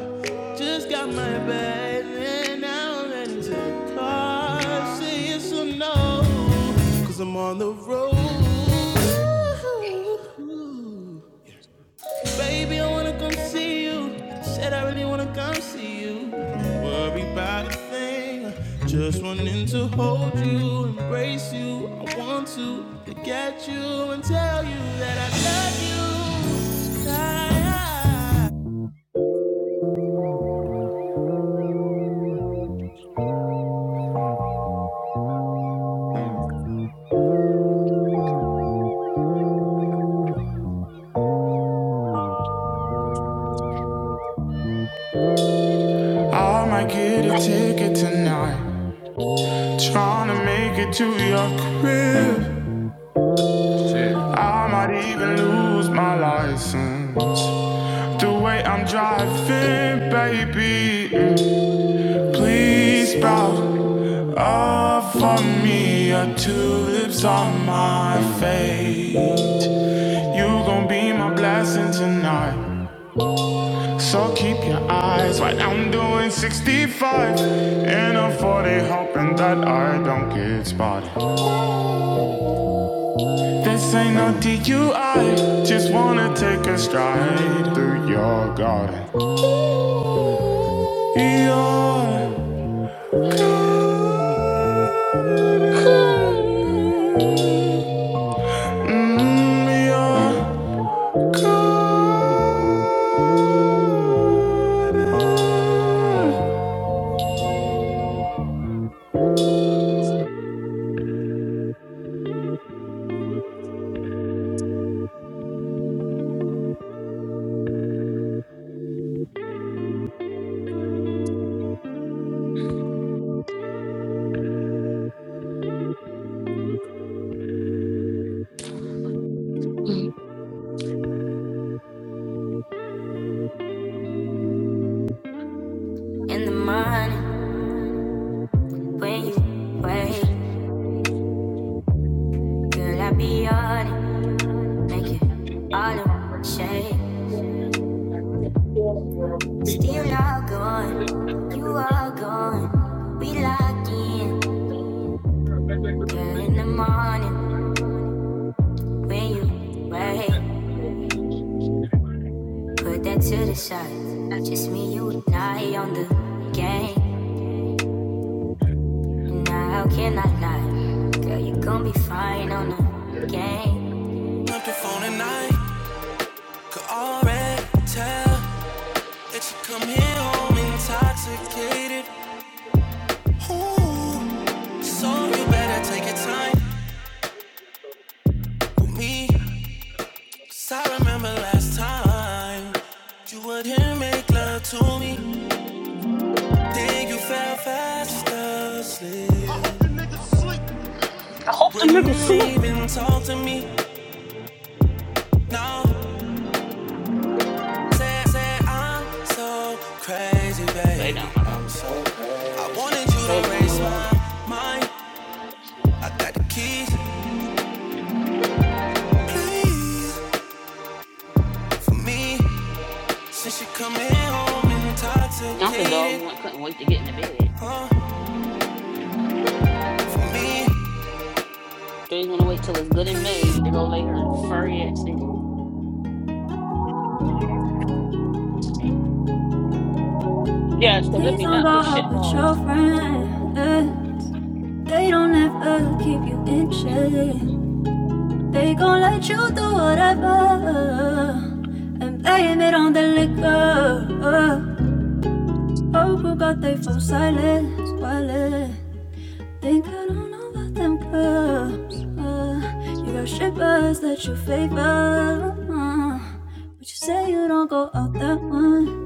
Just got my bag and now I'm heading to the car. Say yes or no, cause I'm on the road. Baby, I wanna come see you. Said I really wanna come see you. Don't Worry about a thing. Just wanting to hold you, embrace you. I want to get you and tell you that I love you. I, I, I might get a ticket tonight. Trying to make it to your crib.
That's the shit.
I might even lose my license. The way I'm driving, baby. mm, Please sprout up for me. A tulips on my fate. You gon' be my night, So keep your eyes wide. I'm doing 65 in a 40, hoping I. This I just wanna take your.
Cool. Mhm.
In the morning, when you wake, girl, I be on it, make it all up shake. Still all gone, you all gone, we locked in. Girl, in the morning, when you wake, put that to the side. Just me, you and I on the game. Nah, how can I lie? Girl, you gon' be fine on the game. Up the phone at night, could already tell that you come here home intoxicated. Ooh, so you better take your time with me, 'cause I remember last time you wouldn't make love to me. Then you fell fast asleep. Wouldn't even talk to me. Now Say, say I'm so crazy,
They
baby.
don't know why.
I'm so I wanted you to
Zeta's on the
raise my
way.
mind. I got the keys, please, for me. Since you coming home
Not the dog
intoxicated
want, couldn't wait to get in the bed.
on me,
Three's gonna wait till it's good and
please.
made to go lay her furry ass down. Yeah, so there'd
Please
be
don't
nothing
go
but
out
shit
with your
balls.
friend. eh. They don't ever keep you in check. They gon' let you do whatever and blame it on the liquor. Oh, but God, they fall silent, silent. Think I don't know about them clubs. Uh, you got shippers that you favor, uh, but you say you don't go out that one.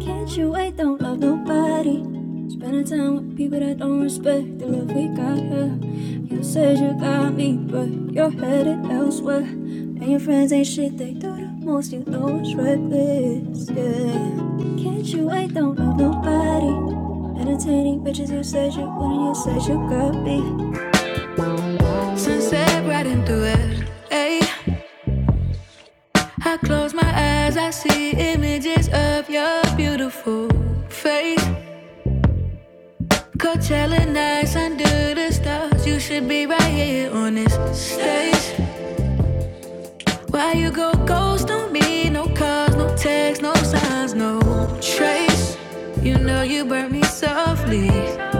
Can't you wait? Don't love nobody. Spending time with people that don't respect the love we got here. You said you got me, but you're headed elsewhere. And your friends ain't shit, they do the most. You know it's reckless, yeah. Can't you wait? Don't love nobody. Entertaining bitches, you said you wouldn't. You said you got me. Sunset riding through it. Hey. I close my eyes, I see images of your beautiful face. Coachella nights under the stars, you should be right here on this stage. Why you go ghost on me? No calls, no texts, no signs, no trace. You know you burn me softly.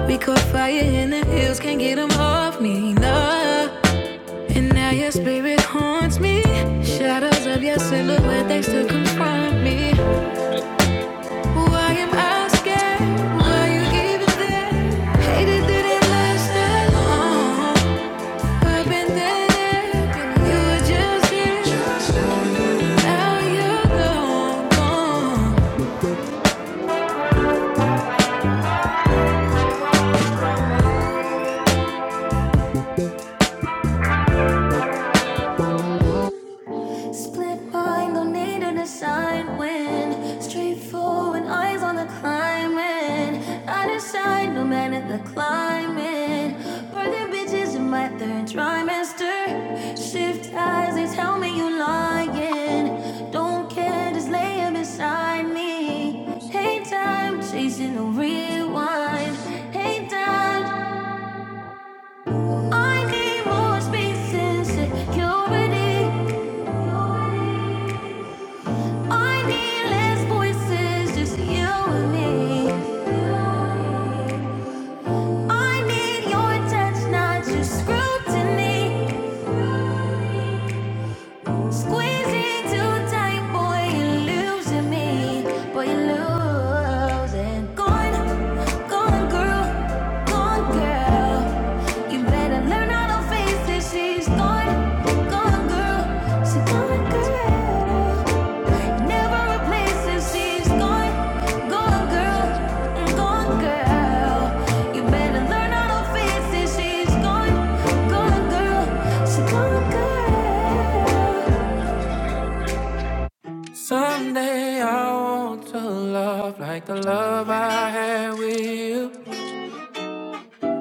We caught fire in the hills, can't get get them off me, no. And now your spirit haunts me. Shadows of your silhouette, they still confront me. Why am I scared? Why you even there? Hated that it lasts that long. I've there, you were just here. Now you're gone, gone. Split mind, no need to decide when. Straightforward, eyes on the climbing. I decide, no matter the climbing. Birthing bitches in my third trimester. Shift eyes, they tell me you lying. Don't care, just lay beside me. Hey, time, chasing a rewind. Hey, time. I need more space and security. I need less voices, just you and me. I need your touch, not your scrutiny. Squeezing too tight, boy, you're losing me. Boy, you're losing. Gone, gone, girl, gone, girl. You better learn how to face it. She's gone, gone, girl. She's gone, girl. Never replace She's gone, gone, girl, gone, girl. You better learn how to face it. She's gone, gone, girl. She's gone, girl. Someday I want to love like the love I had with you.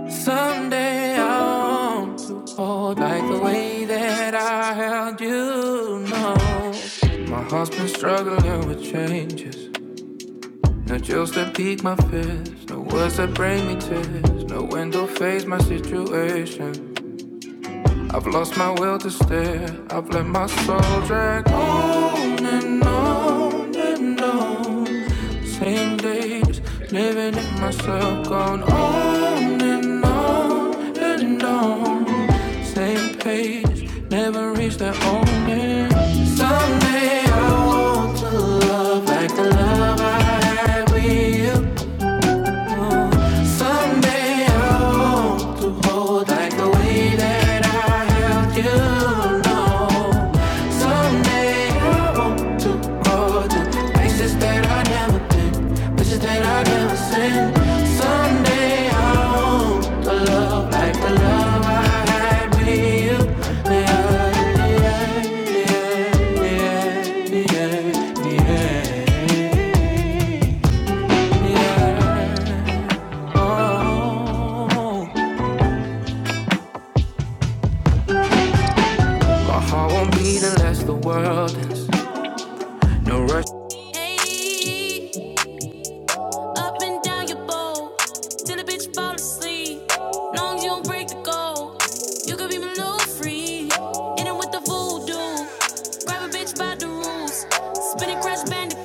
Someday I want to hold like the way that I held you. No, my heart's been struggling with changes. No chills that pique my fist, no words that bring me tears, no window face my situation. I've lost my will to stare. I've let my soul drag on and on and on. Same days, living in myself, gone
Mhm.
on and on. Up and down your bowl till the bitch fall asleep. Long as you don't break the goal, you could be my little free. In it with the voodoo, grab a bitch by the rules, spin it, crash bandicoot,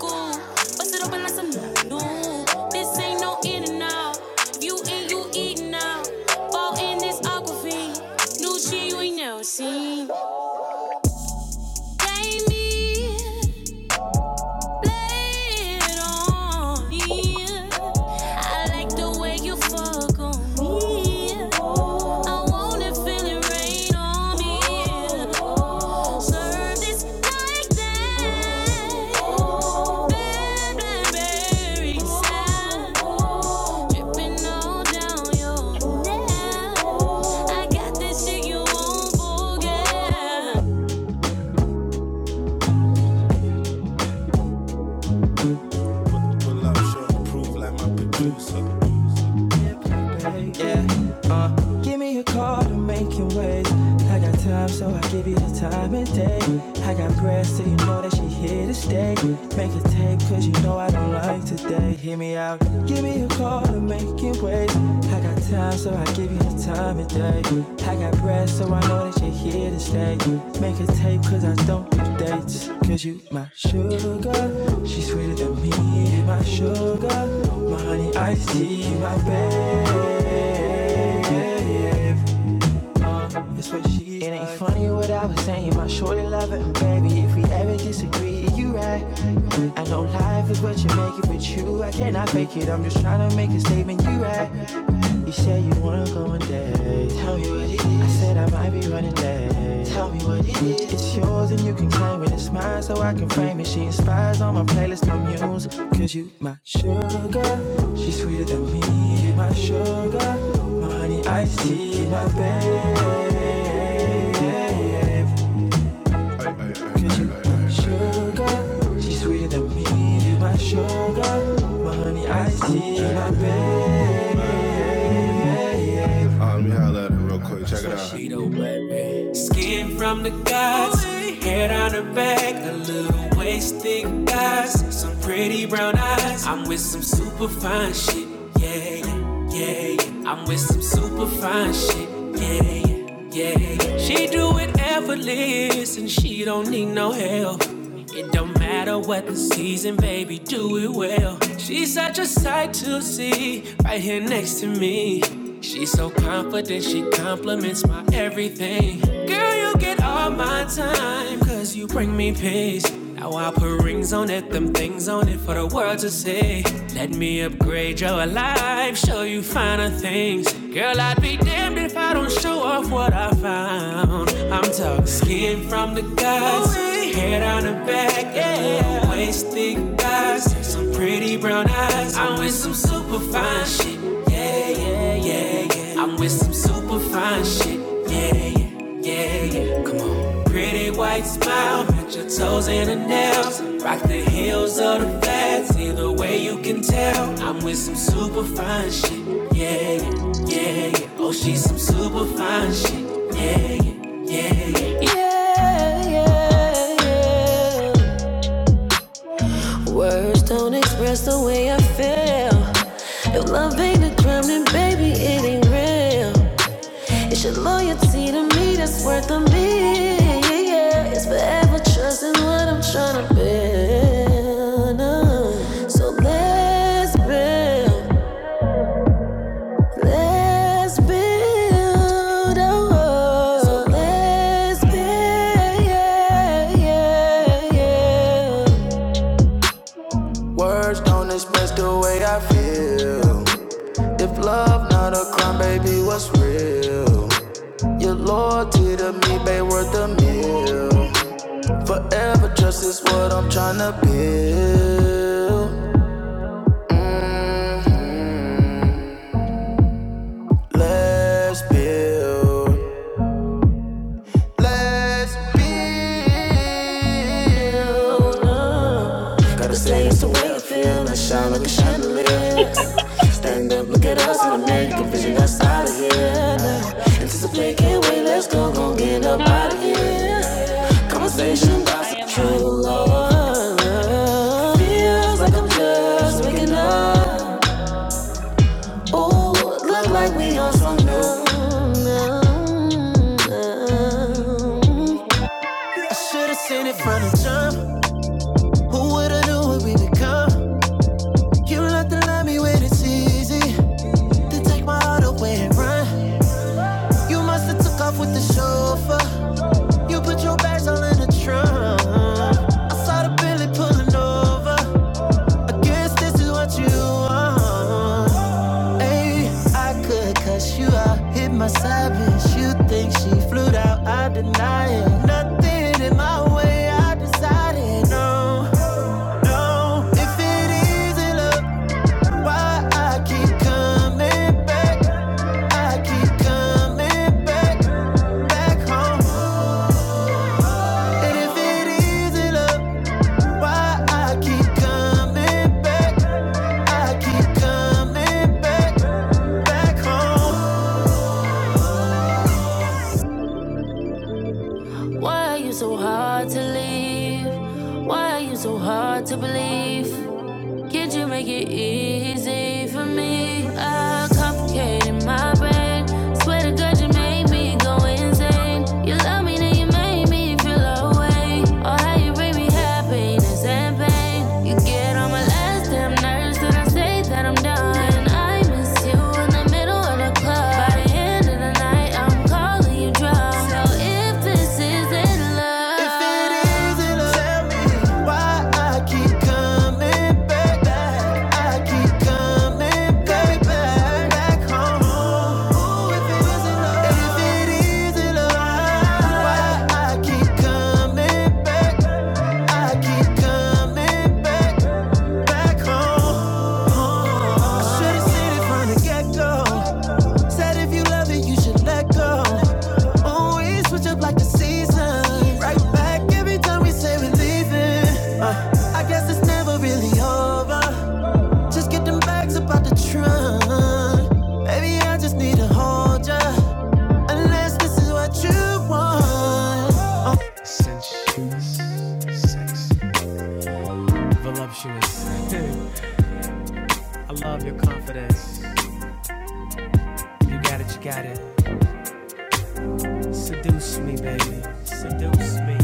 bust it open like some new. This ain't no in and out. If you in, you eating out. Fall in this aqua fiend. new shit you ain't never seen. Baby. Play it on I like the way you fuck on me. I want it, feel rain on me. Serve this like that. Blackberry sound. Dripping all down your neck. I got this shit you won't forget. Give me a call to make your ways. I got time, so I give you the time and day. I got breath, so you know that she here to stay. Make a take, cause you know I don't like today. Hear me out. Give me a call to make your ways. I got time, so I give you the time and day. I got breath, so I know that she here. Make a take, cause don't do dates. Cause you my sugar, sugar me, my sugar, my tea, my babe. It's what she's It ain't like. funny what I was saying, my shorty love it. Baby, if we ever disagree, you right. I know life is what you make it, but you, I cannot fake it. I'm just trying to make a statement, you right. One day, tell me what it is. I said I might be running late. Tell me what it is. It's yours and you can claim it. It's mine so I can frame it. She inspires on my playlist, my muse. Cause you my sugar, she's sweeter than me. You my sugar, my honey iced tea, my babe. Sugar, she's sweeter than me. my sugar, my honey, I see my baby. She the baby. Skin from the gods, hair down her back, a little waist, thick thighs, some pretty brown eyes. I'm with some super fine shit, yeah, yeah, yeah. yeah. I'm with some super fine shit, yeah, yeah, yeah. yeah. She do it effortless and she don't need no help. It don't matter what the season, baby, do it well. She's such a sight to see, right here next to me. She's so confident, she compliments my everything. Girl, you get all my time, cause you bring me peace. Now I put rings on it, them things on it for the world to see. Let me upgrade your life, show you finer things. Girl, I'd be damned if I don't show off what I found. I'm talking skin from the gods. Head on her back, yeah. Waist thick thighs, some pretty brown eyes. I'm with some super fine shit, yeah, yeah, yeah, yeah. I'm with some super fine shit, yeah, yeah, yeah, yeah. Come on. Pretty white smile, match your toes and her nails. Rock the heels of the flats, either way you can tell. I'm with some super fine shit, yeah, yeah, yeah, yeah. Oh, she's some super fine shit, yeah. Yeah, yeah, yeah. Words don't express the way I feel. If love ain't a crime, then baby, it ain't real. It's your loyalty to me that's worth a million. yeah. It's forever trusting what I'm trying to build. uh. So let's build, let's build. a world. so let's build, yeah, yeah, yeah. Ain't worth I'm tryna build.
That makes it. Oh, well, I walked over
Vision
there. You see them gummies?
on Copilot.
Huh? hmm I am high.
Feels like I'm just waking up. Ooh, look like we on some new. I should've seen it from the jump. Who would've knew what we become? You like to love me when it's easy. Then take my heart away and run. You must have took off with the chauffeur. You put your bags all in the trunk. I saw the Bentley pulling over. I guess this is what you want. Hey, I could cuss you out, hit my savage. You think she flew out? I deny it. Nothing in my way. I decided no, no. If it isn't love, why I keep coming back? I keep coming back, back home. Keep coming back. Why are you so hard to leave? Why are you so hard to believe? Can't you make it easy for me? I complicated my brain. Swear to God, you made me go insane. You love me, then you made me feel away. All how you bring me happiness and pain. You get on my last damn nerves that I say that I'm done. And I miss you in the middle of the club. By the end of the night, I'm calling you drunk. So if this isn't love, if it isn't love. if it isn't love, if it Why I keep coming back, I keep coming back home. Should've seen it from the get-go. Said if you love it, you should let go. Always switch up like the season. Right back every time we say we're leaving. Uh, I guess it's never really over. Just get them bags about the trunk. Baby, I just need to hold ya. Unless this is what you want. Oh. voluptuous. I love your confidence. You got it, you got it. Seduce me, baby. Seduce me.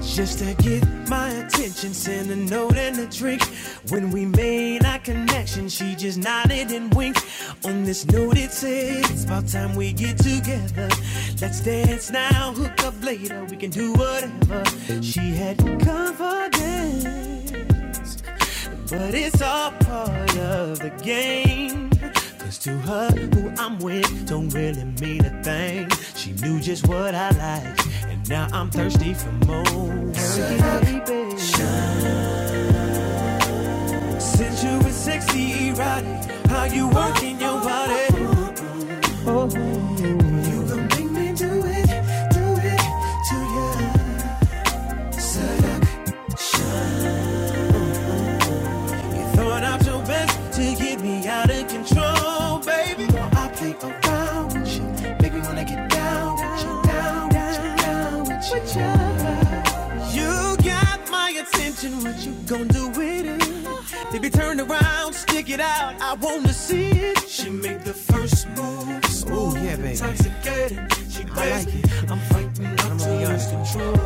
Just to get my attention, send a note and a drink. When we made our connection, she just nodded and winked. On this note, it said, It's about time we get together. Let's dance now, hook up later, we can do whatever. She had confidence. But it's all part of the game. Cause to her, who I'm with don't really mean a thing. She knew just what I liked, and now I'm thirsty for more. Hurry, baby. Since you were sexy, erotic, how you working your body? Oh, You gon' make me do it, do it to ya. Seduction. you throwing out your best to get me out of control, baby. Well, I play around with you. Make me wanna get down with you, down with you, down with you. Down with You You got my attention, what you going do with it? Baby, turn around, stick it out, I wanna see it. She make the first move, smooth, Ooh, yeah, baby. intoxicated. She crazy. I like it. I'm fighting up to lose control.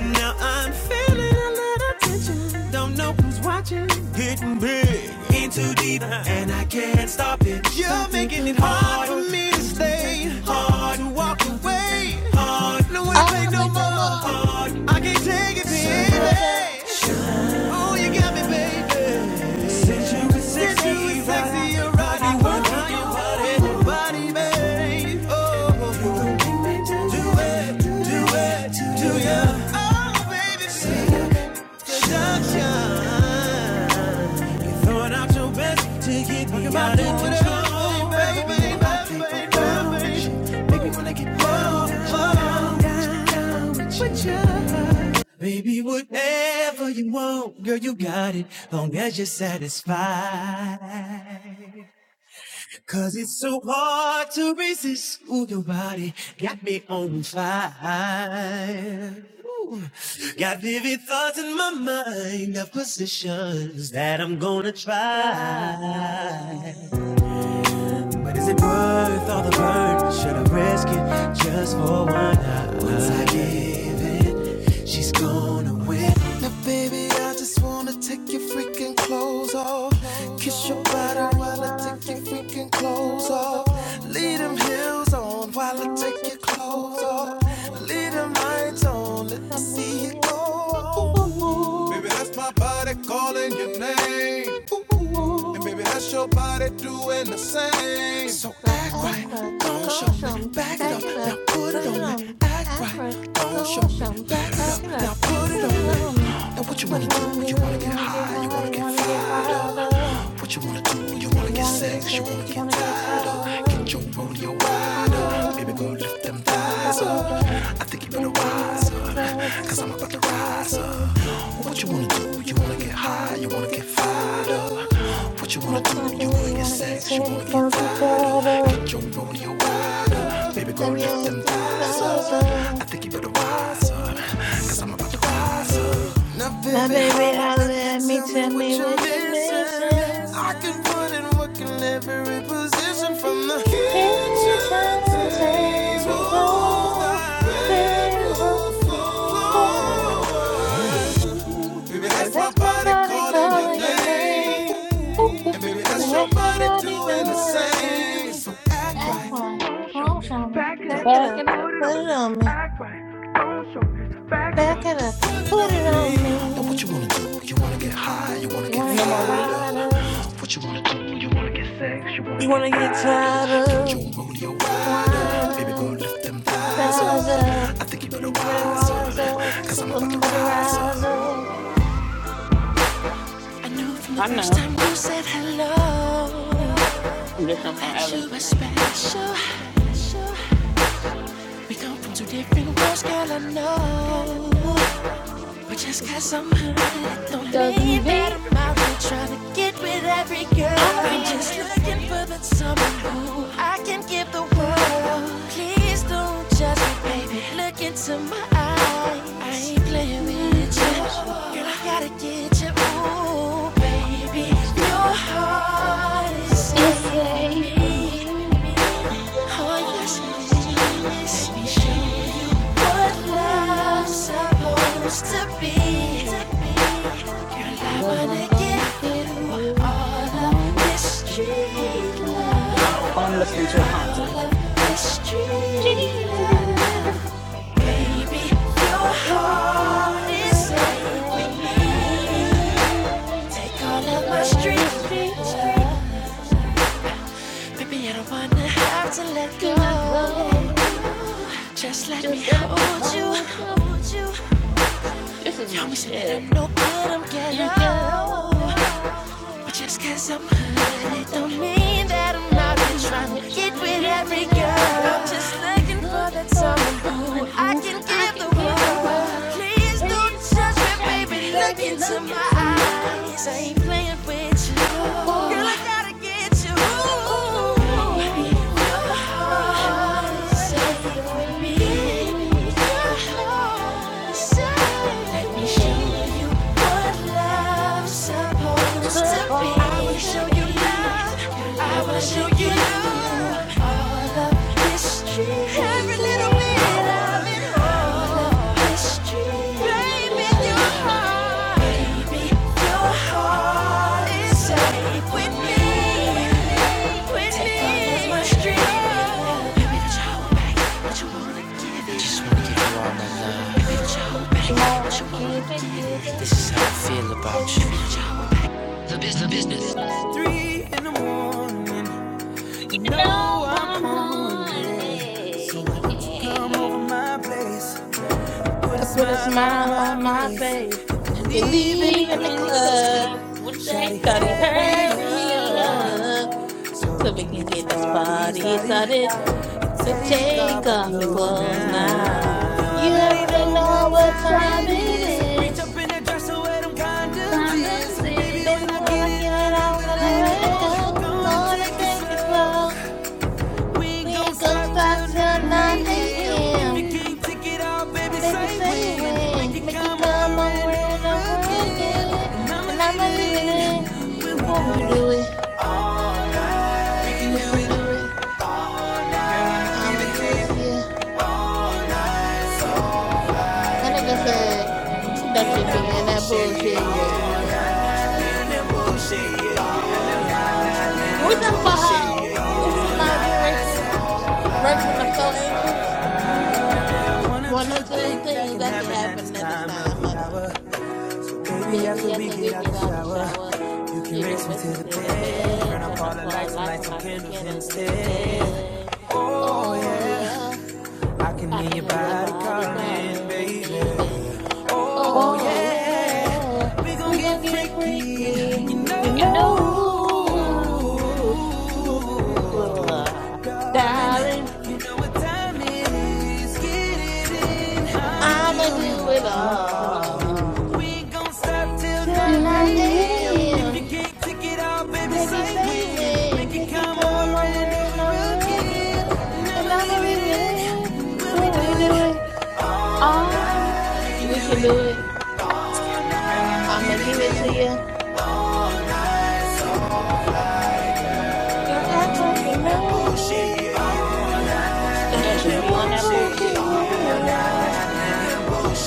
and Now I'm feeling. Need a little attention. Don't know who's watching. Getting big. In too deep. And I can't stop it. You're making it hard for me to stay. Hard to walk away. Hard. No one to
I
play
wanna
no
play no
more.
more
Hard. I can't take it, baby. Oh, you got me,
seduction.
baby. Since you
Since
were sexy,
you a
Since you were
sexy right?
sexy, right? right, you
how you work?
your
Oh,
body,
oh,
your
oh,
body,
oh.
babe. Oh, you
You gonna
can make me
make me
do do
do,
it, do
do,
it, do do ya. Oh,
do it.
baby,
Set a
seduction.
tone.
You throwing out your best to get me Talking about out of doing
Out of
whatever, control,
control,
baby,
baby.
baby, baby, baby. Make me wanna get low, low, down, down with you. Baby, whatever you want, girl, you got it, long as you're satisfied. Cause it's so hard to resist, ooh, your body got me on fire. Ooh. Got vivid thoughts in my mind of positions that I'm gonna try.
Right.
But is it worth all the burn? Should I risk it just for one night? Once I give in, she's gonna win. Now, baby, I just wanna take your freaking clothes off. Kiss your
With your
body
body
while I
while I
take your
take your
freaking
freaking
clothes
clothes
off.
off.
Leave them heels on while I
While I
take your
take your
clothes
clothes
off.
off.
Leave them lights on, let me
Let me
see
see
you
it.
go.
Ooh,
Ooh,
ooh,
baby, that's my body calling your name. Ooh,
ooh,
and
ooh.
baby, that's your body doing the same. So
So
act right,
Accra,
don't show me.
Gosham,
Back it up,
back it up,
now put
put
it
it
on me.
on.
Act right,
Accra,
don't show me.
Gosham,
Back it up,
back it up,
now put
put
it on
it
me.
on.
Now what you
What
wanna
you wanna
do?
do?
You wanna
You
get
wanna get
high, you
high?
wanna
You
get
wanna get
fired
fired
up.
up?
What you wanna do? You wanna
You
get
wanna get
sex, you
sex? you
wanna get
Wanna get tied
tired up.
up?
Get your rodeo ride up, baby
Fired up,
go.
fired up. I think you better rise up. What you gonna do? You wanna get sex? you Wanna get tied up? Let me ask them plaza. Now, baby, I let me tell me what you're missing.
Listen from the kitchen
Kitchen
table.
table,
Red
big
roof
rooms.
floor. Baby,
If
that's my
that's my
body
body
calling your
calling your
name.
name,
And baby,
if
that's your
that's my
body
body
doing the
doing the
same.
same,
So
act one, move on me, back it
Back
up,
it up.
put it on me, back it up, put it on
Mhm.
me. You wanna
No
get
more weed?
fired up,
what you wanna do? You wanna get sex, you
you
wanna get
wanna get
tired.
tired
Get
up?
your rodeo ride
wired
up. Baby,
up,
go lift them thighs.
rise up, you better wise up, somebody rise up.
I knew from the
I
first
know.
time you said hello
I'm just on from
that
Ellis
you were
tonight.
special. We come from two different worlds, girl, I know. But just cause I'm hot don't
Doesn't
mean that
mean
I'm out there trying to get with every girl.
I'm gonna be
I'm
out
just
here before
looking for
you.
that someone who I can give the world. Please don't judge me, baby. Look into my eyes. I ain't playing
I
with you.
wish I
Girl, I gotta get you. Ooh, baby,
could.
your heart is
If you
safe with
say for
me.
me,
Oh, yes, it is. Let me show you. What
well,
love's
love,
supposed to be. Girl, I
cause
wanna
I'm gonna
give
give
you
you
all of
all
this
I
street
need.
love.
I'm listening to a concert.
All of this street
Jesus,
love. Baby, your
Your
heart is
heart is
safe with
safe for
me.
me.
Take all
Take
of my
all of the
strength.
street love
Baby, I don't wanna have to let
to
go.
let go.
Just let me
Just let me
hold you,
hold you.
hold you.
This is
Y'all
my
may say that
shit.
I'm no good, I'm
And
poor.
hello,
But yes, I'm good. It don't mean that I'm out
that
here
I'm out
trying
here
to get
trying to
with
get
every
with every
girl. I'm just
girl. Is
looking for
looking
that
for the someone
soul I
who
can
I
give the
can give the
world.
world.
Please don't
Please
judge
don't judge me,
me, look
baby. Look into my
inside.
eyes. Ooh, ooh, heart is safe with me. Supposed to
Show you
be
love, all of history,
the
every little bit
street.
of it, all of history, baby, your heart, baby, your heart is safe with me.
You wanna give it, give it, baby. You should. want.
You
You know
know I'm
I'm
on.
honey. Hey,
I put a smile on my face. You're
we
leaving the
in the
club.
club. What it say?
Shawty,
Shawty,
Gotta
hurry
have
hurry
me
up
up
up.
so we
so we
can
can
get this
get this
You
party
party
don't
started.
started and
Take
take
off our
need
off your
to
clothes
clothes
go
now.
now.
You
wrong.
You
You
already
already
already
know
know
know
what
what
what
time
time
it
time it
is.
is.
it
Reach
is.
up in that dresser where them condoms is.
Condoms
And baby,
Baby,
is
when I
when
get
I
it,
get
I
it,
will
I'm
never
gonna
let
let
let
it
go.
go.
go.
Gonna
Gonna
take it
take it slow.
slow. We
We
ain't gonna
ain't gonna
stop
stop
till
till
9
9
a.m. If you
a.m.
Damn.
can't take it all, baby,
Baby,
say
say
when. Make
when.
it
Make you
come
come
over
over
and
and
over
over
again.
again.
And I'ma
And
leave
I'ma leave it
it
in.
in.
Well, we do it. We can
Hey.
do it. I'ma give it to you. That nigga said, don't you be in that
bullshit,
bullshit.
yeah.
Yeah, yeah.
All of yeah.
Can we talk about how
yeah.
this is my generation version of so anxious?
One or
One
two
or two
things that
things
can
that can
happen at this
happen at this
time
time,
of the
mother.
hour. Maybe
Baby,
after we
after
get
we
out
get
the
out the
shower,
shower,
you can
you can
race me
whisk me
to the
to the
bed.
bed,
Turn off
turn
all
up
the
for the
lights and
lights
light
and
some
light some
candles
candles
instead.
instead.
Oh
Oh,
yeah,
yeah.
I can
I
hear
can
your
hear your
body
body
calling,
calling,
baby.
baby.
Oh
Oh
Oh yeah.
yeah,
yeah, we gon'
we
get
gonna get
freaky,
freaky,
you know.
you
No.
know.
Darling,
Darling,
you know what time it is. Get it in, I'ma
I'ma
do it
do it all
all. We ain't gon' stop till 9
till 9
a.m. If you
a.m.
Damn.
can't take it all, baby,
Baby,
say
say
when.
when,
Make it
make it
come
come
over
over
and
and
over
over
again.
again,
And
and
I'ma
I'ma
leave
leave it
it
in.
in when we
When
do
we do it,
it all
All night.
we can do it. I'ma give it to you, girl. Act like you know me. Don't you
Don't you
be
be
an
on that
bullshit,
bullshit.
yeah, yeah.
night.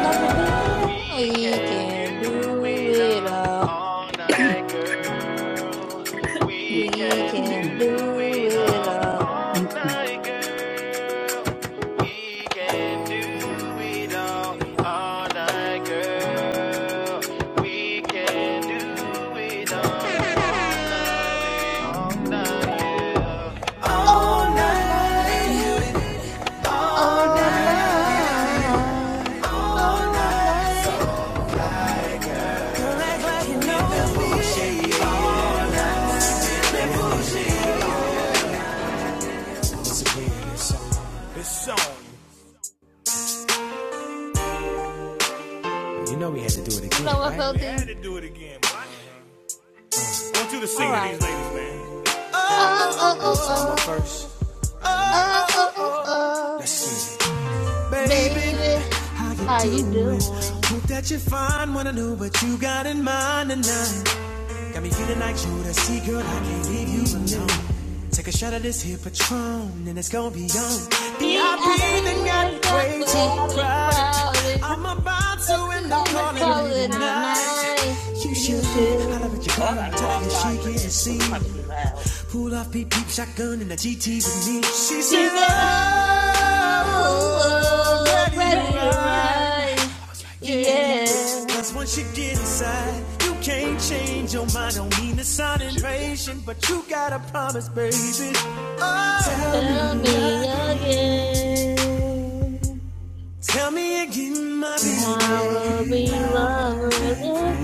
Don't you be? We can do it all. We can
Mm,
do it all.
mm, mm.
All night, all night, all night.
You know we had to do it
You know
again,
what,
right? We
Felty?
had to do it again, boy. I want you to
All
sing to
right.
these ladies, man. Oh
Uh
oh, oh,
oh
so I'm up first.
oh,
Oh,
uh
oh,
oh
oh. Let's
oh,
see. Baby,
baby,
how you
how you
doing?
doing?
Hope that you find what I know what you got in mind tonight. Got me feeling like you to see, girl, I can't leave you alone. Take a shot of this here Patron, and it's gonna be on. VIP
Eating
VIP
got
then got
has
way too
got
way
way
too
too
crowded.
crowded.
crowded.
I'm
I'm about to end up
In
calling
the
calling
it
cold
it
a
a
of the
night.
night.
night,
You
you
should holler
should.
at your
Oh, I
girl,
gotta
tell
go
her you should
outside for
get a
this because I'm about to be loud.
scene. Pull off peep peep shotgun in the GT with me. She
She
She
said,
said,
said,
Oh,
Oh,
oh, oh, I'm
oh, I'm
ready to
ready
ready
to
to
ride.
night.
ride.
I was like,
And get
Yeah.
me
Yeah,
Cause once you get inside, you can't change your mind. Don't mean to sound impatient, but you gotta promise, baby. Oh, tell
tell
me
me
again.
again.
Tell me again, my baby.
I will be lover and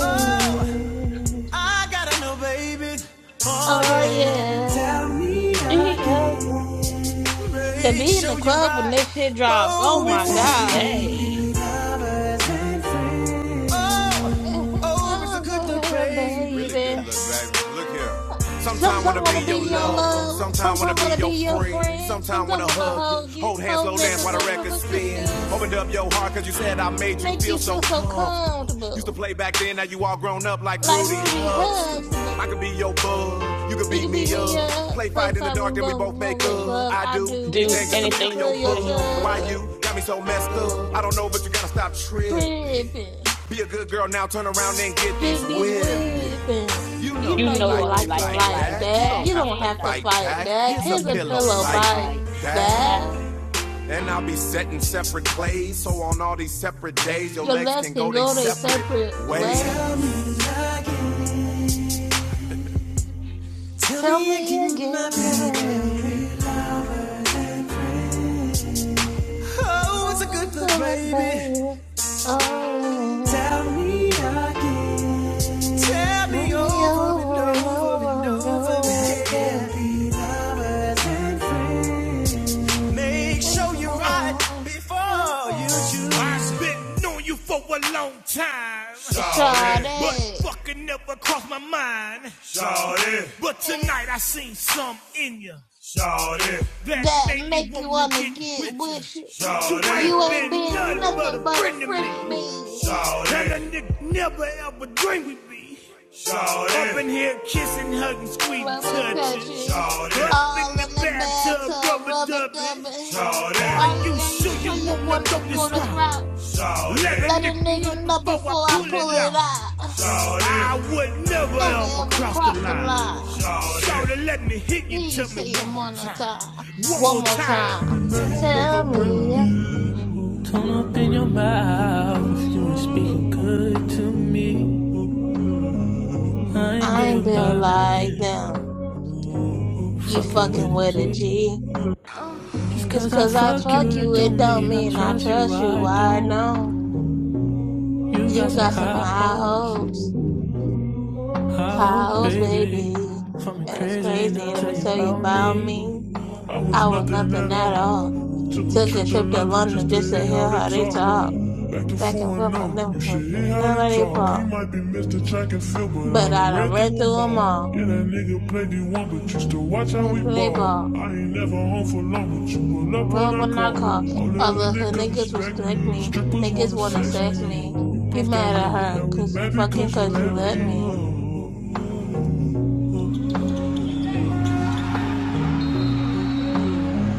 Oh, I gotta know, baby. Oh,
Oh,
yeah.
yeah.
Tell me again.
again.
To
Make
be in the
sure you're
club when
right.
this shit drops. Oh,
Oh,
my
before
Ooh.
we
God.
Hey,
leave. Lovers and friends. Oh, oh, it's a good look,
oh,
baby. Really good.
baby. Sometimes
Sometimes wanna
want
be
to be your
lover,
love. Sometimes want to be your
friend.
friend.
Sometimes.
Sometimes want to hug you.
Hold hands, slow
Hold that
dance
your
while the
dress up
record
up
spin.
spin.
Opened up your heart cause you said I made.
Make you feel so
Used to
comfortable.
play back then, now you all grown up like
Like
Rudy.
Rudy Huxtable.
I could be your bug, you could
You
beat
can beat
me
me
up.
up.
Play
Play
fight,
fight with Bowman. More like love.
I
I do
do
think just a
anything just
feel
to
anything
feel
to
your
fill your
why you
touch.
bud.
up? I'm tripping.
Tripping. Get these weapons.
You know
You
You
know you
know you
like it
like it
like
like
that
that.
don't
You
that. You
don't
have to
ain't
have to
gotta
fight
fight
back,
fight
back.
back.
Here's a
Here's a
pillow
pillow
fight
bite.
bite.
Back.
plays. So on all these separate days, your
Your legs can go their separate
way. Tell,
ways. Tell me again. Oh, darling,
baby,
baby. Oh,
tell
yeah.
me again. Tell me
Run me
over and
over and
over and
over and
over
over
again.
again.
Be lovers and friends. Make sure you're right before you choose. I've been knowing you for a long time. Sorry. But
Sade,
fucking never crossed my mind. Sorry. But tonight I seen some in you. Shorty, That
that
made me
make you
wanna
wanna
get
get
with you. You
with you. You
ain't
ain't
been
been
nothing but
nothing
a
but a
friend to me.
friend of me.
Shawty, And a nigga never ever dreamed we'd be. Shawty, Up in here kissing, hugging, squeezing,
Mama touch
touching.
you
shorty, Up in
all
the
in the
bathtub,
bathtub,
rubber
rubber
dubbing.
dubber.
shorty,
Are
Are you
you, are you
sure you
sure you
wanna
want
go
to
this
go this
route?
route?
shorty, Let a
Let a
nigga know
nigga know
before
before
I
I
pull
pull
it
it
out.
out.
I would never
Never
ever
ever
cross the
cross the
line.
line.
Shawty, let me hit
Here
you,
you
tell me
see
one
him
more
one more
time.
time. One more time. Tell me
Turn up in your mouth, you were speaking good to me. I ain't
I ain't
been
built like
lying,
them. You
fucking
fucking
with a
with a G.
G. Just
Just
cause I
cause I
fuck you,
truck
that
you, it
don't
don't
mean I
mean I
trust you,
trust you.
I
I
don't.
know.
You got
You
some
got some
high
high
hopes,
hopes.
high
High
hopes,
hopes,
baby.
baby.
For me
And it's
crazy, now
crazy. Let
tell
me
you
tell you
about
about
me.
me. I was nothing at all. Took a trip to London just to hear how they
talk.
talk.
Like,
Back and forth, I never
oh,
could
shit. All they
they
talk, he
bought.
might be Mr. but I
But I
don't
done
rent the wall.
ran through them all.
Yeah, that nigga played me one, but you still watch how we
That's what they
ball. I
bought.
ain't never home for long, but you will
And I
love
love
my
when I
call.
call.
All
All the her
niggas
niggas
respect
respect
me,
me.
strippers
Niggas
wanna
wanna
sex me.
sex
You
me. You
bluffed on
mad at
him,
her
now we
cause you
mad because
fucking cause you let me.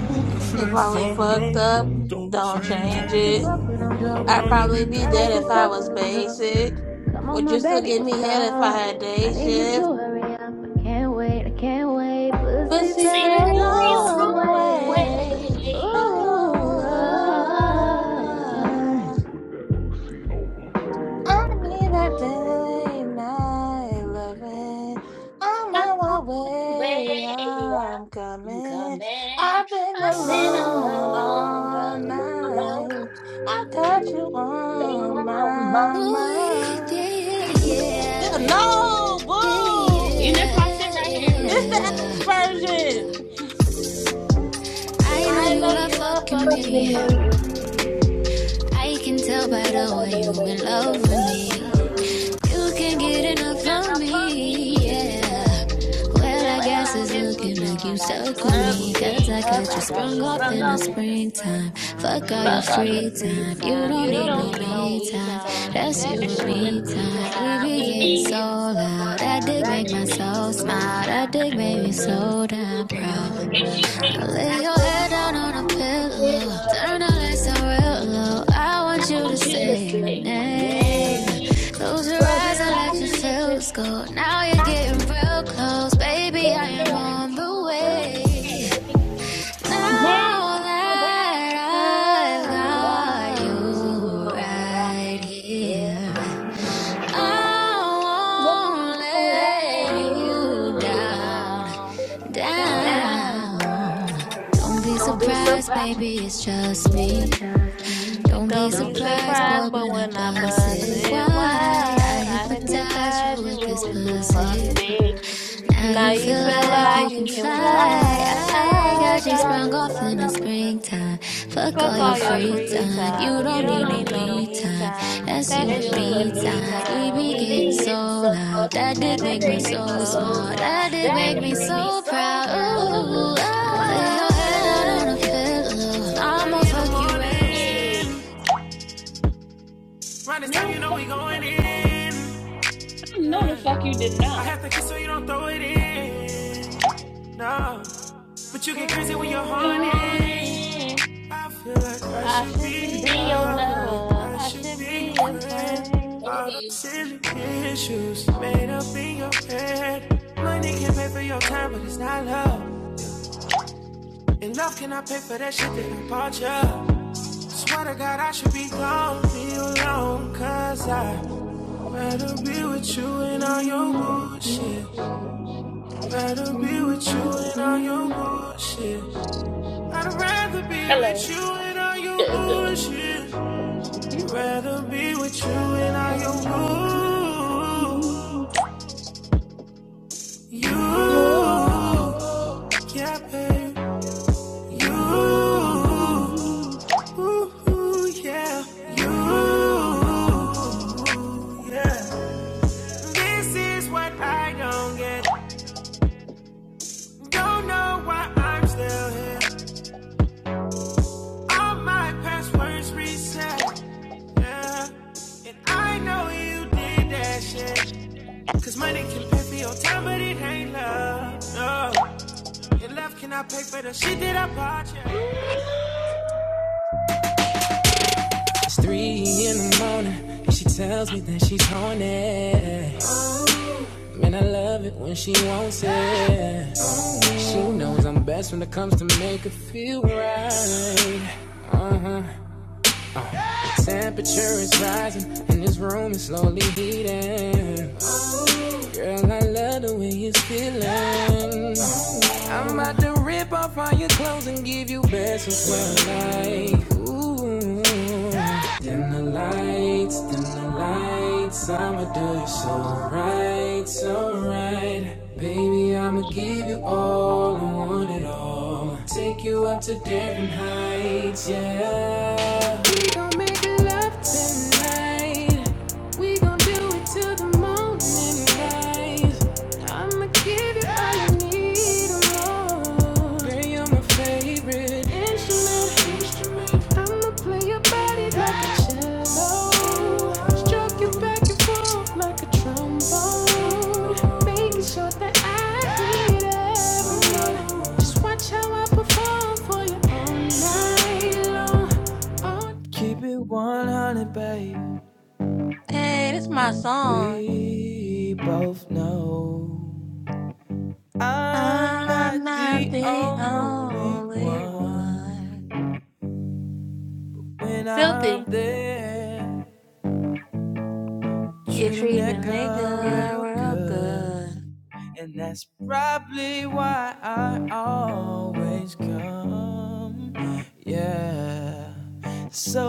if it
If
ain't
I ain't
fucked
fucked
up,
up,
don't
don't
change it. I
change
like to
it.
fuck when I'm drunk. I'll
I'd
probably be
probably
dead.
be
I like
dead
to
if I
suck when
was
I'm drunk.
basic.
Come on,
Would
my
you still
baby,
give
what's
me head if I
up?
had
I
day
need you
shift?
to hurry up. I can't wait, I can't wait. Pussy
Pussy
See,
fairy
fairies
baby's
on the
on the
on the
way.
way.
way.
I
Oh,
Oh, I need a day night loving. I'm
I'm
on
on
my
the way.
way. I'm
I'm
coming.
coming.
I've been
I've been
alone
alone.
all
Alone.
night. I got you on
all
my
mine.
mind. Yeah, No,
You
boo.
miss my shit right here.
This the
Yeah.
ass version. I know you love
Look
fucking
at
me.
me.
can
You
tell
can
by
tell
the
by
way
the
you
way
in
you're
love
in love
with me.
with me.
You
You
can't get
can get
enough from
enough of
me,
me.
yeah.
Yeah.
Well, I
Yes,
Well,
I
guess
I
look
it's
guess it's
looking
looking
like
looking
you
like you
like you
stuck with
stuck
stuck
with
me,
with
'cause
me,
me.
I
'cause
got you
I got
sprung
you
off
sprung
in the
up in the
springtime.
springtime.
Fuck all your
Fuck all your
free
free
time. You
time,
don't
You
you
need
don't
don't
no
need
need
no
no
me
me
we
time.
time.
time.
That's you
That's
That's
and
you
you
and
me
and
me
me
time. We
time.
time.
be
We
getting
be
so
getting so
loud. That
loud,
dick
that
make my
thing make me
soul
so
smile.
sad,
That dick made me
it make me
so damn
so dead.
proud.
If she
I
thinks
lay
I
your
put me
head down
when
on a
I put my
pillow. Turn
pillow,
the lights down real low. I
I
want you to
want you to
say my
say my
name.
name.
Close your
Close
eyes
your
and let
eyes
your
and let your
feels go. Now you're
light
getting real close,
go.
baby. I
Fade
am
and
on the
fall
way.
away. Now
Now
that
that I've
I
got
got
that's
you
you
all right,
right
right.
yeah,
here, I won't
won't let
I
let
got
you
you
you
down.
down,
down.
down.
Don't be surprised.
Don't
Don't
be
be surprised
surprised, but when I
when I
bust it, why I hypnotize you
hit
with
you
This
this
with this
pussy.
pussy?
pussy.
Now
Now
you
you
feel
It's
feel
the
like
like
you
life
you
can
you
can
fly.
can fly.
fly.
I got
I
I
got
got
you.
you
off in
stuck
the
up in the sky.
springtime. Fuck all
Fuck
your
all
Fuck
your
all your
free.
free
free
time.
time.
You
Don't
You
don't
need no
don't
need
need
no
no
me
me
me
time.
time.
time. That's
That's
you
you
and
and
me
me
I
time.
time.
be
We
getting
be
so
hitting so
loud.
hard.
That
That
dick
they
make me
make my
so
soul smile.
proud.
That they make me so proud.
Ooh,
Ooh, ah, hey.
Round this
No,
time,
the
you know
fuck
we
you
going
didn't.
in.
No, the fuck
Yeah.
you did
I
not.
have to kiss so you don't throw it in. No, but you get crazy when you're horny.
really
Honey,
I feel like I
I
should
should
to
be
be
your
be
your
your
friend.
love,
lover.
girl.
I
I
should
should
to
be your
be your
be your
friend.
friend.
love.
All the
Hey.
silly issues made up in your head. Money can pay for your time, but it's not love. And love cannot pay for that shit that I bought you. Swear to God, I should be gone, leave you alone, cause I rather be with you and all your
Mm, mm,
bullshit.
mm,
Rather
mm,
be with you
mm,
and all your
mm.
bullshit. I'd rather be
Hello.
with you and all your
Good, good.
bullshit. to be with you in all your
Oh,
rules. You, yeah, babe. You, ooh, yeah. You, yeah. This is what I don't get. Don't know why I'm still here. All my passwords reset. Yeah. And I know you did that shit. Cause money can pay for your time, but it ain't love. No. Left, can I pay for the shit that I bought you? It's three in the morning, and she tells me that she's horny. Man, I love it when she wants it. She knows I'm best when it comes to make her feel right. Uh huh. The temperature is rising and this room is slowly heating. Girl, I love the way you're feeling. I'm about to rip off all your clothes and give you best of what I like. Ooh. Dim the lights, dim the lights. I'ma do you so right, so right. Baby, I'ma give you all I want it all. I'ma Take you up to different heights, yeah. We gon' make love tonight. We gon' do it till the morning light. I'ma give you all you need, oh. Girl, you're my favorite instrument. instrument. I'ma play your body like a cello. Stroke you back and forth like a trombone. Making sure that I get every night. Just watch how I perform for you tonight.
Hey, this my song. I'm not the only one. Filthy,
Yeah,
you
treat a
treat a
nigga
nigga
real
real good.
good. And that's probably why I always come. Yeah.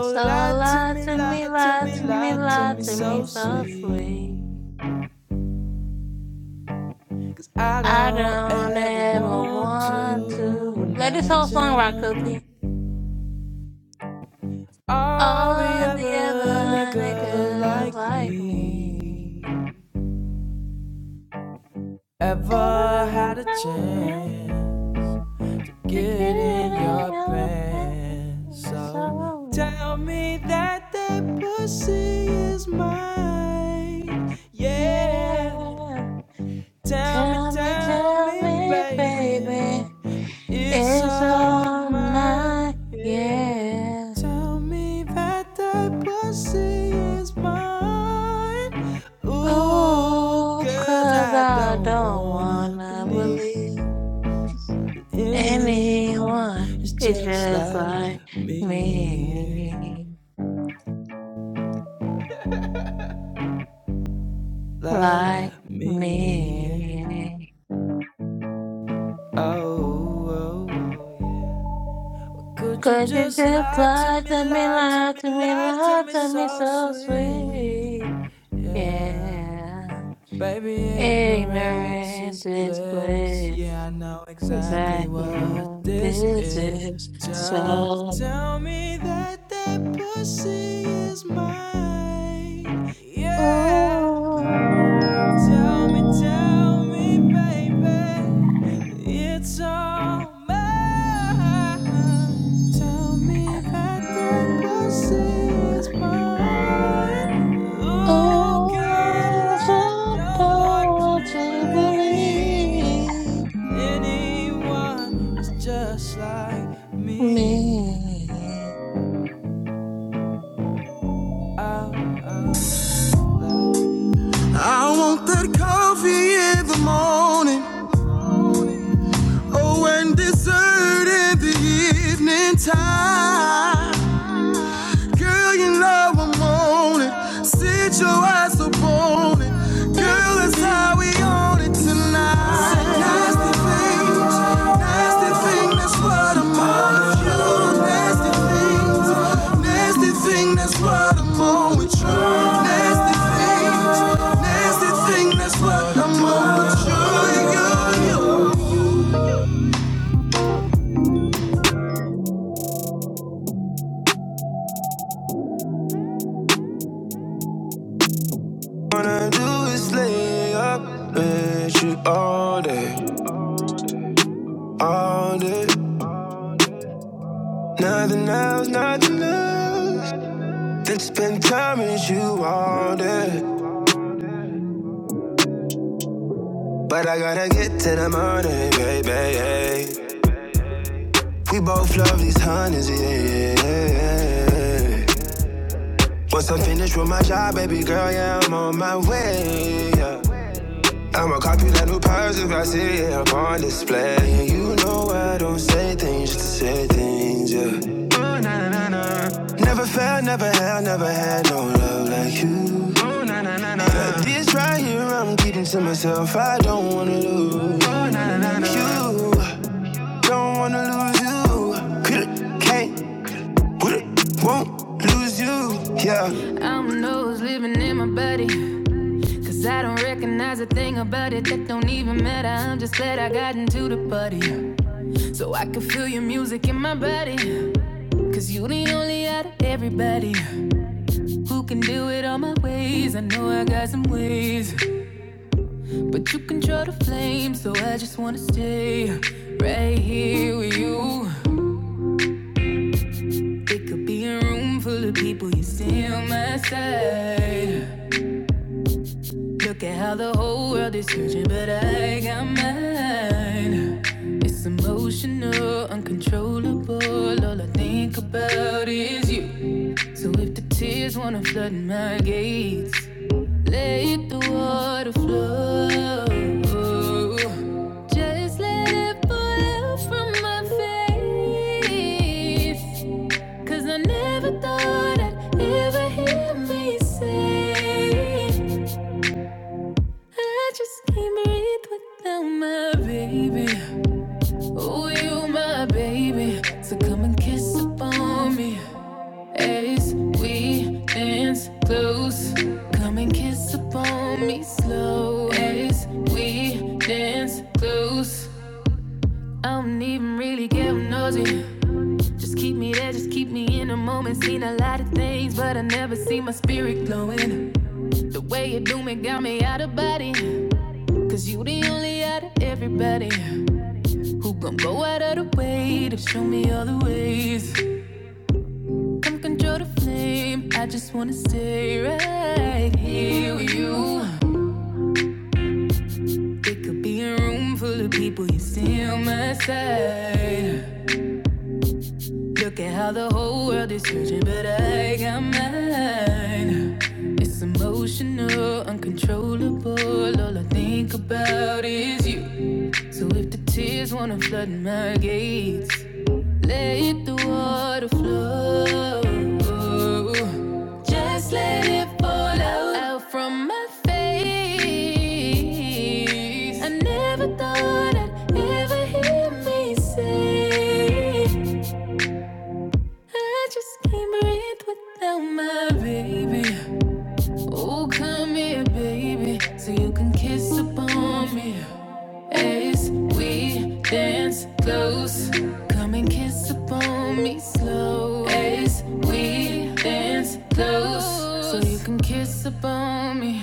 So
lie to
lie
me,
to me,
lie to
lie
me,
to me,
lie to
lie
me
to me
so
so
sweet.
sweet.
'Cause I
I
don't
don't
ever
ever
want
want
to
to. Let this whole song rock,
imagine.
Filthy.
All the
All the
other
other
niggas
niggas
like
like
me
me. To
ever had a chance.
get
Get in
in
your
your
pants.
place,
So
so
tell me that that pussy is mine. Yeah.
yeah.
Tell me,
Tell me,
tell
tell
me,
me,
baby.
baby,
It's
it's
all
all mine,
mine, yeah.
yeah.
Tell me that that pussy is mine. Ooh,
Oh,
cause
'cause
I
I
don't
don't
wanna
wanna
believe
believe
anyone
anyone
is
is
just
just
like
like
me, yeah.
me,
like
like
me. yeah.
me.
Oh, oh, oh. could you
'Cause you
just
just
lie to
lie
me,
to me,
lie to
lie
me,
to me,
lie to
lie
me
to me
so
so
sweet,
sweet?
yeah.
Yeah,
Baby, ignorance is
ignorance is
bliss.
bliss.
Yeah, I know exactly
Exactly
what
what
this
this
is.
is.
Just
So,
tell me that that pussy is mine. Yeah.
ooh.
Tell me, tell me, baby, it's all mine. Tell me that that pussy is mine. Oh God,
All
I
the
don't want to
power to believe
believe anyone is just like me.
me.
I I want that coffee in the morning. Oh, and deserted the evening time. Girl, you know I'm on it. Sit your ass upon it. Girl, that's how we own it tonight. It's a nasty thing, nasty thing, that's what I'm on. You nasty things. Wanna do is lay up with you all day, all day. Nothing else, nothing else. Then spend time with you all day. But I gotta get to the money, baby. yeah. We both love these hundreds, yeah, yeah, yeah, yeah. Once I'm finished with my job, baby girl, yeah, I'm on my way. Yeah. I'ma copy that new purse if I see it up on display. And you know I don't say things just to say things, yeah. Never felt, never had, never had no love like you. Oh, na, na, na, na. But this right here, I'm keeping to myself. I don't wanna lose Oh, nah, nah, nah, nah. you. don't wanna lose you. Coulda, can't, woulda, won't lose you. Yeah. I'm a nose living in my body. Cause I don't recognize a thing about it that don't even matter. I'm just glad I got into the party. So I can feel your music in my body. Cause you the only out of everybody who can do it all my ways. I know I got some ways, but you control the flame. So I just wanna stay right here with you. It could be a room full of people you see on my side. Look at how the whole world is searching, but I got mine. It's emotional, uncontrollable. All I think about is you. So if the tears wanna flood my gates, let the water flow. Just let it pour out from my face. Cause I never thought I'd ever hear me say I just can't breathe without my baby Oh, you my baby So come and kiss upon me As we dance close Come and kiss upon me slow As we dance close I don't even really get nosy Just keep me there, just keep me in the moment. Seen a lot of things, but I never see my spirit glowing. The way you do me got me out of body. Cause you the only out of everybody who gon' go out of the way to show me all the ways. Come control the flame, I just wanna stay right here with you. It could be a room full of people, you still my side. Look at how the whole world is searching, but I got mine. It's emotional, uncontrollable. All I think about is you. So if the tears wanna flood my gates, let the water flow. Just let it fall out, out from my face. I never thought I'd ever hear me say. I just can't breathe without my baby. Oh, come here, baby, so you can kiss upon me. As we dance close, come and kiss upon me slow. As we dance close, so you can kiss upon me.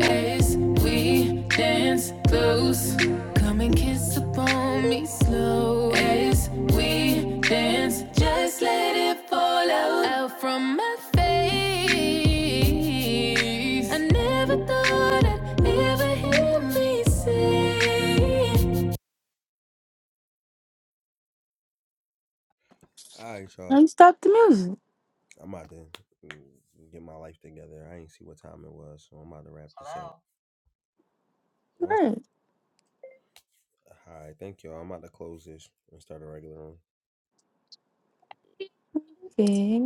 As we dance close, come and kiss upon me slow. As we dance, just let it fall out, out from my face. I never thought I'd ever hear me say. All right, y'all.
And stop the music.
I'm about to mm, get my life together. I ain't see what time it was, so I'm about to wrap this up. Hello? Once-
Right.
All right, thank y'all. I'm about to close this and start a regular room.
Okay.